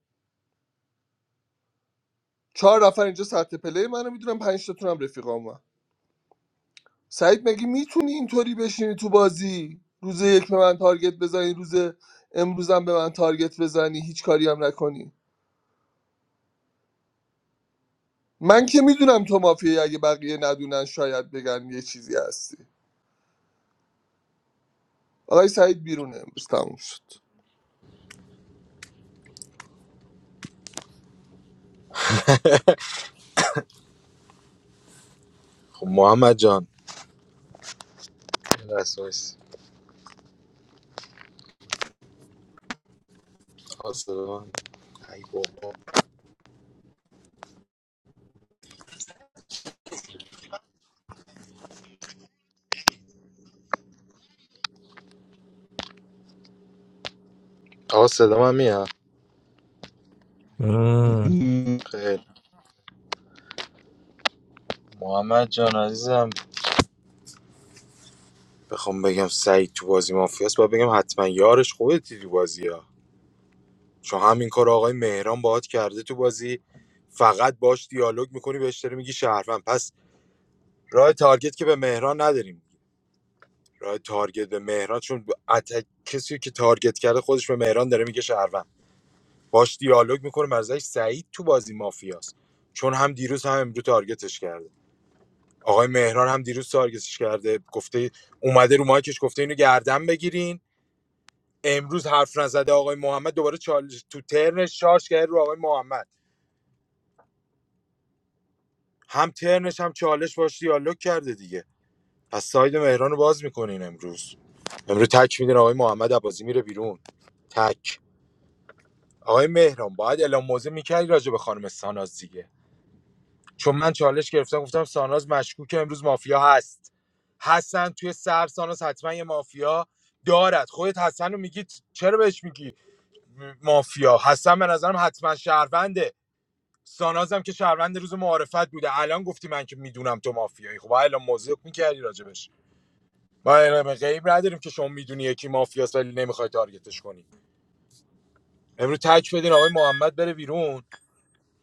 S12: چهار نفر اینجا سطح پلی منو میدونم پنج تاتون هم رفیقامو سعید مگه میتونی اینطوری بشینی تو بازی روز یک به من تارگت بزنی روز امروزم به من تارگت بزنی هیچ کاری هم نکنی من که میدونم تو مافیایی اگه بقیه ندونن شاید بگن یه چیزی هستی آقای سعید بیرونه امروز تموم شد
S4: خب محمد جان رسویس آسدام ای بابا آقا صدا میاد
S3: مم.
S4: خیلی محمد جان عزیزم بخوام بگم سعید تو بازی مافیاست باید بگم حتما یارش خوبه تو بازی ها چون همین کار آقای مهران باهات کرده تو بازی فقط باش دیالوگ میکنی بهش داری میگی شهروند پس راه تارگت که به مهران نداریم راه تارگت به مهران چون اتک کسی که تارگت کرده خودش به مهران داره میگه شهروند باش دیالوگ میکنه مرزش سعید تو بازی مافیاست چون هم دیروز هم امرو تارگتش کرده آقای مهران هم دیروز تارگتش کرده گفته اومده رو مایکش گفته اینو گردن بگیرین امروز حرف نزده آقای محمد دوباره چالش تو ترنش شارژ کرده رو آقای محمد هم ترنش هم چالش باش دیالوگ کرده دیگه پس ساید مهران رو باز میکنین امروز امروز تک میدین آقای محمد عبازی میره بیرون تک آقای مهران باید اعلام موضع میکردی راجع به خانم ساناز دیگه چون من چالش گرفتم گفتم ساناز مشکوک امروز مافیا هست حسن توی سر ساناز حتما یه مافیا دارد خودت حسن رو میگی چرا بهش میگی مافیا حسن به نظرم حتما شهرونده سانازم که شهروند روز معارفت بوده الان گفتی من که میدونم تو مافیایی خب باید اعلام موضع میکردی راجبش ما اعلام غیب نداریم که شما میدونی یکی مافیاست ولی نمیخوای تارگتش کنی امروز تک بدین آقای محمد بره بیرون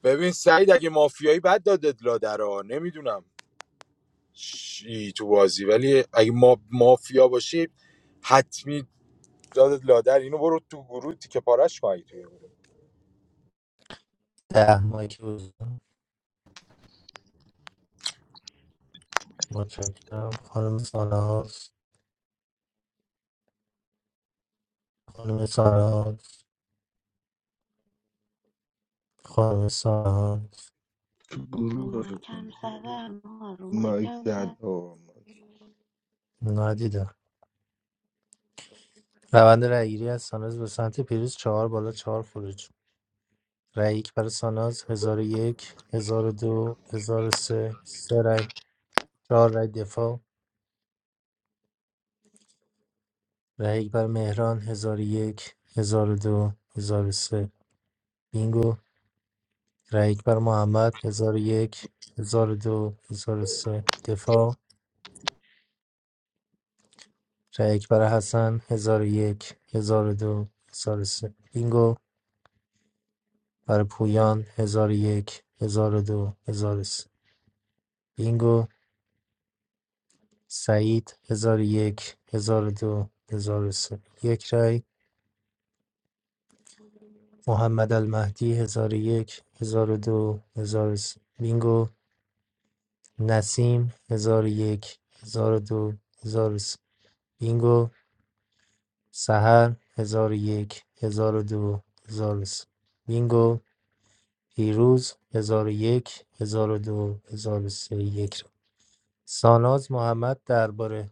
S4: ببین سعید اگه مافیایی بد دادت لادرا نمیدونم چی تو بازی ولی اگه ما مافیا باشی حتمی دادت لادر اینو برو تو گروه تیکه پارش کنی تو گروه
S3: ده مایک بزن متشکرم خانم ساناز خانم ساناز خانم ساناز
S21: تو
S6: رو
S21: گروه فکر کنم
S6: مایکم زدم ها رو
S2: مایک
S6: مایکم
S2: زد
S6: زد
S2: آقا مایک
S3: ندیدم روند رأیگیری از ساناز به سمت پیروز چهار بالا چهار خروج رأی یک برای ساناز هزار و یک هزار و دو هزار و سه سه رأی چهار رأی دفاع رأی یک بر مهران 1001 1002 1003 بینگو رأی یک بر محمد 1001 1002 1003 دفاع رأی یک بر حسن 1001 1002 1003 بینگو بر پویان 1001 1002 1003 بینگو سعید 1001 1002 1003 یک رای محمد المهدی 1001 1002 1003 بینگو نسیم هزار ۱۰۰۲ ۱۰۰۳ بینگو سحر هزار ۱۰۰۲ ۱۰۰۳ بینگو پیروز هزار و یک هزار ۱۰۰۲ ۱۰۰۳ یک ساناز محمد درباره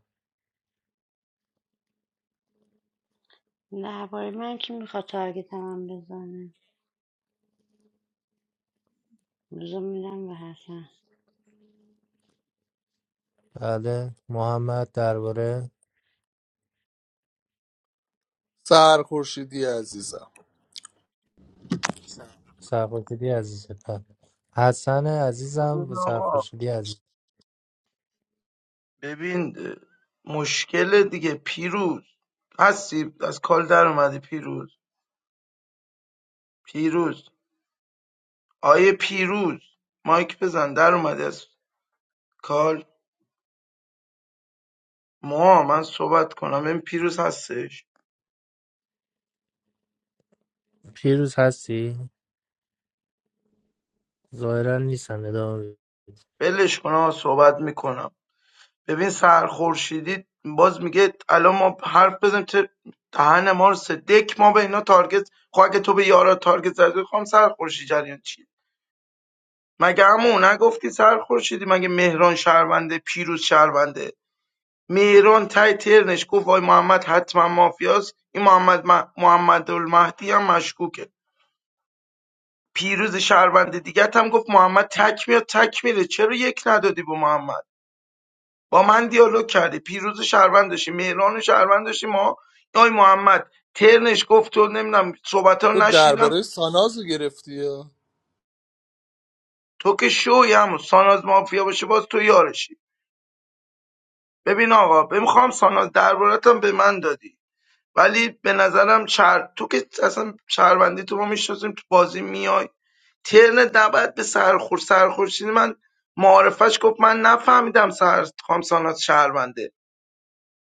S6: درباره من کی میخواد تارگت هم بزنه روزو میدم به حسن
S3: بله محمد درباره
S12: سر خورشیدی عزیزم
S3: سرخوشیدی عزیزت بله. حسن عزیزم
S14: ببین
S3: و
S14: آقا
S3: سرخوشیدی عزیز
S14: ببین اه، مشکل دیگه پیروز هستی از کال در اومدی پیروز پیروز آیه پیروز مایک بزن در اومدی از کال موها من صحبت کنم این پیروز هستش
S3: پیروز هستی؟ ظاهرا نیستن ادامه بده.
S14: بلش کن آقا صحبت میکنم ببین سرخورشیدی باز میگه الان ما حرف بزنیم چه دهن ما رو سه ما به اینا تارگت خب اگه تو به یارا تارگت زدی خب سرخورشید جریان چیه مگه همون نگفتی سرخورشیدی مگه مهران شهرونده پیروز شهرونده مهران تای ترنش گفت وای محمد حتما مافیاست این محمد م... محمد المهدی هم مشکوکه پیروز شهروند دیگت هم گفت محمد تک میاد تک میره چرا یک ندادی به محمد با من دیالوگ کرده پیروز شهروند داشتی مهران شهروند داشتی ما آی محمد ترنش گفت تو نمیدونم صحبت ها رو
S12: تو
S14: نشنیدم
S12: درباره ساناز رو گرفتی یا؟
S14: تو که شوی هم ساناز مافیا باشه باز تو یارشی ببین آقا بمیخوام ساناز دربارتم به من دادی ولی به نظرم شهر... تو که اصلا شهروندی تو ما میشناسیم تو بازی میای ترن نباید به سرخور سرخورشیدی من معارفش گفت من نفهمیدم سر خام ساناز شهرونده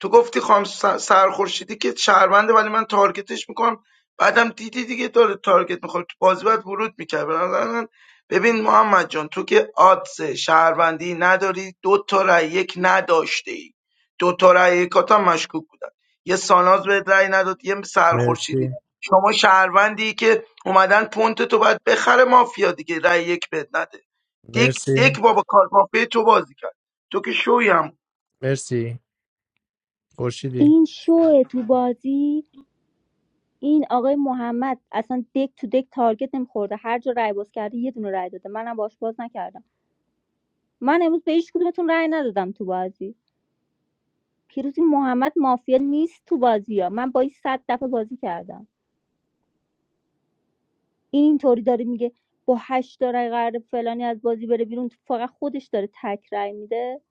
S14: تو گفتی خام سرخورشیدی که شهرونده ولی من تارگتش میکنم بعدم دیدی دیگه داره تارگت میخوره تو بازی باید ورود میکرد ببین محمد جان تو که آدز شهروندی نداری دو تا رای یک نداشته ای دو تا رای یکات هم مشکوک بودن یه ساناز به رای نداد یه
S3: مرسی
S14: سرخورشیدی شما شهروندی که اومدن پونت تو باید بخره مافیا دیگه رای یک بد نده دک
S3: مرسی
S14: دک بابا کارت مافیا تو بازی کرد تو که شوی هم
S3: مرسی خورشیدی
S13: این شو تو بازی این آقای محمد اصلا دک تو دک تارگت نمیخورده هر جا رای باز کرده یه دونه رای داده منم باش باز نکردم من امروز به هیچ کدومتون رای ندادم تو بازی پیروزی محمد مافیا نیست تو بازی ها من با این صد دفعه بازی کردم این اینطوری داره میگه با هشت تا رای قرار فلانی از بازی بره بیرون فقط خودش داره تک رای میده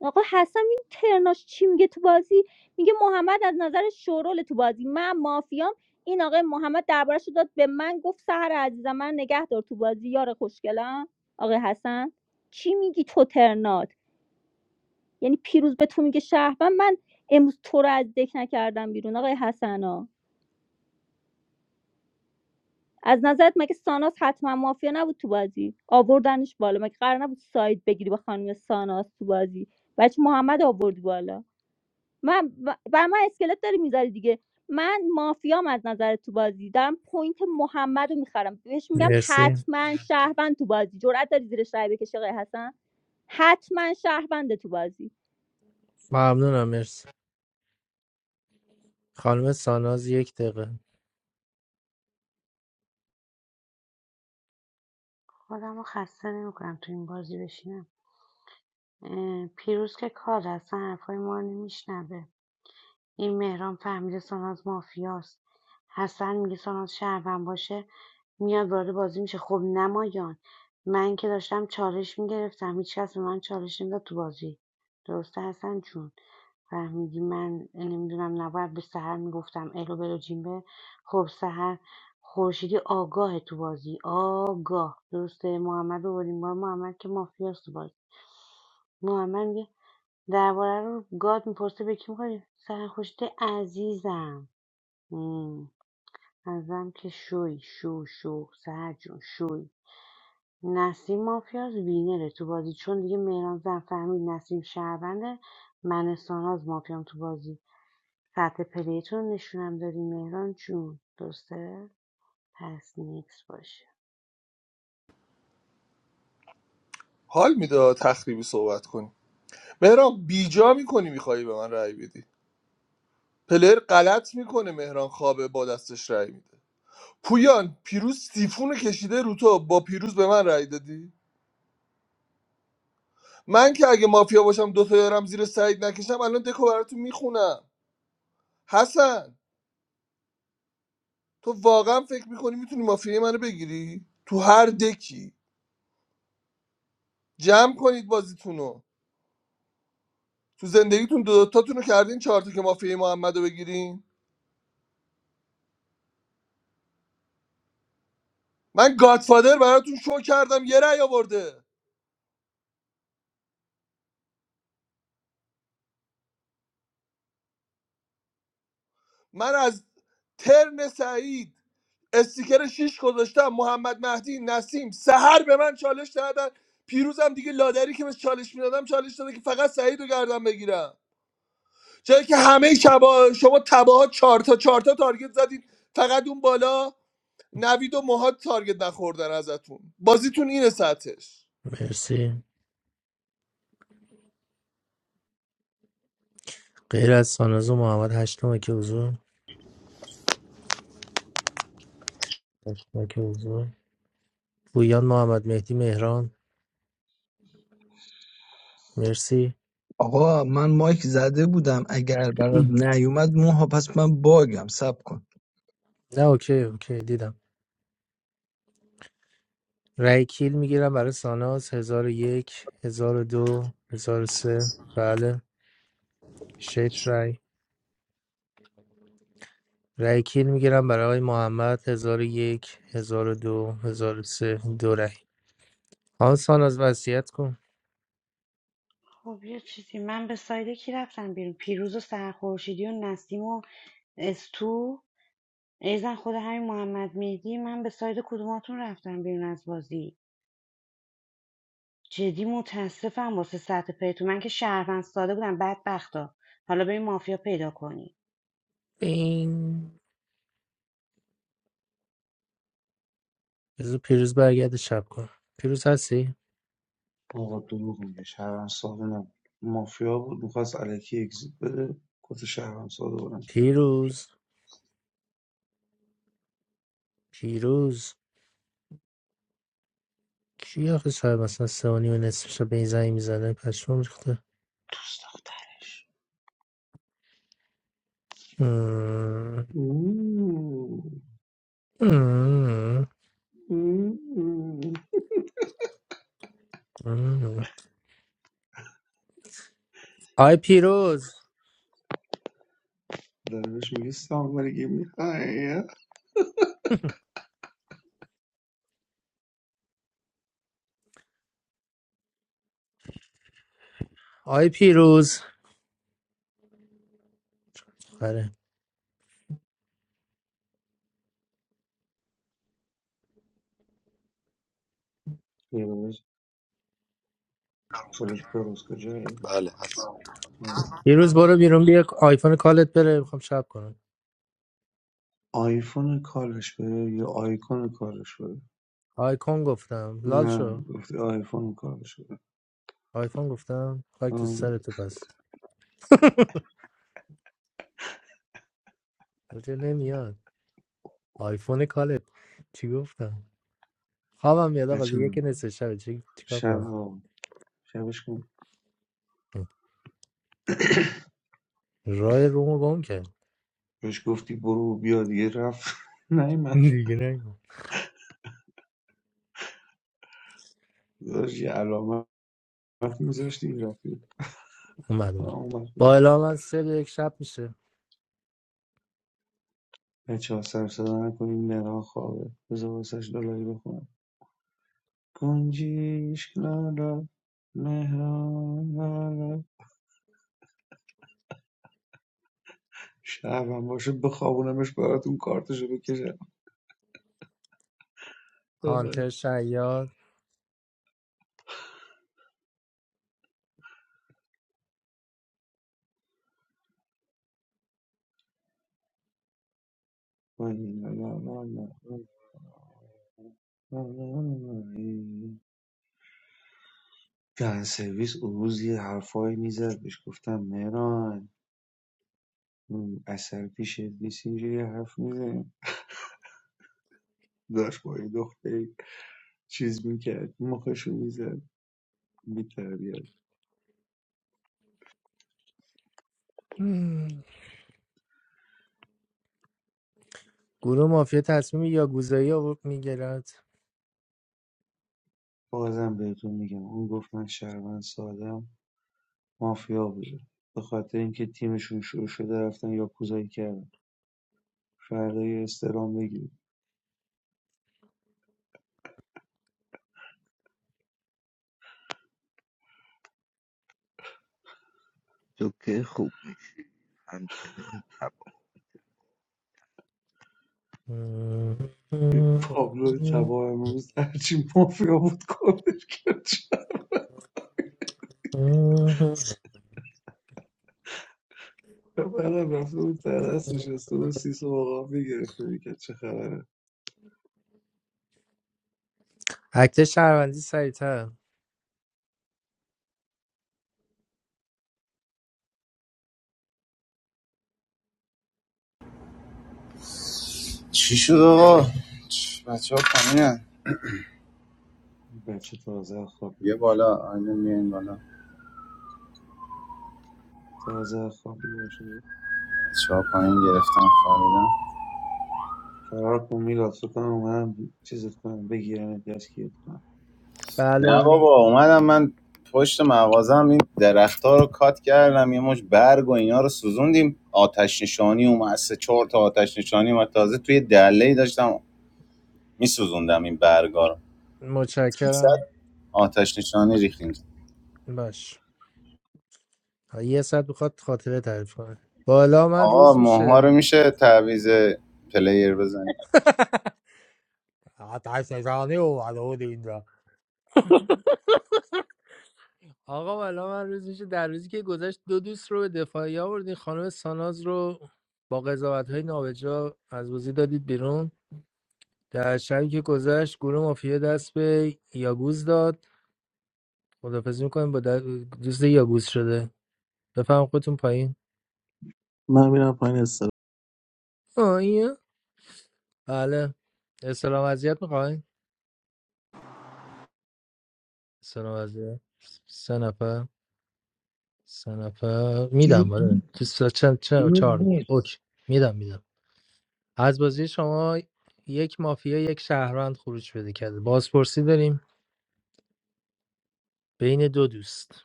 S13: آقا حسن این ترناش چی میگه تو بازی میگه محمد از نظر شورول تو بازی من مافیام این آقای محمد دربارش رو داد به من گفت سهر عزیزم من نگه دار تو بازی یار خوشگلم آقای حسن چی میگی تو ترنات یعنی پیروز به تو میگه شهر من من امروز تو رو از دک نکردم بیرون آقای حسنا از نظرت مگه ساناس حتما مافیا نبود تو بازی آوردنش بالا مگه قرار نبود ساید بگیری با خانم ساناس تو بازی بچه محمد آوردی بالا من بر من اسکلت داری میذاری دیگه من مافیام از نظر تو بازی دارم پوینت محمد رو میخرم بهش میگم
S3: مرسی
S13: حتما شهروند تو بازی جرأت داری زیرش رای بکشی آقای حسن حتما شهروند تو بازی
S3: ممنونم مرسی خانم ساناز یک دقیقه
S6: خودم رو خسته نمیکنم تو این بازی بشینم اه، پیروز که کار اصلا حرفای ما رو نمیشنوه این مهران فهمیده ساناز مافیاست حسن میگه ساناز شهروند باشه میاد وارد بازی میشه خب نمایان من که داشتم چالش میگرفتم هیچکس به من چالش نمیداد تو بازی درسته حسن جون فهمیدی من نمیدونم نباید به سهر میگفتم الو بلو جیمبه خب سهر خورشیدی آگاه تو بازی آگاه درسته محمد رو بردیم محمد که مافیاست تو بازی محمد میگه درباره رو گاد میپرسه به کی میخوای سرخوشته عزیزم مم. ازم که شوی شو شو سهر جون شوی نسیم مافیاز وینره تو بازی چون دیگه مهران زن فهمید نسیم شهرونده من ساناز مافیام تو بازی سطح پلیتون رو نشونم دادی مهران جون درسته پس نیکس باشه
S12: حال میده تخریبی صحبت کنی مهران بیجا میکنی میخوایی به من رأی بدی پلر غلط میکنه مهران خوابه با دستش رای میده پویان پیروز سیفون کشیده رو تو با پیروز به من رای دادی من که اگه مافیا باشم دو تا یارم زیر سعید نکشم الان دکو براتون میخونم حسن تو واقعا فکر میکنی میتونی مافیای منو بگیری تو هر دکی جمع کنید بازیتونو تو زندگیتون دو تاتونو کردین چهار تا که مافیای محمدو بگیرین من گادفادر براتون شو کردم یه رأی آورده من از ترن سعید استیکر شیش گذاشتم محمد مهدی نسیم سهر به من چالش دادن پیروزم دیگه لادری که به چالش میدادم چالش داده که فقط سعید رو گردم بگیرم چرا که همه شبا شما تباها چهار تا چهار تا تارگت زدید فقط اون بالا نوید و موهاد تارگت نخوردن ازتون بازیتون اینه سطحش
S3: مرسی غیر از ساناز و محمد هشتمه که حضور هشتمه که حضور پویان محمد مهدی مهران مرسی
S19: آقا من مایک زده بودم اگر برات نیومد موها پس من باگم سب کن
S3: نه اوکی اوکی دیدم رای کیل میگیرم برای ساناز هزار و یک هزار و دو هزار و سه بله شش رای رای کیل میگیرم برای آقای محمد هزار و یک هزار و دو هزار و سه دو رای آن ساناز وصیت کن
S6: خب یه چیزی من به سایده کی رفتم بیرون پیروز و سرخورشیدی و نسیم و استو ایزن خود همین محمد مهدی من به ساید کدوماتون رفتم بیرون از بازی جدی متاسفم واسه سطح پیتون من که شهروند ساده بودم بدبختا حالا بریم مافیا پیدا کنی
S3: بینگ بذار پیروز برگرده شب کن پیروز هستی؟
S21: آقا دروغ میگه شهروند ساده نبود مافیا بود میخواست علکی اگزیت بده کت شهروند ساده بلند کرد
S3: پیروز پیروز کی آخه شاید مثلا سه و نیم نصف شب به این زنگ میزنه پشمام ریخته ام،
S21: اوه،
S3: ام،
S21: اوه، اوه.
S3: ام. آی پیروز
S21: داره بهش میگه سامبرگی میخوای
S3: آی پیروز آره
S21: یه روز بلد پروز کجایی
S4: بله
S21: آه، اومد.
S3: پیروز برو بیرون بیا آیفون کالت بره میخوام شب کنم
S21: آیفون کارش بره یا آیکون کارش بره
S3: آیکون گفتم لال
S21: نه
S3: شو
S21: گفتی آیفون کارش بره
S3: آیفون گفتم خاک تو
S21: آه،
S3: سرتو پس البته نمیاد آیفون کالت چی گفتم خوابم میاد آقا
S21: بچه
S3: دیگه که
S21: من
S3: نصف شب چی چیکار
S21: شب
S3: کنم؟
S21: آه، شبش کن
S3: رای رومو گم کرد
S21: بهش گفتی برو بیا دیگه رفت نیمتی
S3: دیگه نگم
S21: داشت یه علامه وقتی میذاشتی میرفتی
S3: اومد اومد
S21: تمام وقت
S3: با
S21: بود
S3: اعلام من سه به یک شب میشه
S21: بچه ها سر صدا نکنین مهران خوابه بذار واسش دلاری بخونم گنجیش لارا مهران لارا شبم باشه بخوابونمش براتون کارتشو بکشم
S3: هانتر
S21: آره.
S3: شیاد
S21: لا لا لا لا لا سرویس اون روز یه حرفایی میزد بهش گفتم مهران اثر پیشت نیست اینجوری حرف میزنی. داشت با یه دختری چیز میکرد مخشو میزد بیتربیت
S3: مم. گروه مافیا تصمیم یا گوزایی آورد میگیرد
S21: بازم بهتون میگم اون گفت من شهروند سادم مافیا بوده به خاطر اینکه تیمشون شروع شده رفتن یاکوزایی کردن فردا یه استرام بگیرید
S2: تو که خوب میشه همچنان تبا
S21: این پابلو تبا امروز هرچی مافیا بود کارش کرد بعدم رفته بود در دست نشسته بود سیس و آقا میگرفته میکرد چه خبره
S3: اکت شهروندی سریعتر
S17: چی شد آقا بچه ها پایینن
S21: بچه تازه از خواب
S17: بیا
S21: بیدار شده
S17: بالا آینه میایم بالا
S21: تازه از خواب بیدار شده
S17: چه ها پایین گرفتن خوابیدن
S21: فرار کن میلاد فکر کنم اومدم چیزت کنم بگیرم دستگیرت کنم
S17: نه
S3: بله
S17: بابا اومدم من پشت مغازم این درختار رو کات کردم یه مش برگ و اینا رو سوزوندیم آتش نشانی اومد سه چهار تا آتش نشانی اومد تازه توی دله داشتم میسوزوندم این برگا رو 300
S3: متشکرم
S17: آتش نشانی ریختیم
S3: باش تا یه ساعت بخواد خاطره تعریف کنه بالا من
S17: آقا
S3: روز
S17: ماها رو
S3: میشه
S17: میشه تعویض پلیر بزنیم
S3: آتش نشانی اومده بود اینجا آقا والا من روز میشه در روزی که گذشت دو دوست رو به دفاعی آوردین خانم ساناز رو با قضاوت های نابجا از بازی دادید بیرون در شبی که گذشت گروه مافیا دست به یاگوز داد خدافزی میکنیم با د- دوست یاگوز شده بفهم خودتون پایین
S18: من میرم پایین استرا
S3: آیا بله اسلام اذیت میخواین اسلام اذیت سه نفر سه نفر
S19: پیروز
S3: میدم آره تو سه- چند چند-
S19: پیروز
S3: چهار
S19: نیست
S3: اوکی میدم میدم از بازی شما یک مافیا یک شهروند خروج پیدا کرده بازپرسی داریم بین دو دوست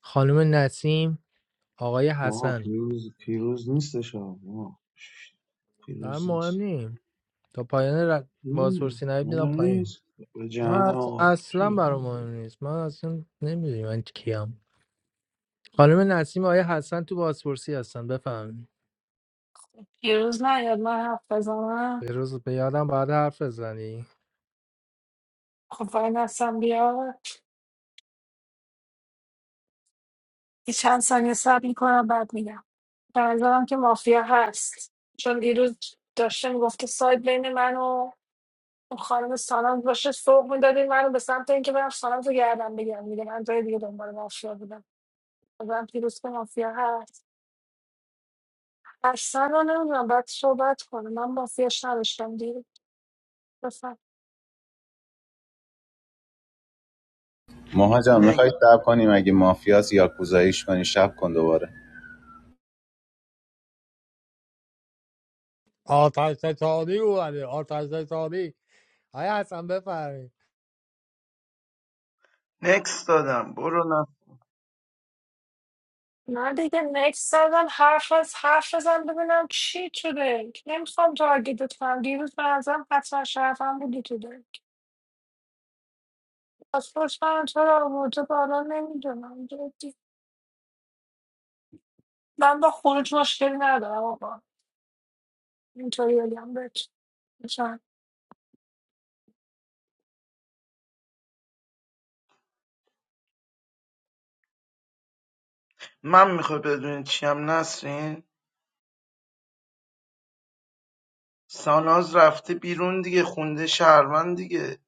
S3: خانم نسیم آقای
S21: ماها
S3: حسن
S21: پیروز پیروز نیستش ها ماها
S3: در
S21: پیروز
S3: مهم
S21: نیست
S3: نیم تا پایان ر...
S21: مم.
S3: بازپرسی نهید میدم
S21: مهم
S3: پایین
S21: نیست به جهنم
S3: من اص-
S21: آقا
S3: اصلا
S21: شروع
S3: برام مهم
S21: کنم
S3: نیست من اصلا نمیدونی من کیم خانم نسیم آقای حسن تو بازپرسی هستن بفهم
S20: یه روز نیاد من حرف بزنم
S3: به روز به یادم بعد حرف بزنی
S20: خب وای نستم بیاد یه چند ثانیه صبر میکنم بعد میگم به نظرم که مافیا هست چون دیروز داشته میگفته ساید بین من و اون خانم ساناز باشه سوق میدادین منو به سمت اینکه برم ساناز رو گردم بگیرم میگه من جای دیگه دنبال مافیا بودم بازم دیروز که مافیا هست اصلا رو نمیدونم باید صحبت کنم من مافیاش نداشتم دیروز بفهم
S17: ماها جان میخوای شب کنیم اگه مافیاس یا کوزاییش کنی شب کن دوباره
S3: آتش ستانی اومده آتش ستانی آیا حسن بفرمایید
S14: نکس دادم برو نه
S20: نه دیگه نکس زدن حرف از حرف بزن ببینم چی شده نمیخوام تارگیتت کنم دیروز به نظرم حتما شرفم بودی تو دل. پاسپورت من چرا آورده بالا نمیدونم جدی من با خروج مشکلی ندارم آقا اینطوری بگم بهت
S14: من میخوای بدونی چیم نسرین ساناز رفته بیرون دیگه خونده شهروند دیگه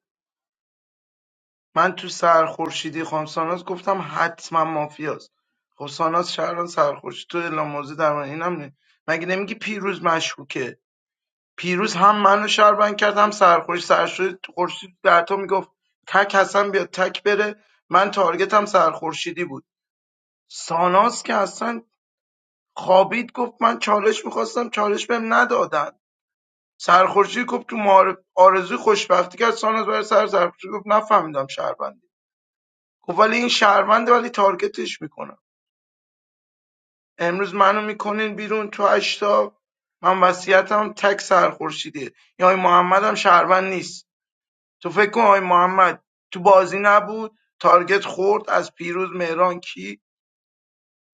S14: من تو سرخورشیدی خانم ساناز گفتم حتما مافیاست خب ساناز شهروند سرخورشید تو اعلام موضوع در من اینم نه مگه نمیگی پیروز مشکوکه پیروز هم منو شهروند کرد هم سرخوش سرخورشید تو خورشید در تو میگفت تک حسن بیاد تک بره من تارگتم سرخورشیدی بود ساناز که اصلا خوابید گفت من چالش میخواستم چالش بهم ندادن سرخوشی گفت تو معارف آرزوی خوشبختی کرد ساناز برای سر سرخوشی گفت نفهمیدم شهروندی گفت ولی این شهرونده ولی تارگتش میکنم امروز منو میکنین بیرون تو اشتا من وصیتم تک سرخورشیده یا این محمد هم شهروند نیست تو فکر کن آی محمد تو بازی نبود تارگت خورد از پیروز مهران کی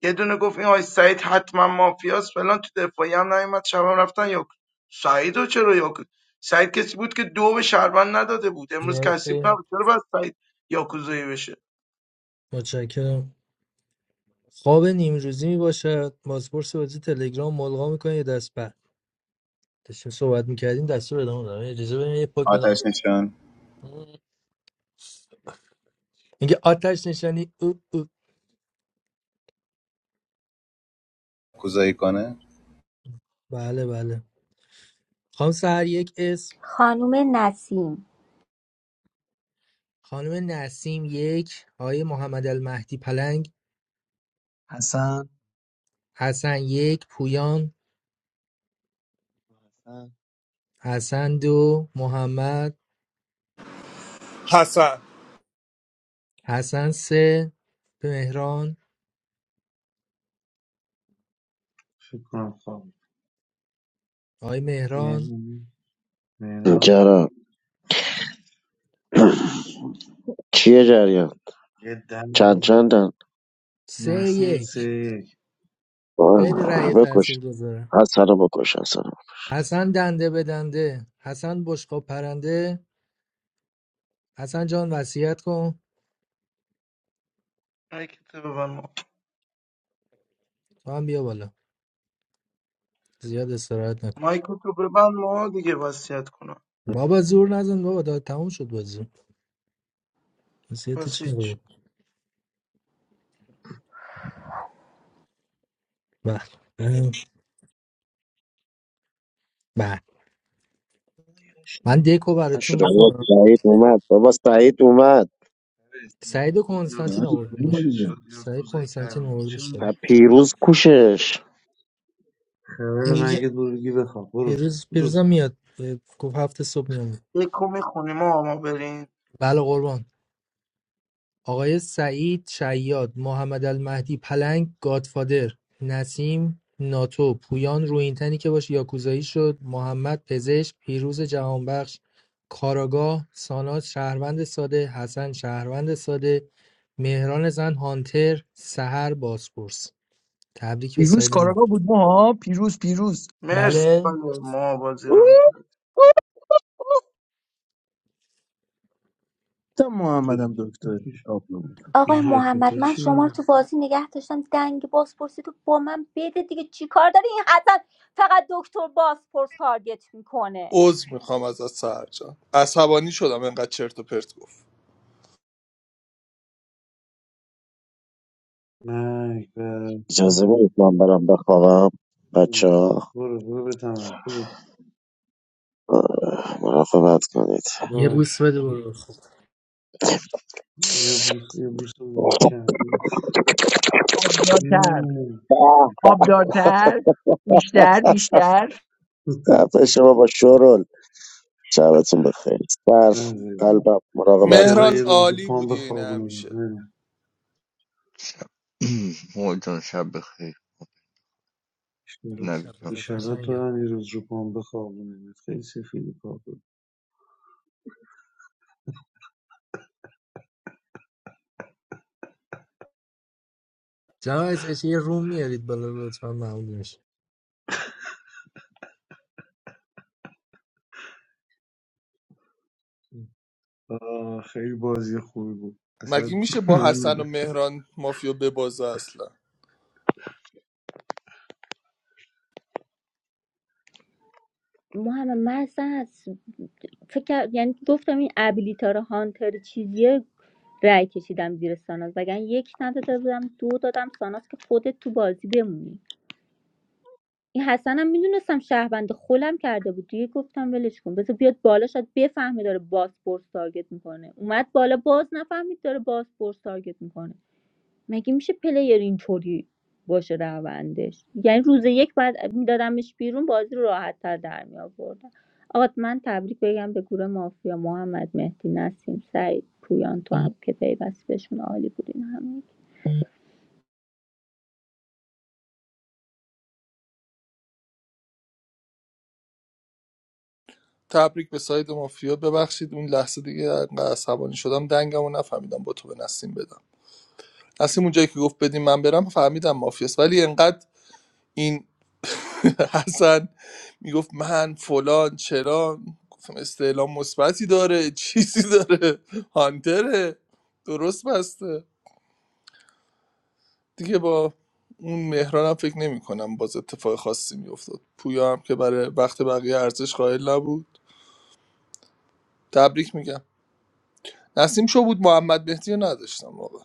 S14: یه دونه گفت این آی سعید حتما مافیاس فلان تو دفاعی هم نیومد شبم رفتن یا سعید رو چرا یاکوز سعید کسی بود که دو به شهروند نداده بود امروز کسی
S3: مرسی
S14: نبود چرا باید سعید یاکوزایی بشه
S3: متشکرم خواب نیمروزی میباشد بازپرس بازی تلگرام ملغا میکنه یه دست بعد داشتیم صحبت میکردیم دستور ادامه دارم اجازه بدیم یه پک
S17: آتش
S3: بزنم
S17: نشان
S3: میگه آتش نشانی او او.
S17: کوزایی کنه
S3: بله بله خانم سهر یک اسم
S13: خانم نسیم
S3: خانم نسیم یک آقای محمد المهدی پلنگ
S19: حسن
S3: حسن یک پویان
S16: حسن
S3: حسن دو محمد
S12: حسن
S3: حسن سه مهران
S21: فکر کنم خواب
S3: آقای مهران
S21: یعنی مهران
S8: جرا چیه جریان
S21: یه دم
S8: چند
S21: بده.
S8: چندن
S3: سه
S21: نسیم سه
S3: یک
S21: یک
S3: خیلی
S8: آه،
S3: رأی
S8: بکش
S3: تاثیر
S8: حسن رو بکش حسن رو.
S3: حسن دنده به دنده حسن بشقاب پرنده حسن جان وصیت کن
S14: مایکتو ببند ما
S3: تو هم بیا بالا زیاد استراحت نکن
S14: مایکتو ببند ما دیگه وصیت کنم
S3: بابا زور نزن بابا داد تموم شد بازی وصیت
S14: بس
S3: چی
S14: هیچ
S3: بود بله اه، بله من دکو
S8: نشد
S3: براتون
S8: آقا.
S3: میخونم
S8: سعید اومد بابا سعید اومد
S3: سعید و کنستانتین آورد
S21: یاکوزایی
S3: بالا
S21: چی شد
S3: سعید
S21: یاکوزایی کرده
S3: کنستانتین
S21: بود.
S3: آورد
S21: چی
S3: شد
S21: میگی
S8: پیروز کوشش
S21: خبر
S3: پیروز
S21: مگه بروگی بخواب برو
S3: پیروز
S21: برو
S3: پیروزم میاد اه، گفت هفت صبح میام
S14: یکو میخونی ما ما بریم
S3: بله قربان آقای سعید شیاد، محمدالمهدی پلنگ، گادفادر، نسیم ناتو، پویان رویینتنی که باش یاکوزایی شد، محمد پزشک، پیروز جهانبخش، کاراگاه، ساناز شهروند ساده، حسن شهروند ساده، مهران زن هانتر، سهر بازپرس. تبریک به
S19: پیروز
S3: ساید ما.
S19: کاراگاه بود موها پیروز پیروز
S14: مرسی
S3: بله
S14: ما بازی
S19: اوه،
S14: رو
S19: اوه،
S18: تا محمدم
S21: چجوری؟
S18: دکتر کتاب رو بودم،
S13: آقای
S21: این حرکت ها
S13: محمد من شما رو
S21: چی
S13: تو بازی نگه داشتم دنگ بازپرسی تو با من بده دیگه چیکار داری این حسن فقط دکتر بازپرس تارگت میکنه
S12: عذر میخوام ازت سهر جان عصبانی شدم انقدر چرت و پرت گفت
S21: مرگ بر-
S8: اجازه بدید
S21: مم.
S8: من برم بخوابم بچه
S21: مم.
S8: ها
S21: برو برو به تمرین.
S8: مراقبت کنید
S3: یه بوس
S21: باش
S3: بده برو خب
S21: یه بوس یه بوس محکم
S19: آبدارتر
S21: یه.
S8: آه.
S19: آبدارتر بیشتر بیشتر
S8: به، شما با شورول شبتون بخیر. صرف
S21: نزدیم.
S8: قلبم مراقبت کن.
S21: ایشالا
S12: مهران
S21: یه روز رو
S12: عالی
S21: پام
S12: بودی اینه
S21: بخوابونم
S12: همیشه
S21: نه
S2: شب مولا جان، شب بخیر
S21: ایشالا
S3: شب
S2: نوید جان
S3: بخیر
S2: شب
S21: ایشالا تو
S3: قشنگم
S21: هم یه روز رو پام بخوابونم خیلی سفیدی پا بود
S3: جناب از یه روم میارید بالا لطفا ممنون می‌شم.
S21: آه، خیلی بازی خوبی بود
S12: مگه
S21: اصلا
S12: میشه با
S21: من
S12: حسن و مهران مافیا ببازه اصلا
S13: محمد من اصلا از فکر یعنی گفتم این ابیلیتار هانتر چیزیه رأی کشیدم زیر ساناز وگرنه یک نداده بودم دو دادم ساناز که خودت تو بازی بمونی این حسنم میدونستم شهروند خولم کرده بود دیگه گفتم ولش کن بذار بیاد بالا شاید بفهمه داره بازپرس تارگت میکنه اومد بالا باز نفهمید داره باسپورس تارگت میکنه مگه میشه پلیر اینطوری باشه روندش یعنی روز یک بعد میدادمش بیرون بازی رو راحت تر در می آوردم آقا من تبریک بگم به گروه مافیا محمد مهدی نسیم سعید پویان تو هم که پیوست بهشون عالی بودین همه
S12: تبریک به ساید مافیا ببخشید اون لحظه دیگه انقدر عصبانی شدم دنگمو نفهمیدم با تو به نسیم بدم نسیم اونجایی که گفت بدیم من برم فهمیدم مافیاست ولی انقدر این حسن میگفت من فلان چرا گفتم استعلام مثبتی داره چیزی داره هانتره درست بسته دیگه با اون مهرانم فکر نمی کنم باز اتفاق خاصی میافتاد پویا هم که برای وقت بقیه ارزش قائل نبود تبریک میگم نسیم شو بود محمد مهدی رو نداشتم واقعا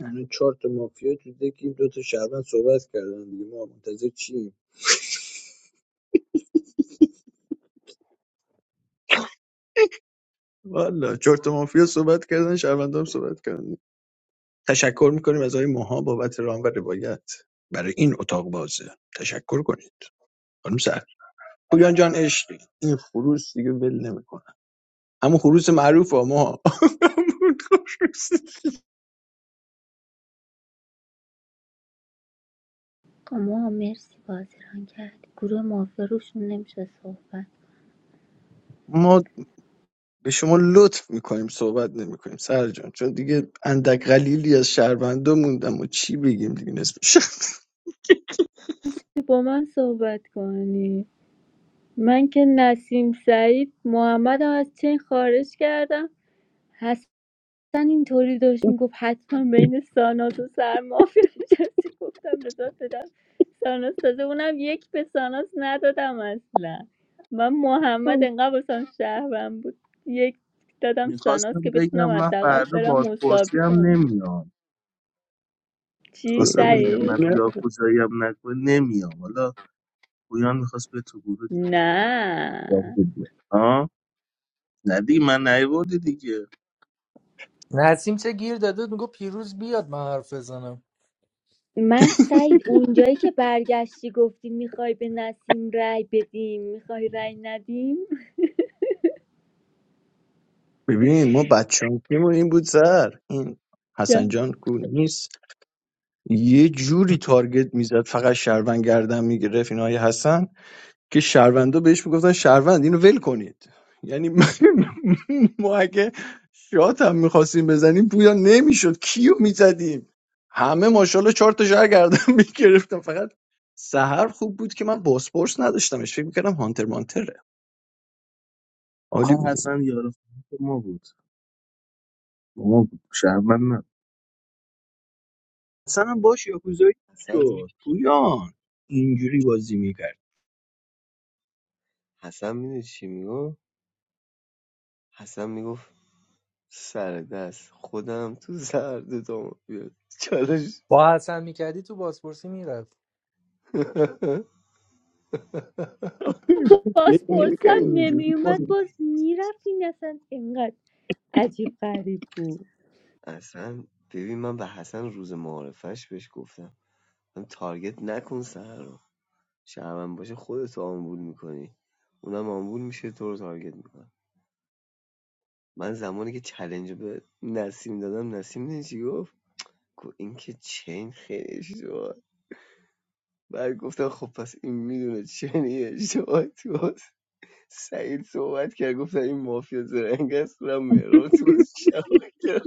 S19: یعنی چهار تا مافیا تو دکی دو تا شهروند صحبت کردن دیگه ما منتظر چیم والا چرت و مافیا صحبت کردن شهروندان صحبت کردن تشکر میکنیم از آقای ماها بابت رام و روایت برای این اتاق بازه تشکر کنید خانم سر پویان جان عشق این خروس دیگه ول نمیکنه همون خروس معروف ها ما همون خروس.
S13: ما مرسی بازی ران کردی گروه مافیا روشون نمیشه صحبت
S19: ما به شما لطف میکنیم صحبت نمیکنیم سر جان چون دیگه اندک قلیلی از شهروندا موندم و چی بگیم دیگه نسبت
S13: با من صحبت کنی من که نسیم سعید محمد هم از چین خارج کردم اصلا اینطوری داشت میگفت حتما بین ساناز و سرمافیا نشستی گفتم بذار بدم ساناز تازه اونم یک به ساناز ندادم اصلا من محمد انقدر واسم شهرم بود یک دادم
S18: میخواستم
S13: ساناز که
S18: بگم
S13: بتونم
S18: من
S13: حداقل
S18: فردا
S13: برم
S18: بازپرسی
S13: مساوی
S18: هم
S13: کنم
S18: نمیام
S13: چی
S18: خواستم بگم من
S13: سعید
S18: یاکوزایی هم نکنه نمیام حالا پویان میخواست به تو گروه دیگه خیلی مشتاق
S13: نه
S18: بود بیاد. آه نه دیگه من نیوردی دیگه
S3: نسیم چه گیر داده میگو پیروز بیاد من حرف بزنم
S13: من سعید اونجایی که برگشتی گفتی میخوای به نسیم رای بدیم میخوای رای ندیم
S19: ببین ما بچانکیمون این بود سر این حسن جان کو نیست یه جوری تارگت میزد فقط شهروند گردن میگرفت این های حسن که شهروندا بهش میگفتن شهروند اینو ول کنید یعنی ما اگه شات هم میخواستیم بزنیم پویا نمیشد کیو میزدیم همه ماشاءالله چهار تا شهر گردن میگرفتم فقط سهر خوب بود که من باسپورس نداشتمش فکر میکردم هانتر مانتره عالی
S18: آقا
S19: بود
S18: حسن یارو فروش ما بود ما بود شهرمن نه
S19: اصلا باش یاکوزایی
S16: حسن می-
S19: شد پویان اینجوری بازی میکرد
S16: حسن میدونی چی میگفت حسن میگفت سر دست خودم تو زرد دام بیاد چالش
S3: با حسن میکردی تو بازپرسی میرفت
S19: فکر
S13: پاسپورت
S19: نمیکرد
S13: هم
S19: اینجوری
S13: نمیومد
S19: کنه
S13: باز میرفتیم اصلا اینقدر عجیب غریب بود
S16: اصلا ببین من به حسن روز معارفش بهش گفتم من تارگت نکن سر رو شهرون باشه خودت آمبول میکنی اونم آمبول میشه تو رو تارگت میکنه من زمانی که چلنج به نسیم دادم نسیم میدونی چی گفت گفت این که چین خیلی اشتباه بعد گفتم خب پس این میدونه چین یه اشتباه تو سعید صحبت کرد گفتم این مافیا زرنگ است رم مهران تو بازی کرد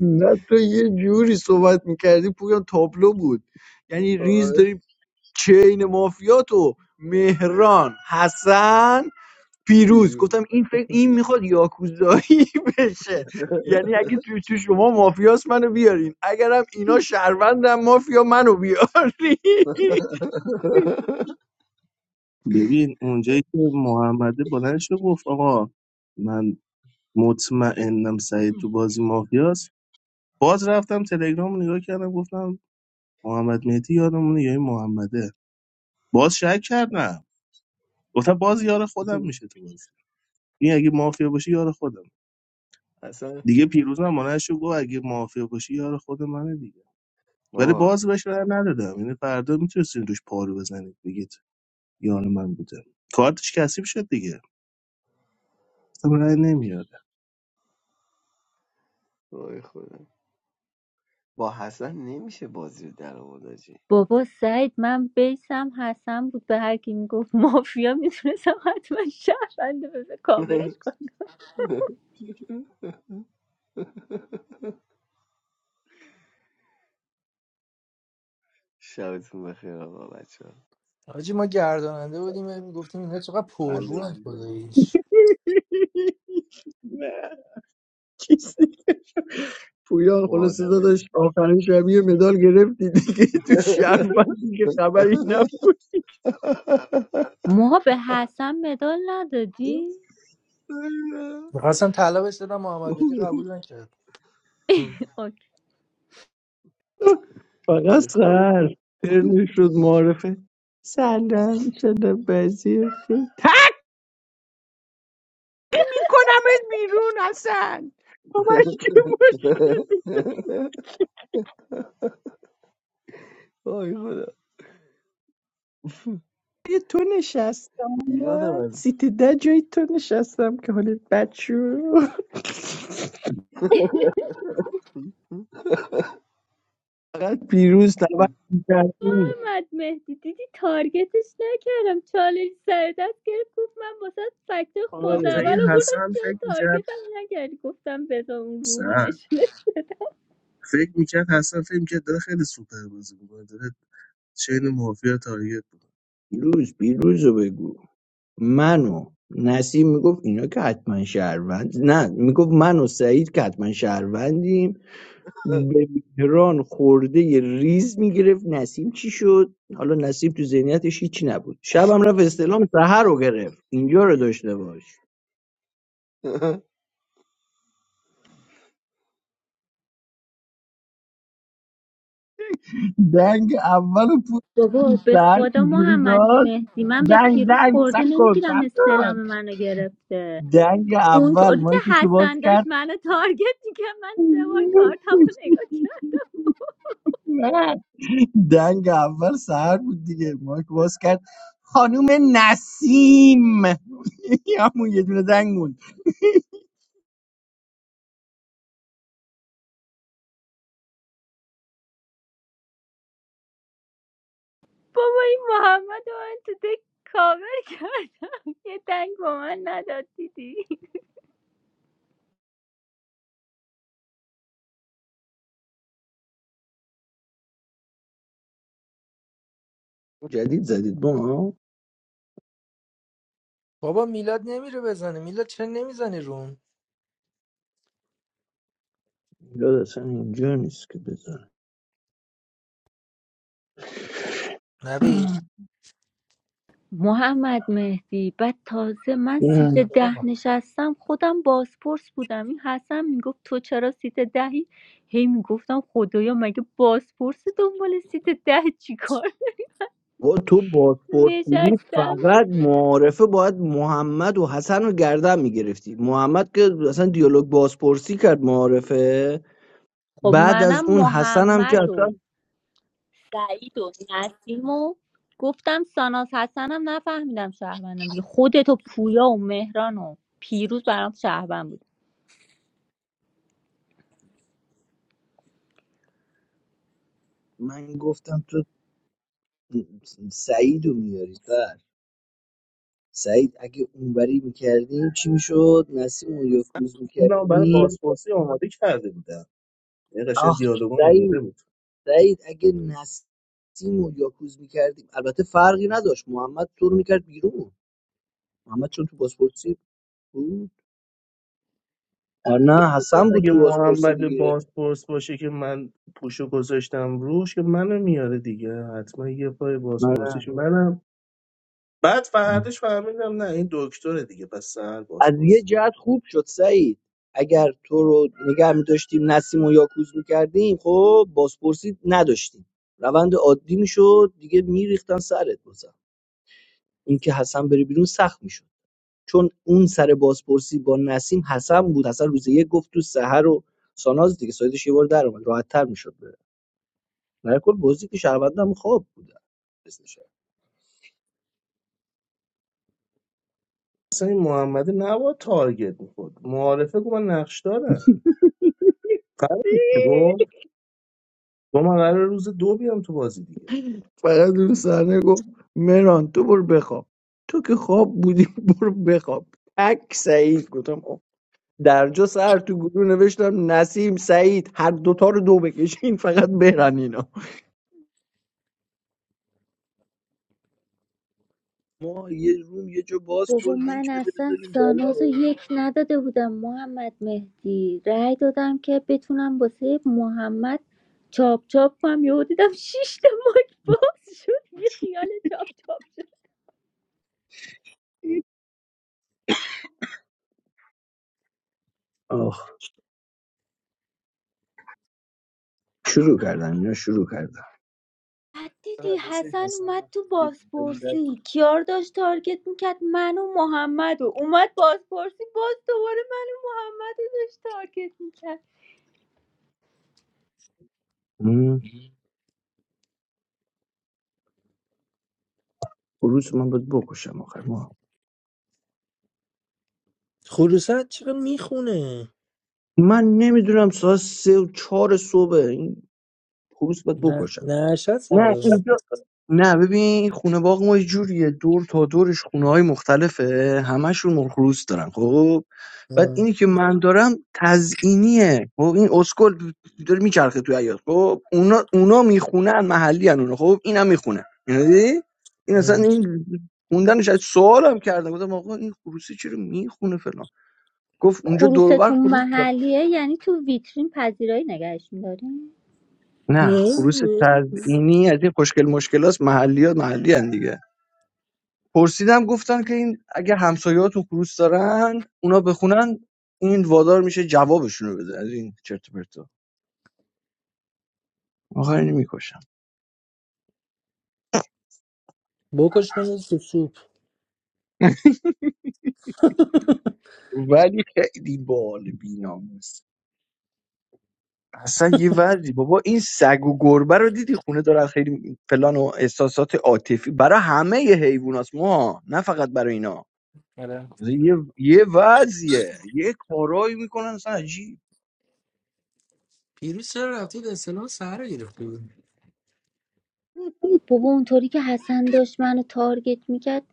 S19: نه تو یه جوری صحبت میکردی پویان تابلو بود یعنی ریز
S16: آره
S19: داری چین مافیاتو مهران حسن پیروز
S16: پیروز
S19: گفتم این فکر این میخواد یاکوزایی بشه یعنی اگه تو, تو شما مافیاس منو بیارین اگرم اینا شهروندم مافیا منو بیارین
S18: ببین اونجایی که محمده بلند شد گفت آقا من مطمئنم سعید تو بازی مافیاست باز رفتم تلگرام رو نگاه کردم گفتم محمد مهدی یادمونه یا این محمده باز شک کردم گفتم باز یار خودم میشه تو بازی این اگه مافیا باشه یار خودم
S16: اصلا
S18: دیگه پیروز هم مانعش رو گفت اگه مافیا باشی یار خود منه دیگه ولی
S16: بابا
S18: باز بهش رای ندادم یعنی فردا میتونستین روش پارو بزنید بگید یار من بوده کارتش کثیف شد دیگه اصلا رای نمیاد
S16: وای خدا با حسن نمیشه بازی رو در آورد آجی
S13: بابا سعید من بیسم حسن بود به هر کی میگفت مافیا میتونستم حتما شهرنده بذار کاورش کنم
S16: شبتون بخیر آقا بچه
S3: حاجی ما گرداننده بودیم میگفتیم اینا چقدر پررو
S16: ها
S3: خداییش
S19: نه چیز دیگه شد. پویان
S16: با
S19: خلاصه
S16: آدم
S19: داداش آخرین شب یه مدال گرفتی دیگه تو شب من دیگه خبری
S13: ما به حسن مدال ندادی
S3: میخواستم طلبش دادم محمد مهدی قبول نکرد
S13: اوکی.
S19: نبود فقط
S16: آی خدا
S19: سهر ترنی شد معرفه سلام شده بزیر شد تن کنمت بیرون حسن با من چه مشکلی
S16: آی خدا
S19: یه تو نشستم
S16: میلان هم هست.
S19: سیت ده جای تو نشستم که حالت بد شد فقط پیروز نبرد کردیم
S13: محمد مهدی دیدی تارگتش نکردم چالش سر دست گرفت گفت من واسه فکت خود
S18: آخه
S19: آره
S13: اول
S18: این
S13: آوردم
S18: حسن فکر
S13: چرا
S18: میکرد
S13: تارگتم نکردی گفتم بذار اون
S18: سر
S13: رومونش
S18: فکر میکرد حسن فکر میکرد داره خیلی سوپر بازی میکنه داره چین مافیا تارگت بود
S19: پیروز پیروز رو بگو منو نسیم میگفت اینا که حتما شهروند نه میگفت من و سعید که حتما شهروندیم به مهران خورده یه ریز میگرفت نسیم چی شد حالا نسیم تو ذهنیتش هیچی نبود شبم رفت استعلام سحر رو گرفت اینجا رو داشته باش دنگ اول پول
S13: بابا به
S19: سر
S13: خدا
S19: چجوری
S13: محمد
S19: داد
S13: مهدی من به
S19: دنگ
S13: پیروز
S19: دنگ سب
S13: خورده
S19: کن
S13: نمیگیرم
S19: سب
S13: استعلام
S19: کن
S13: منو گرفته
S19: دنگ اول
S13: اونطوری که
S19: مایی که شما باز
S13: حسن داشت
S19: کرد
S13: منو تارگت دیگه من سه بار کارتمو نگاه کرد
S19: نه دنگ اول سهر بود دیگه مایک باز کرد خانوم نسیم همون یه دونه دنگ بود
S13: بابا این محمد رو من تو دک کاور کردم یه دنگ با من نداد دیدی
S19: جدید زدید با ما
S3: بابا میلاد نمیره بزنه میلاد چرا نمیزنی روم
S19: داد اصلا اینجا نیست که بزن
S3: نوید
S13: محمد مهدی بعد تازه من سیت ده
S3: آه.
S13: نشستم خودم بازپرس بودم این حسن میگفت تو چرا سیت دهی هی میگفتم خدایا مگه بازپرس دنبال سیت ده چی
S19: با تو پاسپورت بودی
S13: نشستم
S19: فقط معارفه باید محمد و حسن رو گردن میگرفتی محمد که اصلا دیالوگ بازپرسی کرد معارفه
S13: خب
S19: بعد از
S13: منم
S19: اون حسن هم که
S13: محمد و
S19: اصلا
S13: سعید و نسیم و گفتم ساناز حسنم نفهمیدم شهروندم دیگه خودت و پویا و مهران و پیروز برام شهروند بود
S19: من گفتم تو سعید رو میاری بله. سعید اگه اونوری میکردیم چی میشد نسیم و یاکوز
S18: خودم برای
S19: میکردیم
S18: بازپرسی آماده کرده بودم یه قشن
S19: آخ
S18: دیالوگام آماده
S19: سعید
S18: بود
S19: سعید اگه نسیم و یاکوز میکردیم البته فرقی نداشت محمد تو رو میکرد بیرون محمد چون تو بازپرسی بود آه نه حسن بود
S18: اگه
S19: تو بازپرسی
S18: محمد
S19: دیگه
S18: بازپرس باشه که من پوشو گذاشتم روش که منو میاره دیگه حتما یه پای
S19: نه،
S18: بازپرسیش منم بعد
S19: نه.
S18: فرداش فهمیدم نه این دکتره دیگه پس سهر
S19: از یه
S18: بازپرس
S19: جهت خوب شد سعید اگر تو رو نگه می‌داشتیم نسیم و یاکوز میکردیم خب بازپرسی نداشتیم روند عادی می شد دیگه میریختن سرت بزن اینکه حسن بره بیرون سخت میشد چون اون سر بازپرسی با نسیم حسن بود حسن روز یک گفت تو سحر و ساناز دیگه سایدش یه بار در اومد راحت میشد بره در کل بازی که شهروندم خواب بود
S18: اصلا این محمد نباید تارگت میخورد معارفه که من نقش دارم قرار نیست که گفت گفت من قرار روز دو بیام تو بازی دیگه
S19: فقط اون صحنه گفت مهران تو برو بخواب تو که خواب بودی برو بخواب تک سعید گفتم آه. درجا سر تو گروه نوشتم نسیم سعید هر دوتا رو دو بکشین فقط برن اینا ما یه روم یه جا باز کن
S13: بابا من
S19: لینک بده
S13: اصلا
S19: بذاریم
S13: ساناز رو
S19: بالا
S13: یک نداده بودم محمد مهدی رأی دادم که بتونم واسه محمد چاپ چاپ کنم یهو دیدم شیش تا ماک باز شد یه خیال چاپ چاپ
S19: آخ شروع کردن اینا شروع کردن
S13: بعد
S18: قرار
S13: دیدی
S18: دست این
S13: حسن
S18: حسن
S13: اومد
S18: من
S13: تو
S18: خیلی دیدم
S13: بازپرسی کیار داشت تارگت میکرد من و محمد و اومد بازپرسی باز دوباره من و محمد رو داشت تارگت میکرد
S19: هم؟ خروس من باید بکشم آخر ما
S3: خروسات چرا میخونه
S19: من نمیدونم ساعت سه و چهار صبح این خروس باید
S3: نه
S19: بکشم
S3: نه نشست
S19: نه
S3: انگار
S19: اینجا نه ببین این خونه باغ ما یه جوریه دور تا دورش خونه های مختلفه همشون مرغ روز دارن خب بعد
S3: اه،
S19: اینی که من دارم تزئینیه خب این اسکل داره میچرخه توی حیاط خب اونا اونا میخونن محلی ان اونا خب اینم میخونه اینو دیدی این اصلا
S3: اه.
S19: این خوندنش از سوالم کردم گفتم آقا این خروسی چرا میخونه فلان گفت اونجا دور و بر
S13: خروستون
S19: خروس داره.
S13: محلیه یعنی تو ویترین پذیرایی نگهش میداریم
S19: نه
S3: نه،
S19: خروس تزئینی از این خوشگل مشکلاست محلیات محلی ان دیگه پرسیدم گفتن که این اگه همسایه‌هاتون خروس دارن اونا بخونن این وادار میشه جوابشون رو بده از این چرت و پرتا آخر اینو میکشم
S3: بکش من تو سوپ
S19: ولی خیلی بال بیناموس اصلا یه وضعی بابا این سگ و گربه رو دیدی خونه دارن خیلی فلان و احساسات عاطفی برای همه یه حیوانات ما نه فقط برای اینا
S3: آره.
S19: یه یه وضعیه یه کارایی میکنن اصلا عجیب
S3: پیروز چرا رفتی اصطلاح سهر رو گرفتی
S13: بابا اونطوری که حسن داشت منو تارگت میکرد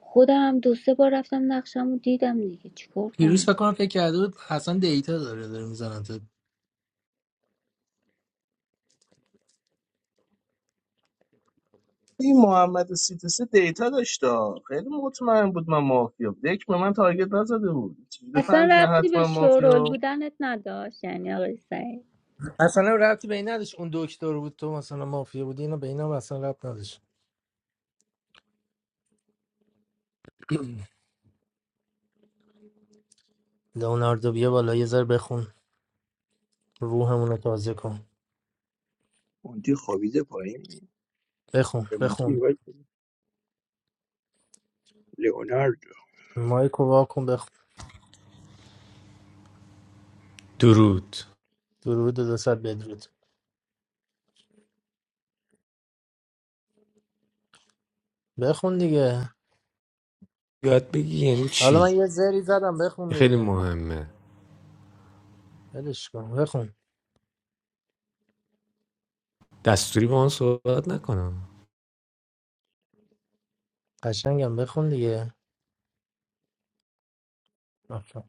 S13: خودم هم دو سه بار رفتم نقشم رو دیدم دیگه چیکار
S3: پیروز فکر
S13: کنم
S3: کنم فکر کرده بود حسن دیتا داره داره میزنن تو
S18: این محمد سیتسه دیتا داشت آه. خیلی مطمئن بود من مافیا دک به من تارگت نزده بود چجوری
S13: اصلا
S18: فهمید من
S13: ربطی به
S18: حتما
S13: شورول
S18: مافیا
S13: بودنت نداشت یعنی آقای سعید
S3: اصلا ربطی به این نداشت اون دکتر بود تو مثلا مافیا بودی اینا به اینا هم اصلا ربط نداشت لئوناردو بیا بالا یه ذره بخون روحمون رو تازه کن
S19: مونتی خوابیده پایین
S3: بخون
S19: به مونتی
S3: بخون
S19: وای، لئونارد
S3: مایکو وا کن بخون
S22: درود
S3: درود و دوصد بدرود بخون دیگه
S22: یاد بگی یعنی چی
S3: حالا من یه زری زدم بخون
S22: خیلی
S3: دیگه
S22: مهمه
S3: ولش کن بخون
S22: دستوری با من صحبت نکنم
S3: قشنگم بخون دیگه آفرین.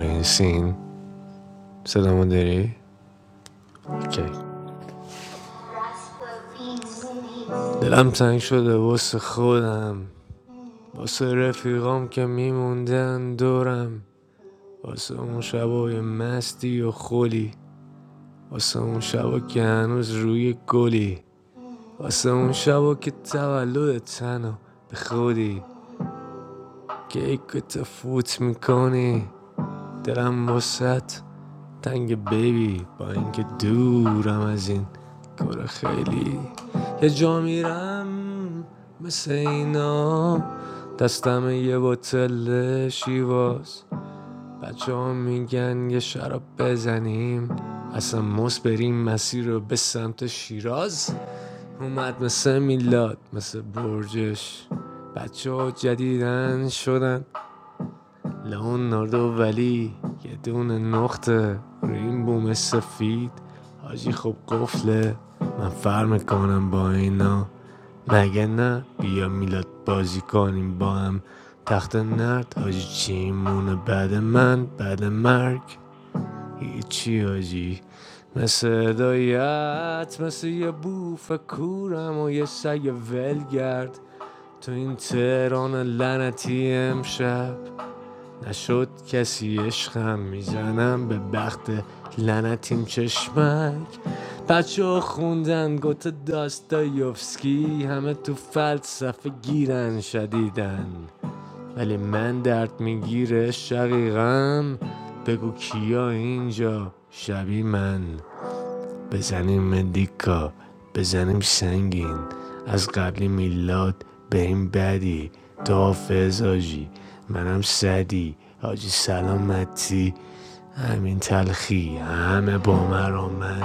S22: این سین صدامو داری؟ اوکی. دلم تنگ شده واسه خودم واسه رفیقام که میموندن دورم واسه اون شبای مستی و خلی واسه اون شبا که هنوز روی گلی واسه اون شبا که تولد تنو به خودی که و تفوت میکنی دلم واسه تنگ بیبی با اینکه دورم از این کار خیلی یه جا میرم مثل اینا دستم یه بطل شیواز بچه ها میگن یه شراب بزنیم اصلا موس بریم مسیر رو به سمت شیراز اومد مثل میلاد مثل برجش بچه ها جدیدن شدن لئوناردو ولی یه دونه نقطه روی این بوم سفید حاجی خب قفله من فر میکنم با اینا مگه نه بیا میلاد بازی کنیم با هم تخت نرد حاجی چی مونه بعد من بعد مرگ هیچی حاجی مثل هدایت مثل یه بوف کورم و یه سگ ولگرد تو این تهران لعنتی امشب نشد کسی عشقم میزنم به بخت لنتیم چشمک بچه ها خوندن گوت داستایوفسکی همه تو فلسفه گیرن شدیدن ولی من درد میگیره شقیقم بگو کیا اینجا شبی من بزنیم دیکا بزنیم سنگین از قبلی میلاد به این بدی تو حافظ آجی منم سدی آجی سلامتی همین تلخی همه با مرا من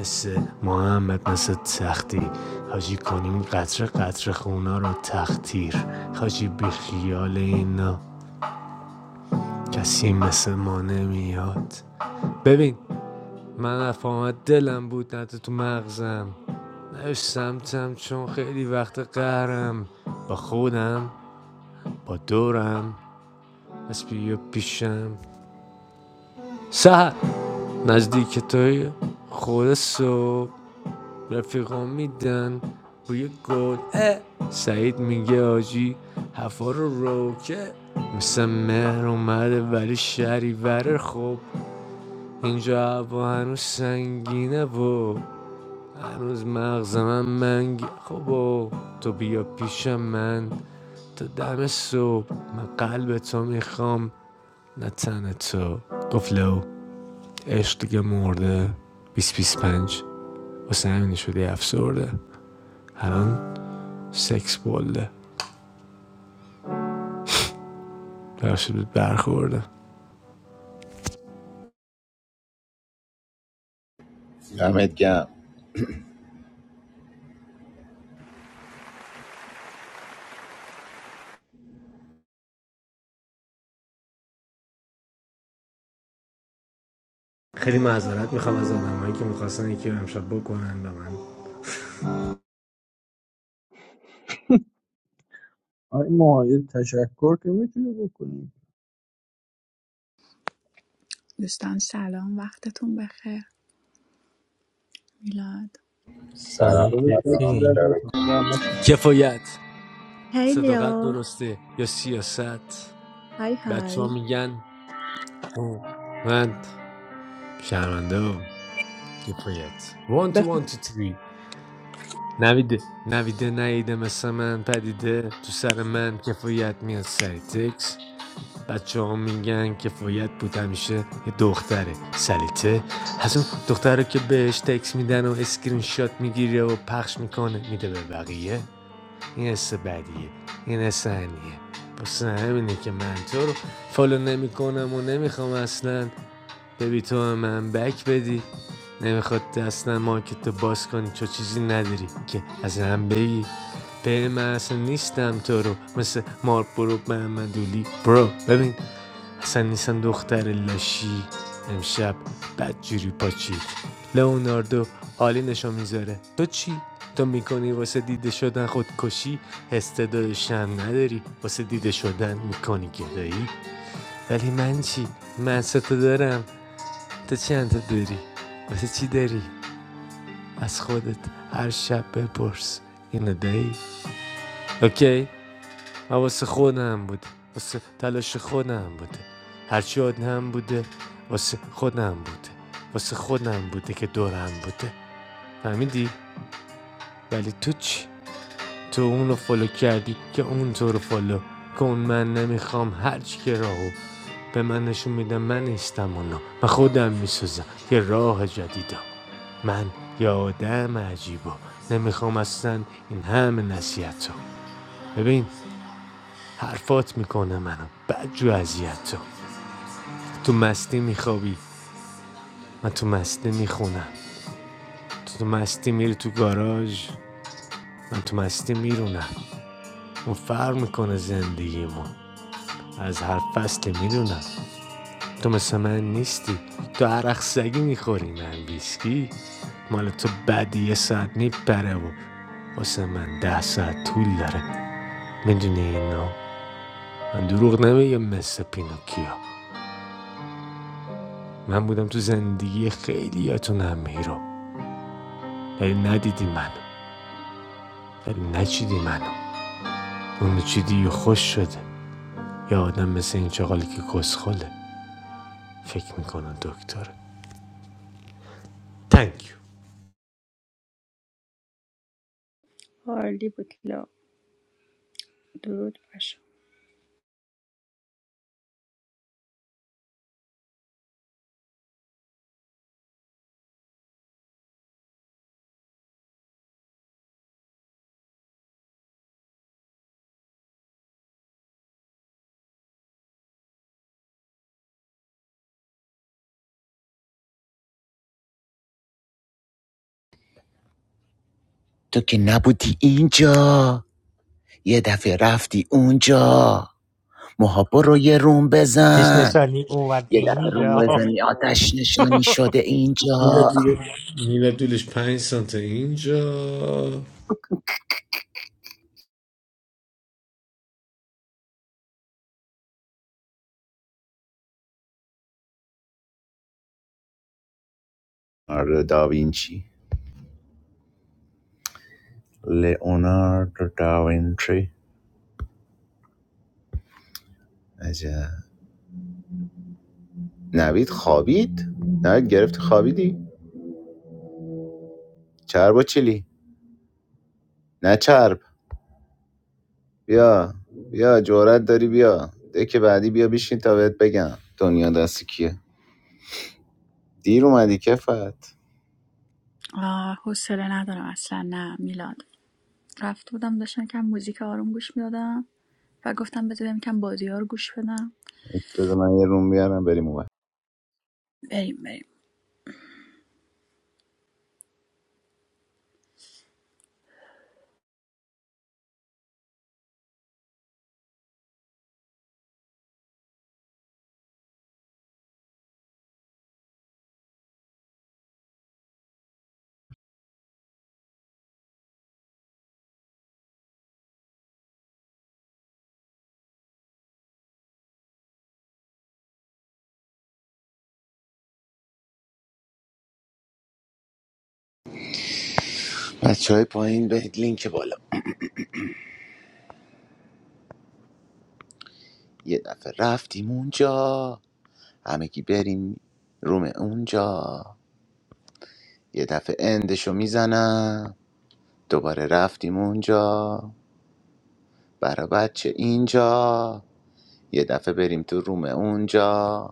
S22: مثل محمد مثل تختی حاجی کنیم قطر قطر خونا رو تختیر حاجی بی خیال اینا کسی مثل ما نمیاد ببین من رفاقت دلم بود نه تو مغزم نش سمتم چون خیلی وقت قهرم با خودم با دورم پس بیا پیشم سهر نزدیک توی خود صبح رفیقان میدن بوی گل سعید میگه آجی هفا رو روکه مثل مهر اومده ولی شریور خوب اینجا هوا هنوز سنگینه و هنوز مغز من منگ خب تو بیا پیش من تا دم صبح من قلب تو میخوام نه تن تو گفت لو عشق دیگه مرده بیس بیس پنج واسه همینی شدی افسرده الان سکس بولده بخشت برخورده
S17: دمت گرم
S22: خیلی معذرت میخوام از آدمایی که میخواستن یکی رو امشب بکنن به من
S19: آقای معاید تشکر که میتونی بکنی
S23: Dostan salam. When did you get born?
S17: سلام
S3: سلام
S19: داداش دست
S17: سلام
S19: درد
S3: کیفی
S19: نکنه زحمت
S17: سلام.
S22: کفایت
S23: Hi,
S22: صداقت
S23: Leo.
S22: درسته یا سیاست
S23: Hi, hi. How are
S22: بچه ها میگن او. من شرمنده هم. کفایت وان تو
S23: you?
S22: وان تو تری نویده نویده نیده مثل من پدیده تو سر من کفایت میاد سری تکس بچه ها میگن کفایت بود همیشه یه دختره سلیته از اون دختره که بهش تکس میدن و اسکرین شات میگیره و پخش میکنه میده به بقیه این حس بدیه این حس انیه پس همینه که من تو رو فالو نمیکنم و نمیخوام اصلا ببی تو به من بک بدی نمیخواد اصلا مارکت رو باز کنی چون چیزی نداری که از هم بگی به من اصلا نیستم تو رو مثل مارک برو به برو ببین اصلا نیستن دختر لاشی امشب بدجوری پاچید لئوناردو عالی نشو میذاره تو چی تو میکنی واسه دیده شدن خودکشی استعداد شم نداری واسه دیده شدن میکنی گدایی ولی من چی من سه تا دارم تو چند تا داری واسه چی داری از خودت هر شب بپرس اینو دایی اوکی حواس خودم بود واسه تلاش خودم بوده هرچی آدم بوده واسه خودم بوده واسه خودم بوده که دورم بوده فهمیدی؟ ولی تو چی؟ تو اون رو فالو کردی که اون تو رو فالو کن من نمیخوام هرچی که راهو به من نشون میدم من نیستم اونا من خودم میسوزم یه راه جدیدم من یه آدم عجیبا نمیخوام اصلا این همه نصیحت ببین حرفات میکنه منو بدجو اذیت تو تو مستی میخوابی من تو مستی میخونم تو تو مستی میری تو گاراژ من تو مستی میرونم اون فرق میکنه زندگیمون از هر فصلی میدونم تو مثل من نیستی تو عرق سگی میخوری من ویسکی مال تو بعدی یه ساعت میپره و واسه من ده ساعت طول داره میدونی اینا من دروغ نمیگم مثل پینوکیا من بودم تو زندگی خیلیاتون هم هیرو ولی ندیدی منو ولی نچیدی منو اونو چیدی و خوش شده یا آدم مثل این چغالی که کسخله فکر میکنن دکتره تنکیو
S23: Hardly, butila. Dude, I'm good.
S17: تو که نبودی اینجا یه دفعه رفتی اون مهر رو یه روم
S3: آتیش
S17: بزن
S3: نشانی اومد
S17: یه
S3: اینجا
S17: دفعه بزنی آتشانی شده
S22: میلا
S17: اینجا
S22: دولش میلا دولش پنج سانته اینجا
S17: آره داوینچی لئوناردو داوینچی عجب نوید خوابید نوید گرفت خوابیدی چرب و چلی نه چرب بیا بیا جورت داری بیا دکه بعدی بیا بشین تا بهت بگم دنیا دست کیه دیر اومدی کفت
S23: Ah, who said I don't know? Actually, no. Born. I came to see if they had some music for us to listen to, and they said we had some Bollywood music. Come on,
S17: بذار من یه روم بیارم بریم اون
S23: come on.
S17: بچه های پایین به لینک بالا یه دفعه رفتیم اونجا همگی بریم روم اونجا یه دفعه اندشو میزنم دوباره رفتیم اونجا برا بچه اینجا یه دفعه بریم تو روم اونجا